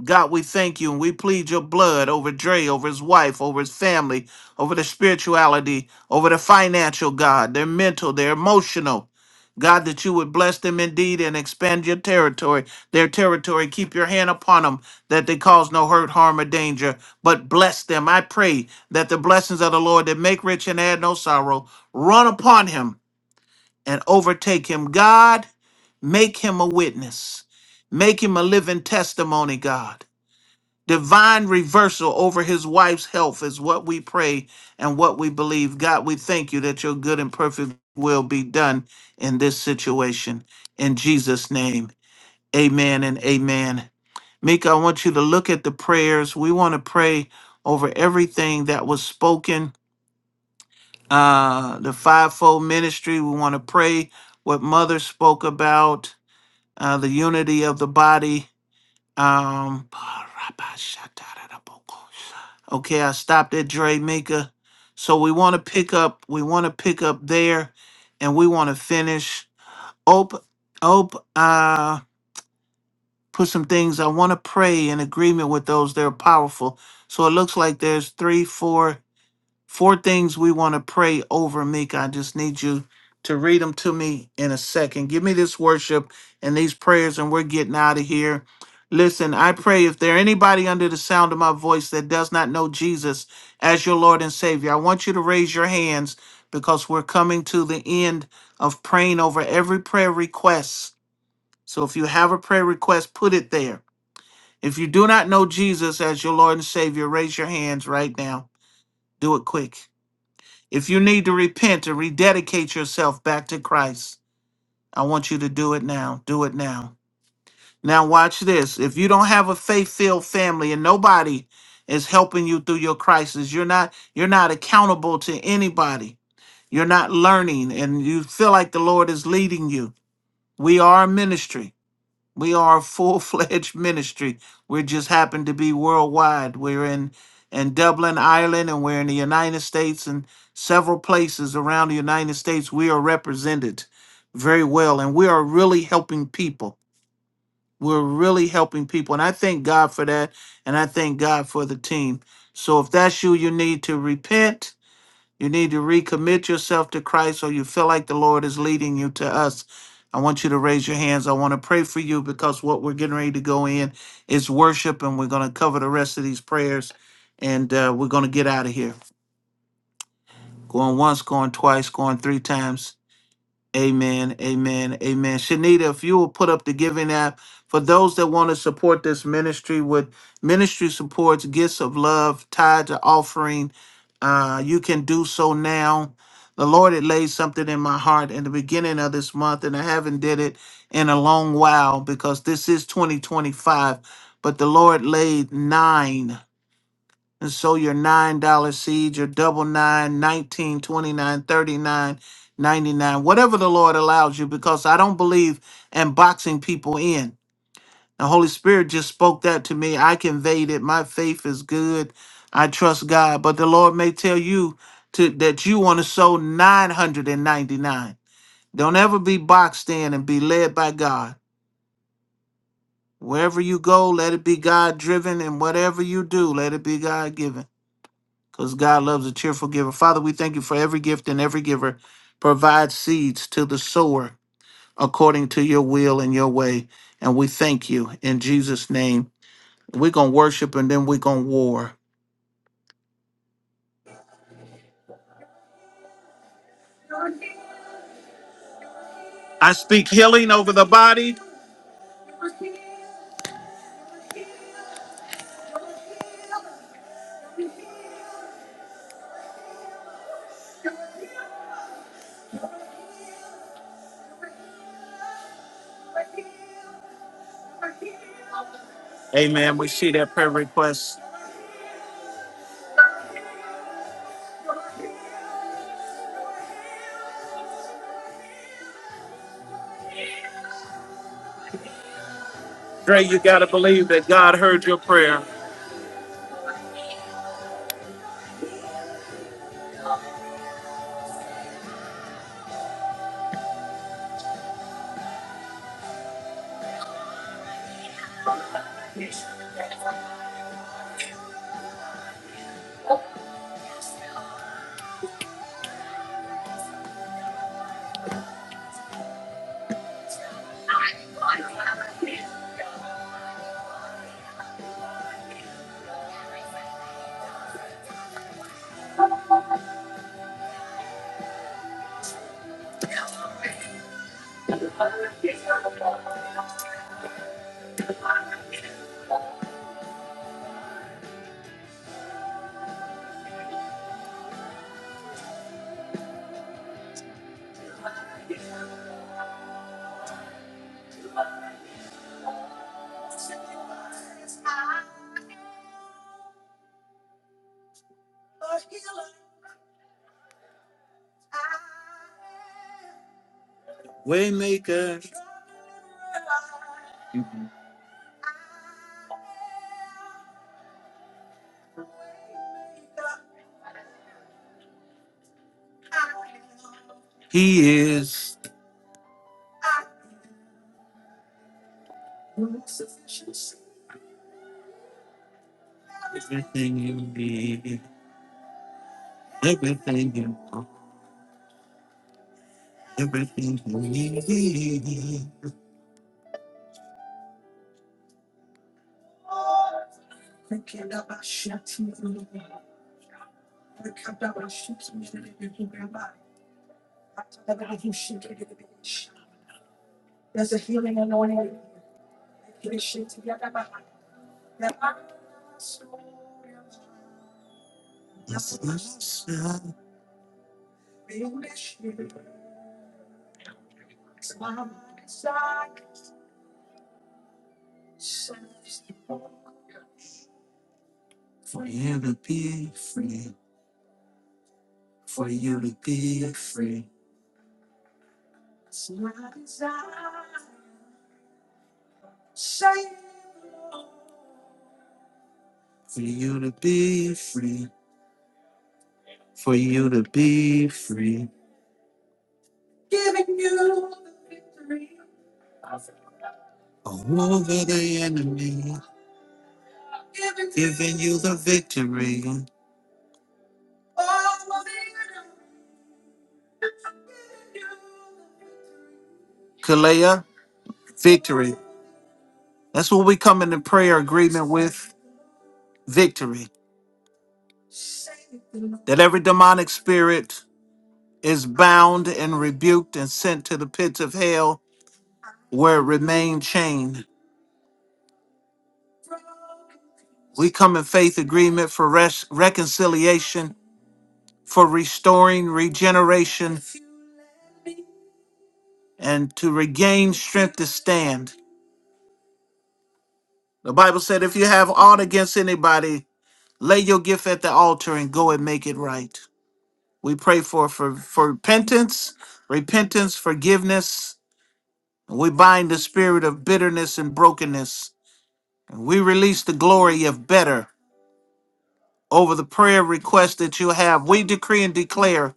S3: God, we thank you and we plead your blood over Dre, over his wife, over his family, over the spirituality, over the financial, God, their mental, their emotional. God, that you would bless them indeed and expand your territory, their territory. Keep your hand upon them that they cause no hurt, harm, or danger, but bless them. I pray that the blessings of the Lord that make rich and add no sorrow run upon him and overtake him. God, make him a witness, make him a living testimony, God. Divine reversal over his wife's health is what we pray and what we believe. God, we thank you that your good and perfect will be done in this situation. In Jesus' name, amen and amen. Mika, I want you to look at the prayers. We want to pray over everything that was spoken. Uh, the fivefold ministry, we want to pray what Mother spoke about, uh, the unity of the body um, okay, I stopped at Dre Maker. So we want to pick up, we want to pick up there and we want to finish. Op, op, uh, put some things. I want to pray in agreement with those that are powerful. So it looks like there's three, four. Four things we want to pray over, Meek. I just need you to read them to me in a second. Give me this worship and these prayers, and we're getting out of here. Listen, I pray if there anybody under the sound of my voice that does not know Jesus as your Lord and Savior, I want you to raise your hands because we're coming to the end of praying over every prayer request. So if you have a prayer request, put it there. If you do not know Jesus as your Lord and Savior, raise your hands right now. Do it quick. If you need to repent and rededicate yourself back to Christ, I want you to do it now. Do it now. Now, watch this. If you don't have a faith-filled family and nobody is helping you through your crisis, you're not you're not accountable to anybody. You're not learning, and you feel like the Lord is leading you. We are a ministry. We are a full fledged ministry. We just happen to be worldwide. We're in in Dublin, Ireland, and we're in the United States and several places around the United States. We are represented very well, and we are really helping people. We're really helping people, and I thank God for that, and I thank God for the team. So if that's you, you need to repent you need to recommit yourself to Christ or you feel like the Lord is leading you to us. I want you to raise your hands. I want to pray for you because what we're getting ready to go in is worship, and we're going to cover the rest of these prayers and uh, we're going to get out of here. Going once, going twice, going three times. Amen. Amen. Amen. Shanita, if you will put up the giving app for those that want to support this ministry with ministry supports, gifts of love, tied to offering, uh, you can do so now. The Lord had laid something in my heart in the beginning of this month, and I haven't did it in a long while because this is 2025. But the Lord laid nine and sow your nine dollar seed, your double nine, nineteen, twenty nine, thirty nine, ninety nine, whatever the Lord allows you, because I don't believe in boxing people in. The Holy Spirit just spoke that to me. I conveyed it. My faith is good. I trust God. But the Lord may tell you to that you want to sow nine hundred and ninety nine. Don't ever be boxed in and be led by God. Wherever you go, let it be God driven, and whatever you do, let it be God given. because God loves a cheerful giver. Father, we thank you for every gift and every giver. Provide seeds to the sower according to your will and your way. And we thank you in Jesus' name. We're going to worship and then we're going to war. I speak healing over the body. Amen. We see that prayer request. Dre, you got to believe that God heard your prayer. Waymaker, He is everything you need, everything you want, everything you need. For you to be free, for you to be free, for you to be free, for you to be free. Over the enemy, then you the victory. Kalea, victory. That's what we come into prayer agreement with victory. That every demonic spirit is bound and rebuked and sent to the pits of hell where it remained chained. We come in faith agreement for res- reconciliation for restoring regeneration and to regain strength to stand. The Bible said, if you have aught against anybody, lay your gift at the altar and go and make it right. We pray for, for, for repentance, repentance, forgiveness. And we bind the spirit of bitterness and brokenness. And we release the glory of better over the prayer request that you have. We decree and declare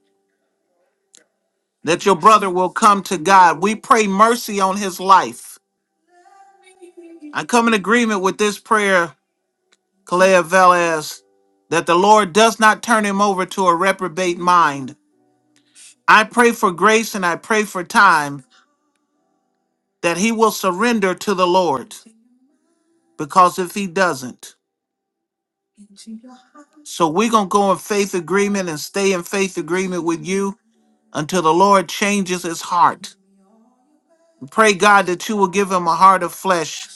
S3: that your brother will come to God. We pray mercy on his life I come in agreement with this prayer, Kalea Velez, that the Lord does not turn him over to a reprobate mind. I pray for grace and I pray for time that he will surrender to the Lord, because if he doesn't, so we're going to go in faith agreement and stay in faith agreement with you until the Lord changes his heart. Pray, God, that you will give him a heart of flesh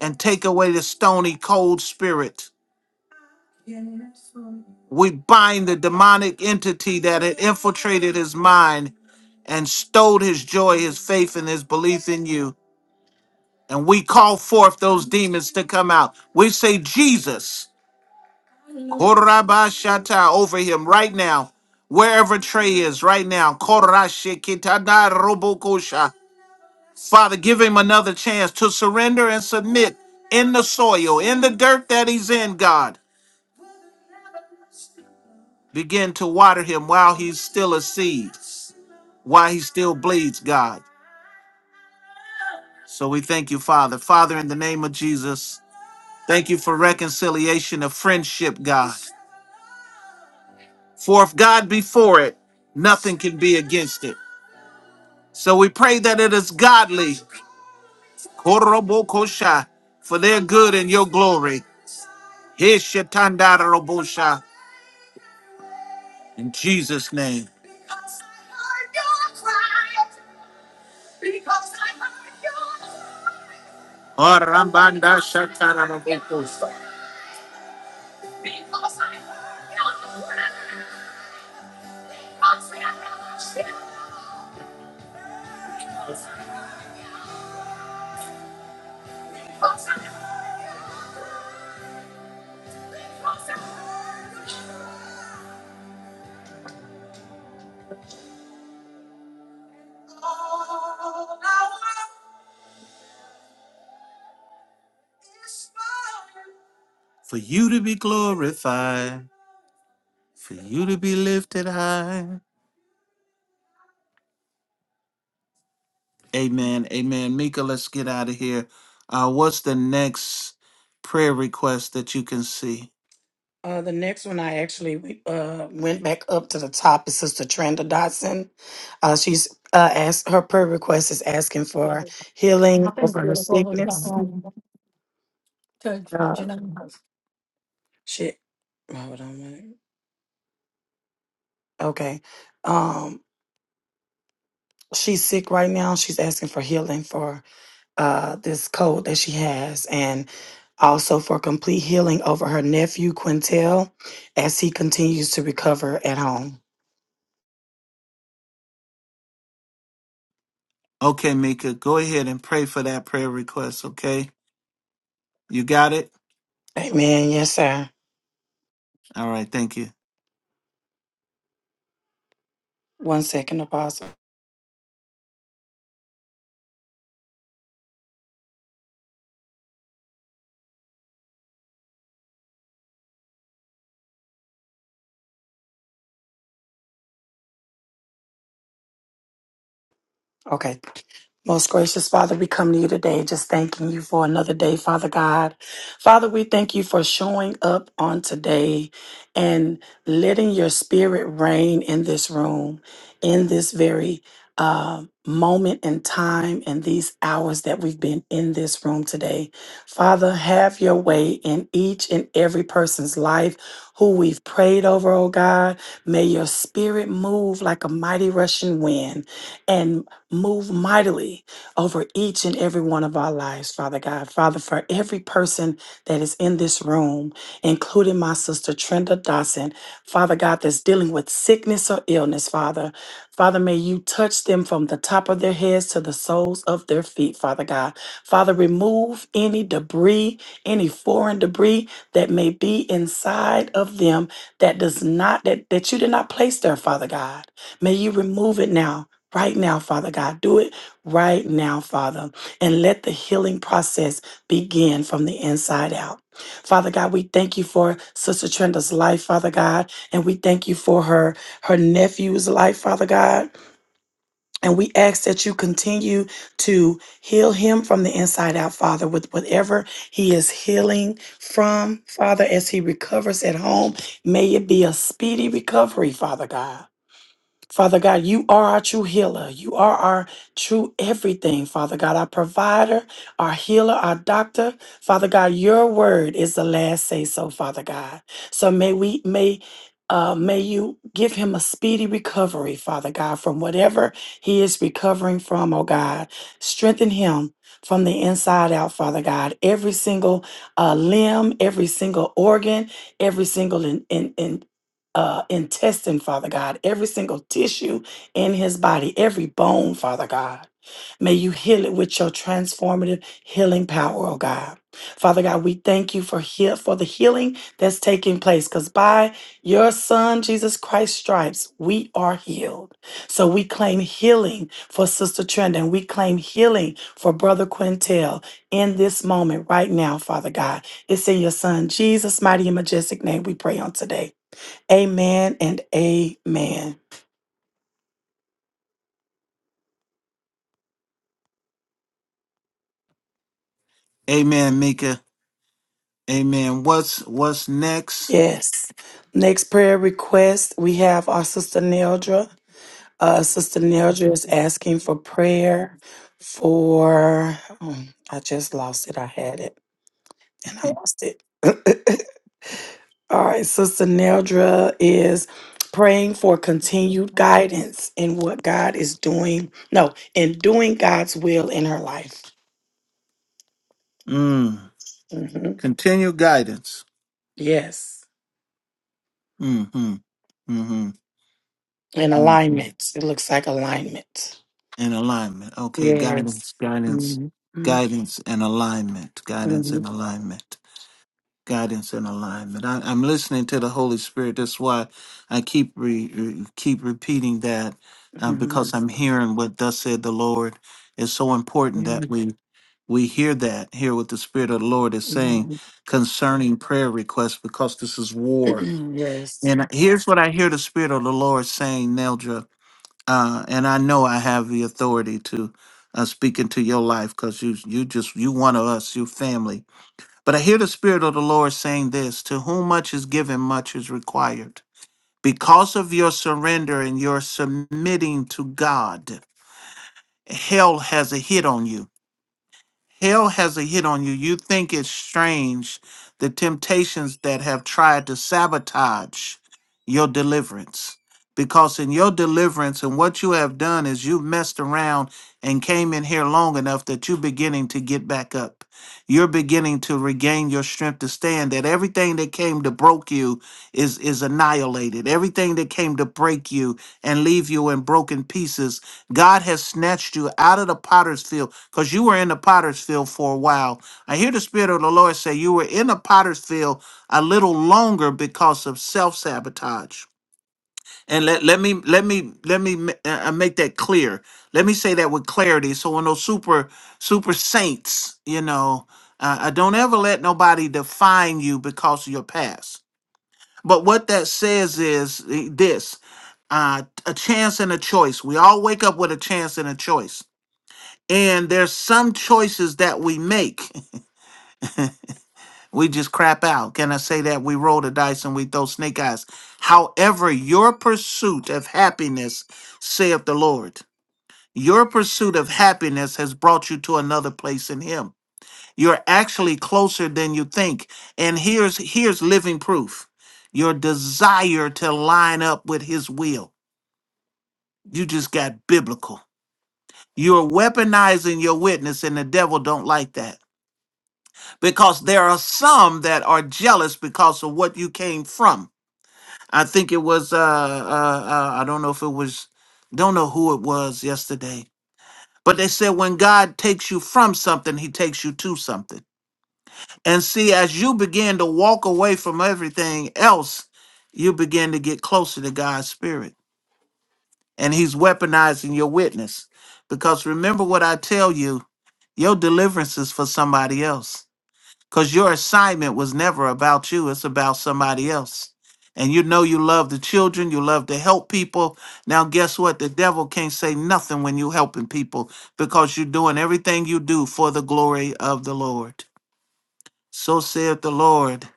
S3: and take away the stony, cold spirit. We bind the demonic entity that had infiltrated his mind and stole his joy, his faith, and his belief in you. And we call forth those demons to come out. We say, Jesus, Korabashata, over him right now, wherever Trey is right now. Korashikitada robokosha. Father, give him another chance to surrender and submit in the soil, in the dirt that he's in, God. Begin to water him while he's still a seed. why he still bleeds, God. So we thank you, Father. Father, in the name of Jesus, thank you for reconciliation of friendship, God. For if God be for it, nothing can be against it. So we pray that it is godly, korobokosha, for their good and your glory. Hishatandarobosha, In Jesus' name. Orambandashatarabo. For you to be glorified, for you to be lifted high. Amen. Amen. Mika, let's get out of here. Uh, what's the next prayer request that you can see?
S2: Uh, the next one I actually uh, went back up to the top is Sister Trenda Dotson. Uh, she's uh, asked her prayer request is asking for healing over her sickness. Uh, shit. Hold on a minute. Okay. Um, she's sick right now. She's asking for healing for uh, this cold that she has and also for complete healing over her nephew Quintel as he continues to recover at home.
S3: Okay, Mika, go ahead and pray for that prayer request. Okay, you got it.
S2: Amen. Yes, sir.
S3: All right, thank you.
S2: One second, Apostle. Okay. Most gracious Father, we come to you today just thanking you for another day, Father God. Father, we thank you for showing up on today and letting your spirit reign in this room, in this very uh, moment in time and these hours that we've been in this room today. Father, have your way in each and every person's life who we've prayed over, oh God. May your spirit move like a mighty rushing wind. and Move mightily over each and every one of our lives, Father God. Father, for every person that is in this room, including my sister Trenda Dawson, Father God, that's dealing with sickness or illness, Father. Father, may you touch them from the top of their heads to the soles of their feet, Father God. Father, remove any debris, any foreign debris that may be inside of them that does not, that, that you did not place there, Father God. May you remove it now right now, Father God. Do it right now, Father, and let the healing process begin from the inside out. Father God, we thank you for Sister Trenda's life, Father God, and we thank you for her her nephew's life, Father God. And we ask that you continue to heal him from the inside out, Father, with whatever he is healing from, Father, as he recovers at home. May it be a speedy recovery, Father God. Father God, you are our true healer. You are our true everything, Father God, our provider, our healer, our doctor. Father God, your word is the last say so, Father God. So may we may uh, may you give him a speedy recovery, Father God, from whatever he is recovering from, oh God. Strengthen him from the inside out, Father God. Every single uh, limb, every single organ, every single in, in, in uh, intestine, Father God, every single tissue in his body, every bone, Father God. May you heal it with your transformative healing power, oh God. Father God, we thank you for heal, for the healing that's taking place because by your Son, Jesus Christ, stripes, we are healed. So we claim healing for Sister Trenda, we claim healing for Brother Quintel in this moment right now, Father God. It's in your Son, Jesus' mighty and majestic name we pray on today. Amen and amen.
S3: Amen, Mika. Amen. What's what's next?
S2: Yes. Next prayer request, we have our sister Neldra. Uh, sister Neldra is asking for prayer for. oh, I just lost it. I had it and I lost it. All right. Sister Neldra is praying for continued guidance in what God is doing. No, in doing God's will in her life.
S3: Mm.
S2: Mhm.
S3: Continued guidance.
S2: Yes.
S3: Mm-hmm. Mm-hmm.
S2: In
S3: Mm-hmm.
S2: alignment. It looks like alignment.
S3: And alignment. Okay,
S2: Yes.
S3: guidance, guidance,
S2: Mhm. Mhm.
S3: guidance, and alignment. Guidance and
S2: Mhm.
S3: alignment. guidance and alignment. I, I'm listening to the Holy Spirit. That's why I keep re, re- keep repeating that uh, because
S2: Mhm.
S3: I'm hearing what thus said the Lord. It's so important that
S2: Mhm.
S3: we we hear that, hear what the Spirit of the Lord is saying
S2: Mhm.
S3: concerning prayer requests, because this is war.
S2: Yes.
S3: And here's what I hear the Spirit of the Lord saying, Neldra, uh, and I know I have the authority to uh, speak into your life because you you just you one of us, you family but I hear the Spirit of the Lord saying this To whom much is given, much is required. Because of your surrender and your submitting to God, hell has a hit on you. Hell has a hit on you. You think it's strange the temptations that have tried to sabotage your deliverance. Because in your deliverance and what you have done is you've messed around and came in here long enough that you're beginning to get back up. You're beginning to regain your strength to stand that everything that came to broke you is is annihilated. Everything that came to break you and leave you in broken pieces God has snatched you out of the potter's field because you were in the potter's field for a while. I hear the Spirit of the Lord say you were in the potter's field a little longer because of self-sabotage. And let, let me let me let me ma- uh, uh, make that clear. Let me say that with clarity. So when those super super saints, you know, uh, uh, don't ever let nobody define you because of your past. But what that says is uh, this: uh, a chance and a choice. We all wake up with a chance and a choice. And there's some choices that we make. we just crap out. Can I say that? We roll the dice and we throw snake eyes. However, your pursuit of happiness, saith the Lord, your pursuit of happiness has brought you to another place in Him. You're actually closer than you think. And here's here's living proof. Your desire to line up with his will. You just got biblical. You're weaponizing your witness, and the devil don't like that because there are some that are jealous because of what you came from. I think it was uh, uh, uh I don't know if it was don't know who it was yesterday, but they said when God takes you from something, he takes you to something. And see as you begin to walk away from everything else, you begin to get closer to God's spirit and he's weaponizing your witness because remember what I tell you, your deliverance is for somebody else because your assignment was never about you it's about somebody else and you know you love the children you love to help people now guess what the devil can't say nothing when you helping people because you're doing everything you do for the glory of the lord so saith the lord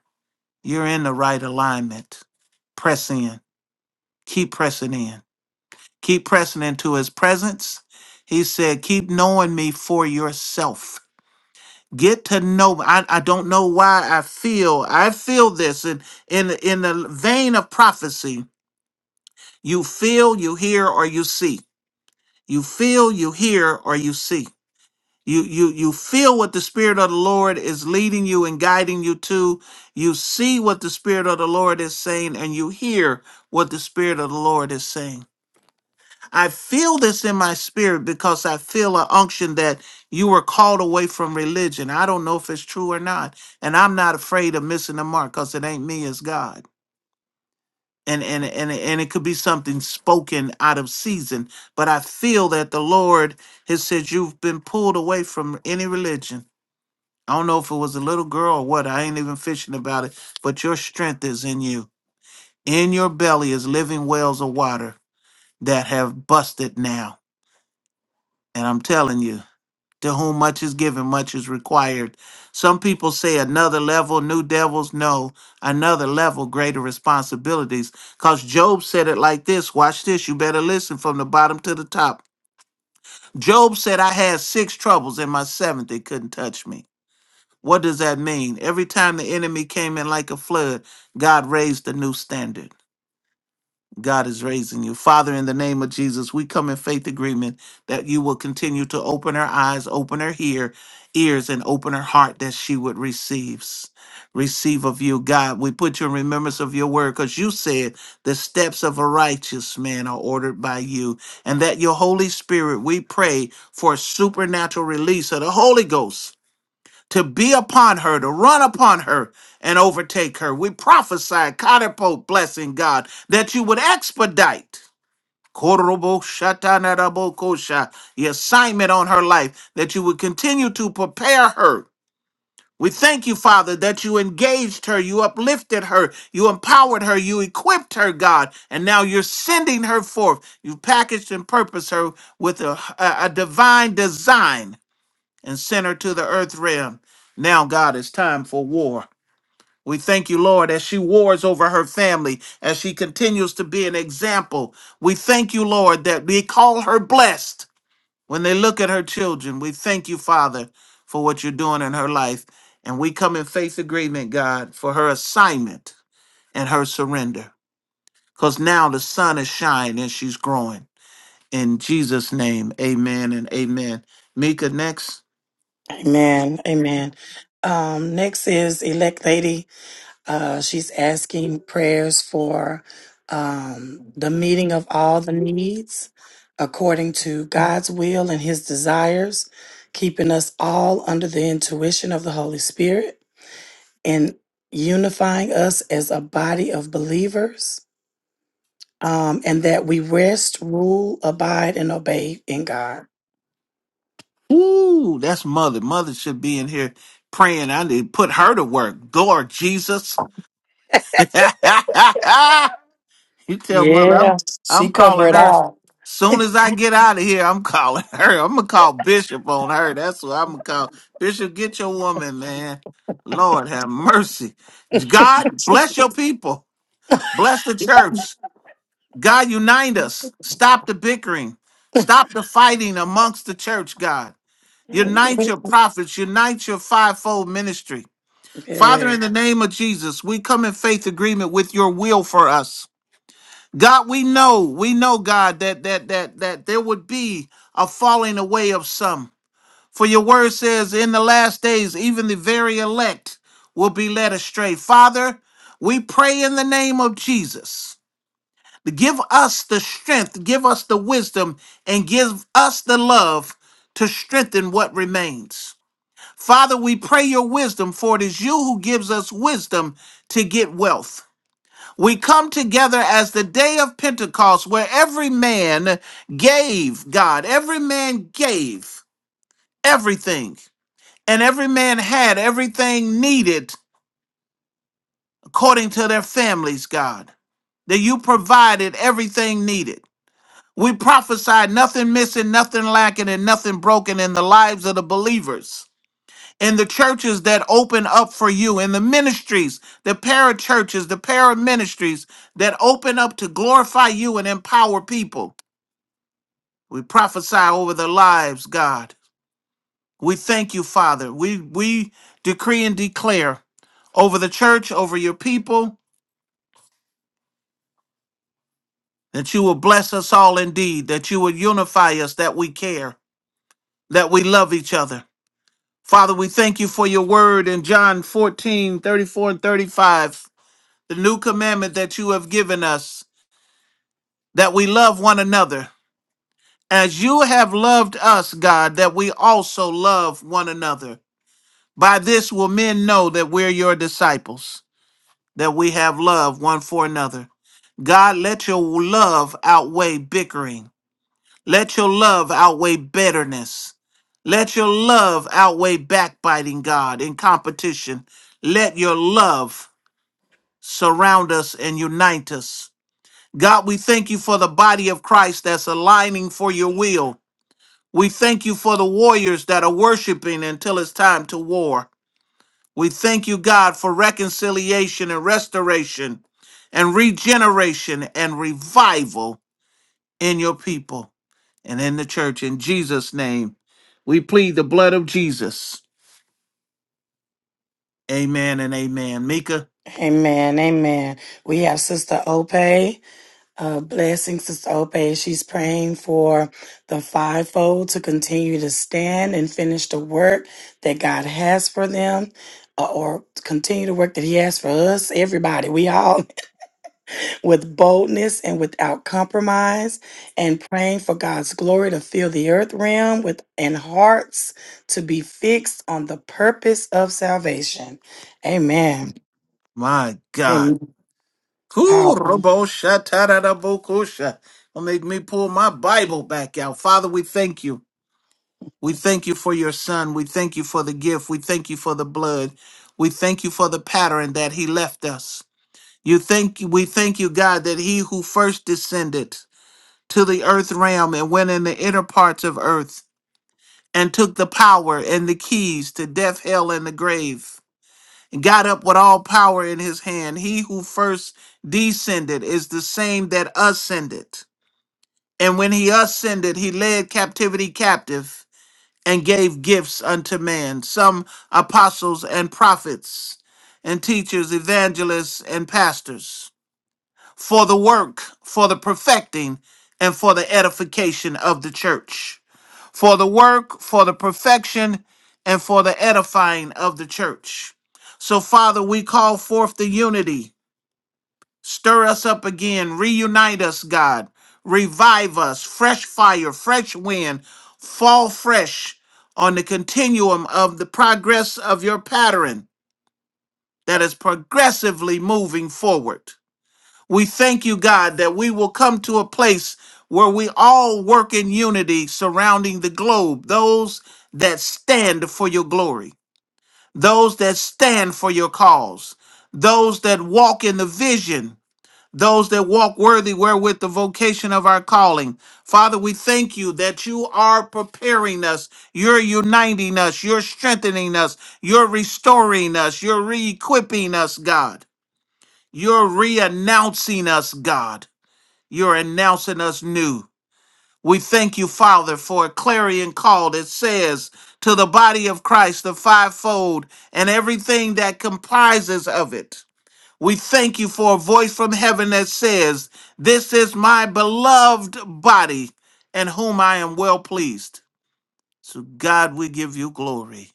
S3: you're in the right alignment press in keep pressing in keep pressing into his presence he said keep knowing me for yourself get to know I, I don't know why i feel i feel this in in in the vein of prophecy you feel you hear or you see you feel you hear or you see you you you feel what the spirit of the lord is leading you and guiding you to you see what the spirit of the lord is saying and you hear what the spirit of the lord is saying I feel this in my spirit because I feel an unction that you were called away from religion. I don't know if it's true or not. And I'm not afraid of missing the mark because it ain't me, it's God. And, and and and it could be something spoken out of season, but I feel that the Lord has said you've been pulled away from any religion. I don't know if it was a little girl or what. I ain't even fishing about it. But your strength is in you. In your belly is living wells of water that have busted now. And I'm telling you. To whom much is given, much is required. Some people say another level, new devils. No, another level, greater responsibilities. Because Job said it like this watch this, you better listen from the bottom to the top. Job said, I had six troubles, and my seventh, it couldn't touch me. What does that mean? Every time the enemy came in like a flood, God raised a new standard. God is raising you. Father, in the name of Jesus, we come in faith agreement that you will continue to open her eyes, open her ear, ears, and open her heart that she would receive. Receive of you, God. We put you in remembrance of your word because you said the steps of a righteous man are ordered by you, and that your Holy Spirit, we pray for a supernatural release of the Holy Ghost to be upon her, to run upon her and overtake her. We prophesy, catapult, blessing God, that you would expedite. Korobo shatanarabo kosha, The assignment on her life, that you would continue to prepare her. We thank you, Father, that you engaged her, you uplifted her, you empowered her, you equipped her, God, and now you're sending her forth. You've packaged and purposed her with a, a a divine design and sent her to the earth realm. Now, God, it's time for war. We thank you, Lord, as she wars over her family, as she continues to be an example. We thank you, Lord, that we call her blessed when they look at her children. We thank you, Father, for what you're doing in her life. And we come in faith agreement, God, for her assignment and her surrender. Because now the sun is shining and she's growing. In Jesus' name, amen and amen. Mika, next.
S2: Amen. Amen. Um, next is elect lady. Uh, she's asking prayers for um, the meeting of all the needs according to God's will and his desires, keeping us all under the intuition of the Holy Spirit and unifying us as a body of believers um, and that we rest, rule, abide, and obey in God.
S3: Ooh, that's mother. Mother should be in here praying. I need to put her to work. Lord Jesus. you tell mother
S2: Yeah,
S3: I'm
S2: she
S3: I'm
S2: covered
S3: calling
S2: it
S3: her.
S2: all.
S3: Soon as I get out of here, I'm calling her. I'm gonna call Bishop on her. That's what I'm gonna call. Bishop, get your woman, man. Lord have mercy. God bless your people. Bless the church. God unite us. Stop the bickering. Stop the fighting amongst the church, God. Unite your prophets, unite your fivefold ministry. Father,
S2: Yeah.
S3: in the name of Jesus, we come in faith agreement with your will for us. God, we know, we know, God, that that that that there would be a falling away of some. For your word says, in the last days, even the very elect will be led astray. Father, we pray in the name of Jesus. Give us the strength, give us the wisdom, and give us the love to strengthen what remains. Father, we pray your wisdom, for it is you who gives us wisdom to get wealth. We come together as the day of Pentecost, where every man gave God, every man gave everything, and every man had everything needed according to their families, God, that you provided everything needed. We prophesied nothing missing, nothing lacking, and nothing broken in the lives of the believers. in the churches that open up for you, in the ministries, the parachurches, the paraministries that open up to glorify you and empower people. We prophesy over their lives, God. We thank you, Father. We we decree and declare over the church, over your people, that you will bless us all indeed, that you will unify us, that we care, that we love each other. Father, we thank you for your word in John 14 34 and 35. the new commandment that you have given us, that we love one another. As you have loved us, God, that we also love one another. By this will men know that we're your disciples, that we have love one for another. God, let your love outweigh bickering. Let your love outweigh bitterness. Let your love outweigh backbiting, God, in competition. Let your love surround us and unite us God, we thank you for the body of Christ that's aligning for your will. We thank you for the warriors that are worshiping until it's time to war. We thank you, God, for reconciliation and restoration and regeneration and revival in your people and in the church. In Jesus' name, we plead the blood of Jesus. Amen and amen. Mika,
S2: Amen. Amen. We have Sister Ope. Uh, blessing Sister Ope. She's praying for the fivefold to continue to stand and finish the work that God has for them uh, or continue the work that He has for us, everybody. We all with boldness and without compromise, and praying for God's glory to fill the earth realm with and hearts to be fixed on the purpose of salvation. Amen.
S3: my God.
S2: Amen. Powerful.
S3: Kuroboshataradabokusha. Don't make me pull my Bible back out. Father, we thank you. We thank you for your son. We thank you for the gift. We thank you for the blood. We thank you for the pattern that he left us. You thank we thank you, God, that he who first descended to the earth realm and went in the inner parts of earth and took the power and the keys to death, hell, and the grave got up with all power in his hand. He who first descended is the same that ascended. And when he ascended, he led captivity captive and gave gifts unto man, some apostles and prophets and teachers, evangelists and pastors, for the work, for the perfecting, and for the edification of the church for the work, for the perfection, and for the edifying of the church. So, Father, we call forth the unity. Stir us up again. Reunite us, God. Revive us. Fresh fire, fresh wind. Fall fresh on the continuum of the progress of your pattern that is progressively moving forward. We thank you, God, that we will come to a place where we all work in unity surrounding the globe, those that stand for your glory, those that stand for your cause, those that walk in the vision, those that walk worthy wherewith the vocation of our calling. Father, we thank you that you are preparing us, you're uniting us, you're strengthening us, you're restoring us, you're re equipping us, God. You're re announcing us, God. You're announcing us new. We thank you, Father, for a clarion call that says to the body of Christ, the fivefold, and everything that comprises of it. We thank you for a voice from heaven that says, This is my beloved body, in whom I am well pleased. So, God, we give you glory.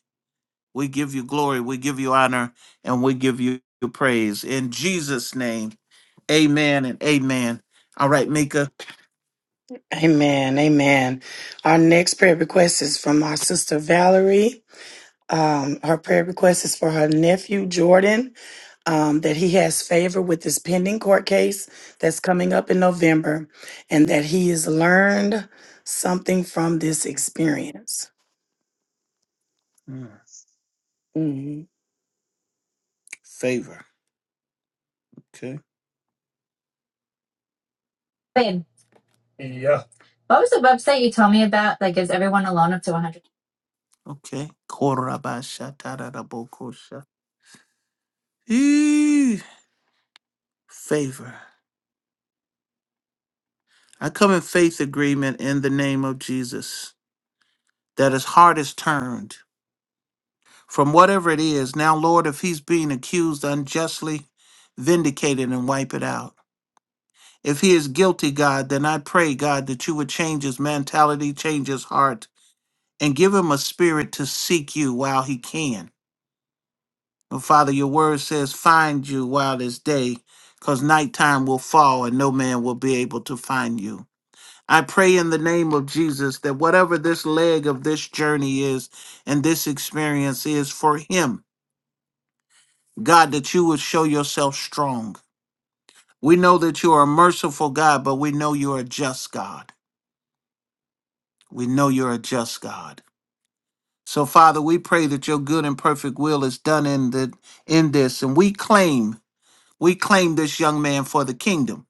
S3: We give you glory. We give you honor, and we give you praise. In Jesus' name, amen and amen. All right, Mika.
S2: Amen. Amen. Our next prayer request is from our sister Valerie. Um, her prayer request is for her nephew, Jordan, um, that he has favor with this pending court case that's coming up in November and that he has learned something from this experience.
S3: Mm,
S2: Mhm.
S3: Favor. Okay. What was the website you told me about that gives everyone a loan up to 100? Okay. Korabasha tararabokosha. Eee, Favor. I come in faith agreement in the name of Jesus that his heart is turned from whatever it is. Now, Lord, if he's being accused unjustly, vindicate it and wipe it out. If he is guilty, God, then I pray, God, that you would change his mentality, change his heart, and give him a spirit to seek you while he can. And Father, your word says, find you while it's day, because nighttime will fall and no man will be able to find you. I pray in the name of Jesus that whatever this leg of this journey is and this experience is for him, God, that you would show yourself strong. We know that you are a merciful God, but we know you are a just God. We know you're a just God. So, Father, we pray that your good and perfect will is done in the, in this. And we claim, we claim this young man for the kingdom.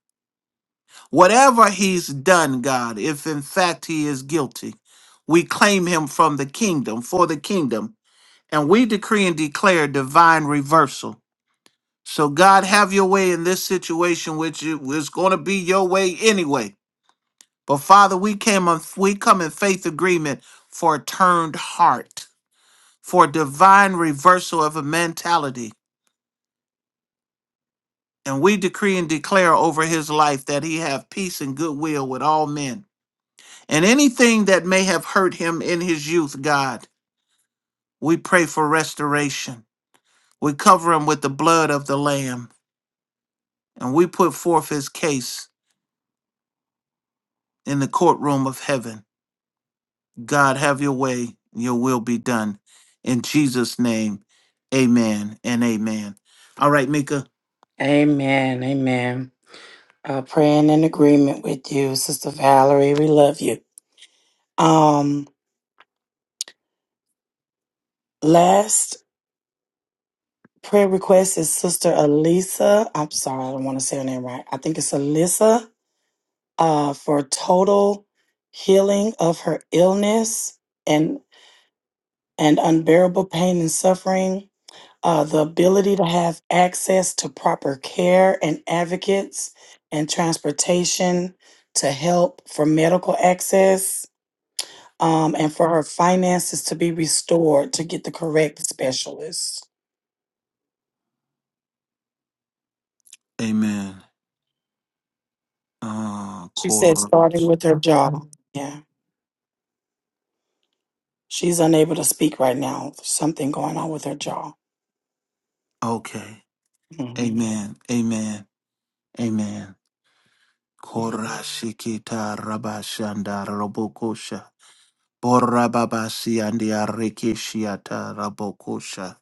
S3: Whatever he's done, God, if in fact he is guilty, we claim him from the kingdom, for the kingdom. And we decree and declare divine reversal So God, have your way in this situation, which it was going to be your way anyway. But Father, we came on, we come in faith agreement for a turned heart, for a divine reversal of a mentality. And we decree and declare over his life that he have peace and goodwill with all men. And anything that may have hurt him in his youth, God, we pray for restoration. We cover him with the blood of the Lamb, and we put forth his case in the courtroom of heaven. God, have your way, your will be done. In Jesus' name, amen and amen. All right, Mika.
S2: Amen. Amen. Uh, praying in agreement with you, Sister Valerie. We love you. Um, last prayer request is Sister Elisa. I'm sorry, I don't want to say her name right. I think it's Alyssa uh, for total healing of her illness and and unbearable pain and suffering, uh, the ability to have access to proper care and advocates and transportation to help for medical access, um, and for her finances to be restored to get the correct specialist.
S3: Amen. Uh,
S2: She said,
S3: Kor-
S2: starting with her jaw. Yeah, she's unable to speak right now. Something going on with her jaw.
S3: okay.
S2: Mm-hmm.
S3: Amen. Amen. Amen. Korashikita rabashanda robokosha. Borababasi and arikishiata rabokosha.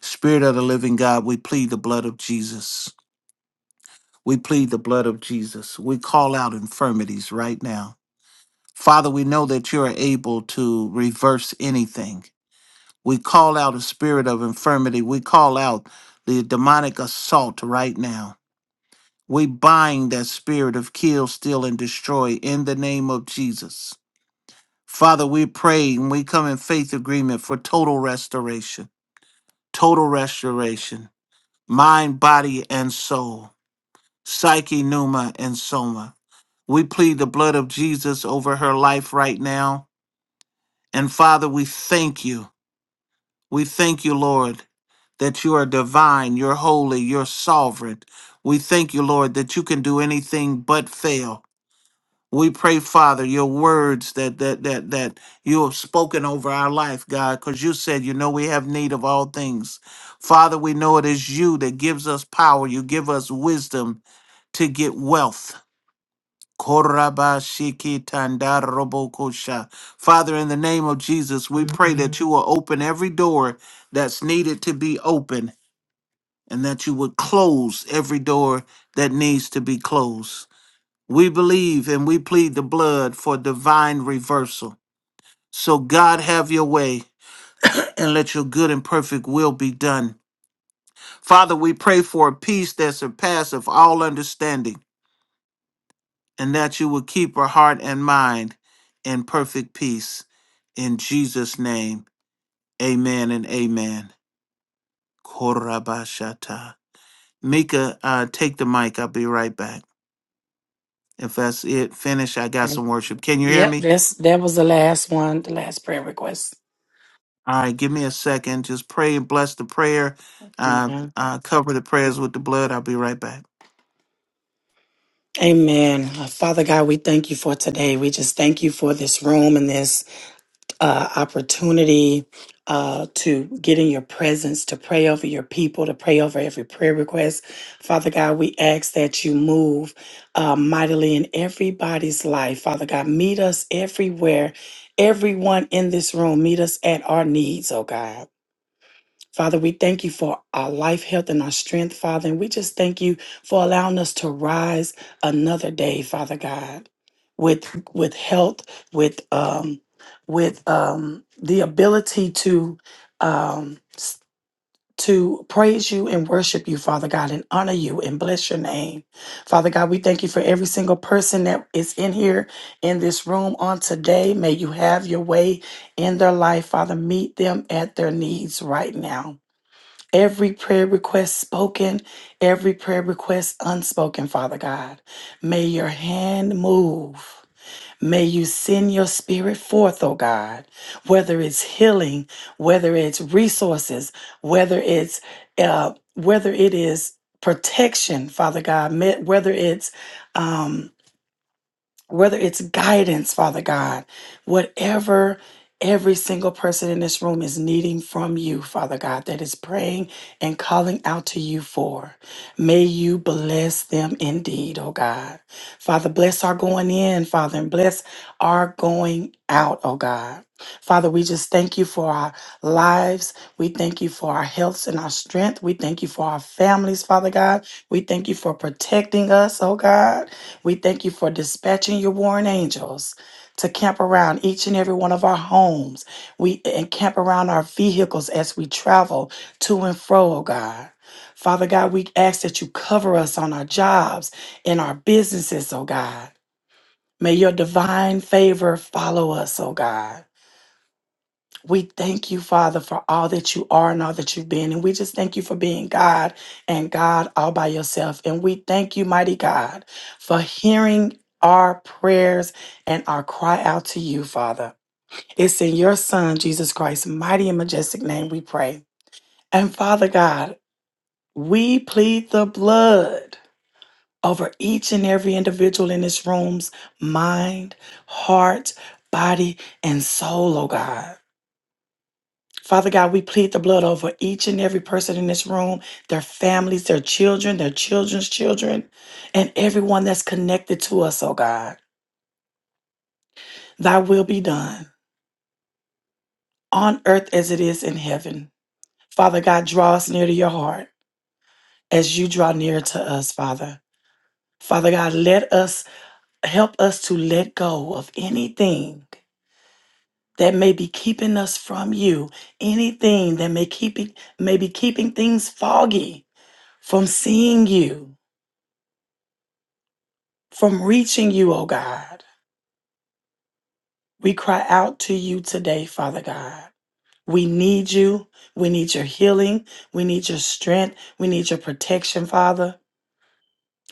S3: Spirit of the living God, we plead the blood of Jesus. We plead the blood of Jesus. We call out infirmities right now. Father, we know that you are able to reverse anything. We call out a spirit of infirmity. We call out the demonic assault right now. We bind that spirit of kill, steal, and destroy in the name of Jesus. Father, we pray and we come in faith agreement for total restoration, total restoration, mind, body, and soul, psyche, pneuma, and soma. We plead the blood of Jesus over her life right now. And Father, we thank you. We thank you, Lord, that you are divine, you're holy, you're sovereign. We thank you, Lord, that you can do anything but fail. We pray, Father, your words that that that that you have spoken over our life, God, because you said you know we have need of all things. Father, we know it is you that gives us power. You give us wisdom to get wealth. Koraba shiki tanda robo kosha. Father, in the name of Jesus, we pray that you will open every door that's needed to be open and that you would close every door that needs to be closed. We believe and we plead the blood for divine reversal. So, God, have your way and let your good and perfect will be done. Father, we pray for a peace that surpasses all understanding and that you would keep her heart and mind in perfect peace. In Jesus' name, amen and amen. Korabashata. Mika, uh, take the mic. I'll be right back. If that's it, finish. I got
S2: And
S3: some worship. Can you hear
S2: yep,
S3: me?
S2: that's that was the last one, the last prayer request.
S3: All right, give me a second. Just pray and bless the prayer. Uh,
S2: Yeah.
S3: uh, cover the prayers with the blood. I'll be right back.
S2: Amen. Uh, Father God, we thank you for today. We just thank you for this room and this uh, opportunity uh, to get in your presence, to pray over your people, to pray over every prayer request. Father God, we ask that you move uh, mightily in everybody's life. Father God, meet us everywhere. Everyone in this room, meet us at our needs, oh God. Father, we thank you for our life, health, and our strength, Father. And we just thank you for allowing us to rise another day, Father God, with with health, with um, with um, the ability to um, s- to praise you and worship you, Father God, and honor you and bless your name, Father God. We thank you for every single person that is in here in this room on today. May you have your way in their life, Father. Meet them at their needs right now. Every prayer request spoken, every prayer request unspoken, Father God. May your hand move. May you send your spirit forth, oh God, whether it's healing, whether it's resources, whether it's uh, whether it is protection, Father God, me- whether it's um, whether it's guidance, Father God, whatever every single person in this room is needing from you, Father God, that is praying and calling out to you for. May you bless them indeed, oh God. Father, bless our going in, Father, and bless our going out, oh God. Father, we just thank you for our lives. We thank you for our healths and our strength. We thank you for our families, Father God. We thank you for protecting us, oh God. We thank you for dispatching your warring angels to camp around each and every one of our homes. We and camp around our vehicles as we travel to and fro, oh God. Father God, we ask that you cover us on our jobs, in our businesses, oh God. May your divine favor follow us, oh God. We thank you, Father, for all that you are and all that you've been. And we just thank you for being God and God all by yourself. And we thank you, mighty God, for hearing our prayers and our cry out to you, Father. It's in your Son, Jesus Christ's mighty and majestic name we pray. And Father God, we plead the blood over each and every individual in this room's mind, heart, body, and soul, oh God. Father God, we plead the blood over each and every person in this room, their families, their children, their children's children, and everyone that's connected to us, oh God. Thy will be done on earth as it is in heaven. Father God, draw us near to your heart as you draw near to us, Father. Father God, let us help us to let go of anything that may be keeping us from you, anything that may keep may be keeping things foggy from seeing you. from reaching you, oh God. We cry out to you today, Father God. We need you. We need your healing. We need your strength. We need your protection, Father.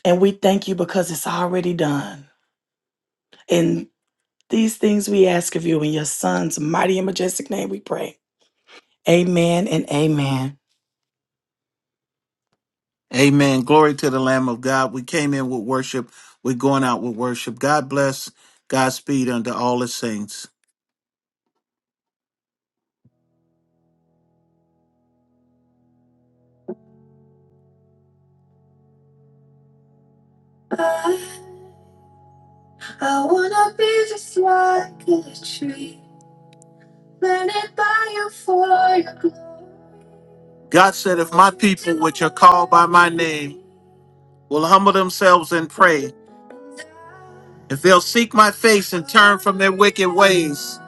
S2: And we thank you because it's already done. And these things we ask of you in your son's mighty and majestic name we pray. Amen and amen.
S3: Amen. Glory to the Lamb of God. We came in with worship. We're going out with worship. God bless. Godspeed unto all the saints. God said, if my people name will humble themselves and pray, if they'll seek my face and turn from their wicked ways,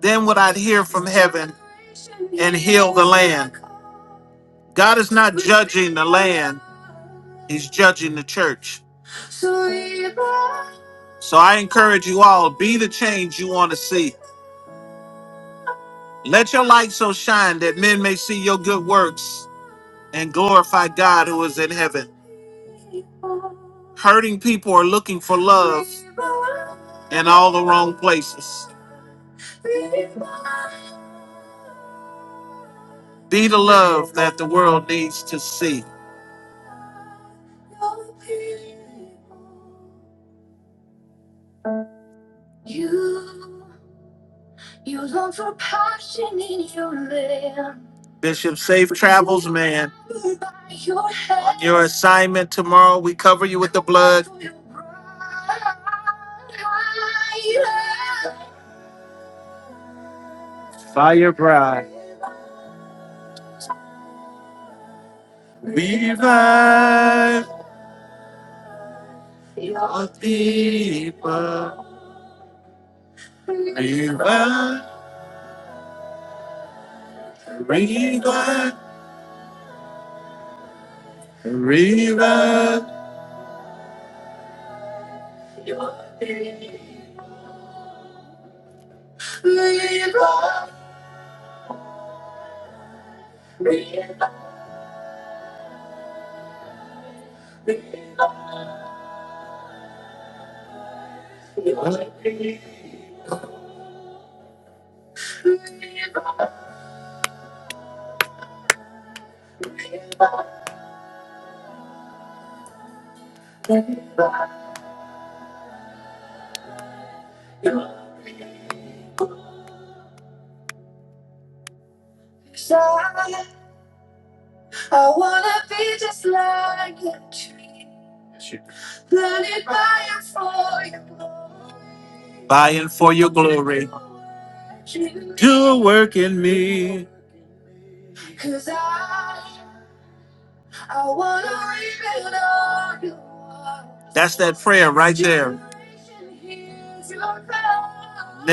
S3: then would I hear from God is not man, he's judging the church. So I encourage you all, be the change you want to see. Let your light so shine that men may see your good works and glorify God who is in heaven. Hurting people are looking for love in all the wrong places. Be the love that the world needs to see. Bishop, safe travels, man. Assignment tomorrow. We cover you with the blood. Fire bride. River, river, river. Buying for your glory. Do a work in me. That's that prayer, right?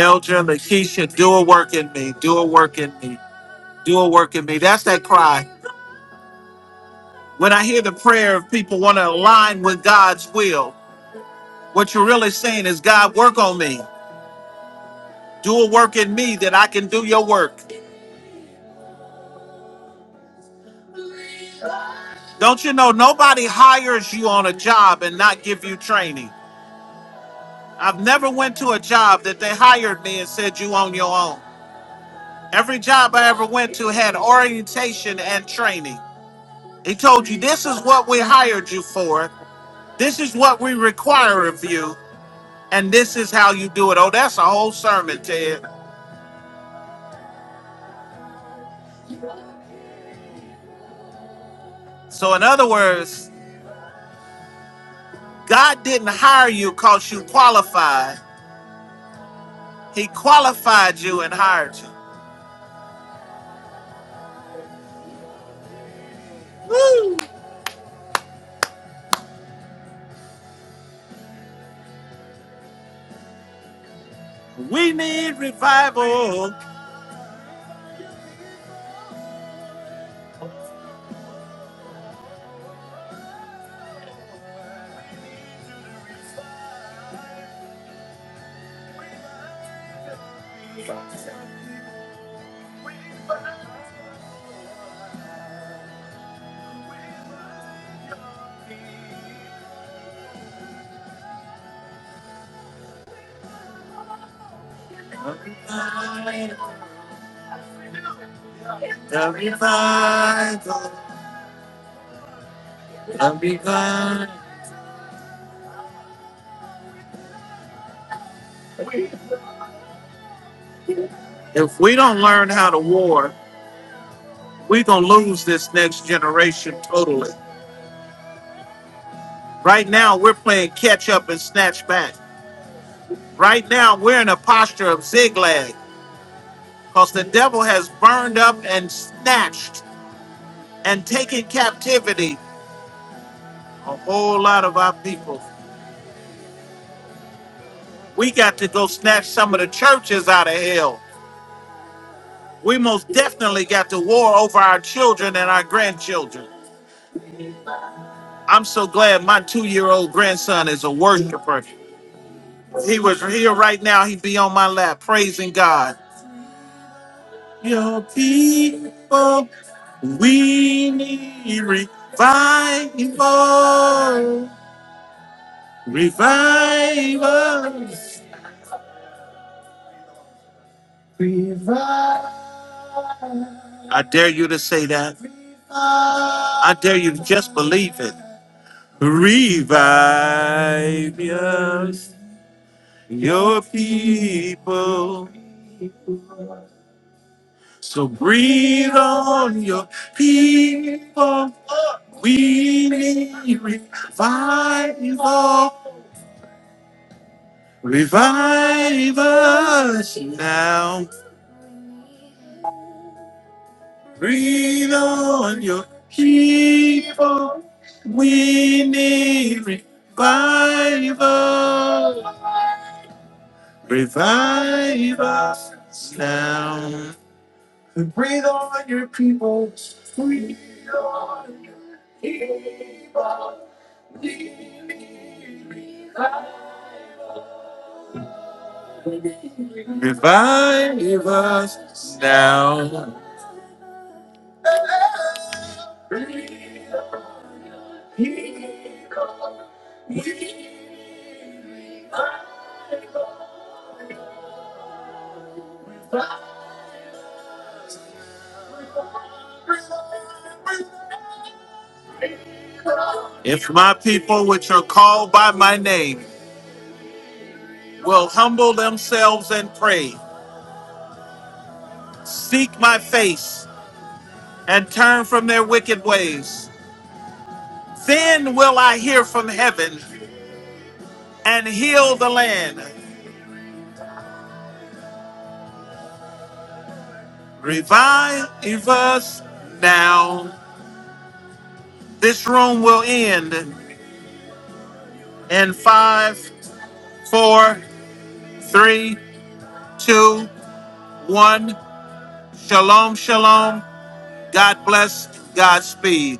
S3: Elja, Lakeisha, do a work in me. Do a work in me. Do a work in me. That's that cry. When I hear the prayer of people want to align with God's will, what you're really saying is, God, work on me. Do a work in me that I can do your work. Don't you know nobody hires you on a job and not give you training? I've never went to a job that they hired me and said you on your own. Every job I ever went to had orientation and training. He told you this is what we hired you for. This is what we require of you, and this is how you do it. Oh, that's a whole sermon, Ted. So in other words, God didn't hire you cause you qualified. He qualified you and hired you. We need revival. The revival. The revival. If we don't learn how to war, we're going to lose this next generation totally. Right now, we're playing catch up and snatch back. Right now, we're in a posture of zigzag because the devil has burned up and snatched and taken captivity a whole lot of our people. We got to go snatch some of the churches out of hell. We most definitely got to war over our children and our grandchildren. I'm so glad my two year old grandson is a worshiper. He was here right now. He'd be on my lap praising God. Your people, we need revival. Revival. I dare you to say that. I dare you to just believe it. Revive us, your people. So breathe on your people. We need revival. Revive us now. Breathe on your people. We need revival. Rev- Revive. If my people, which are called by my name, will humble themselves and pray, seek my face, and turn from their wicked ways, then will I hear from heaven and heal the land. Revive us now. This room will end in five, four, three, two, one. Shalom, shalom. God bless. Godspeed.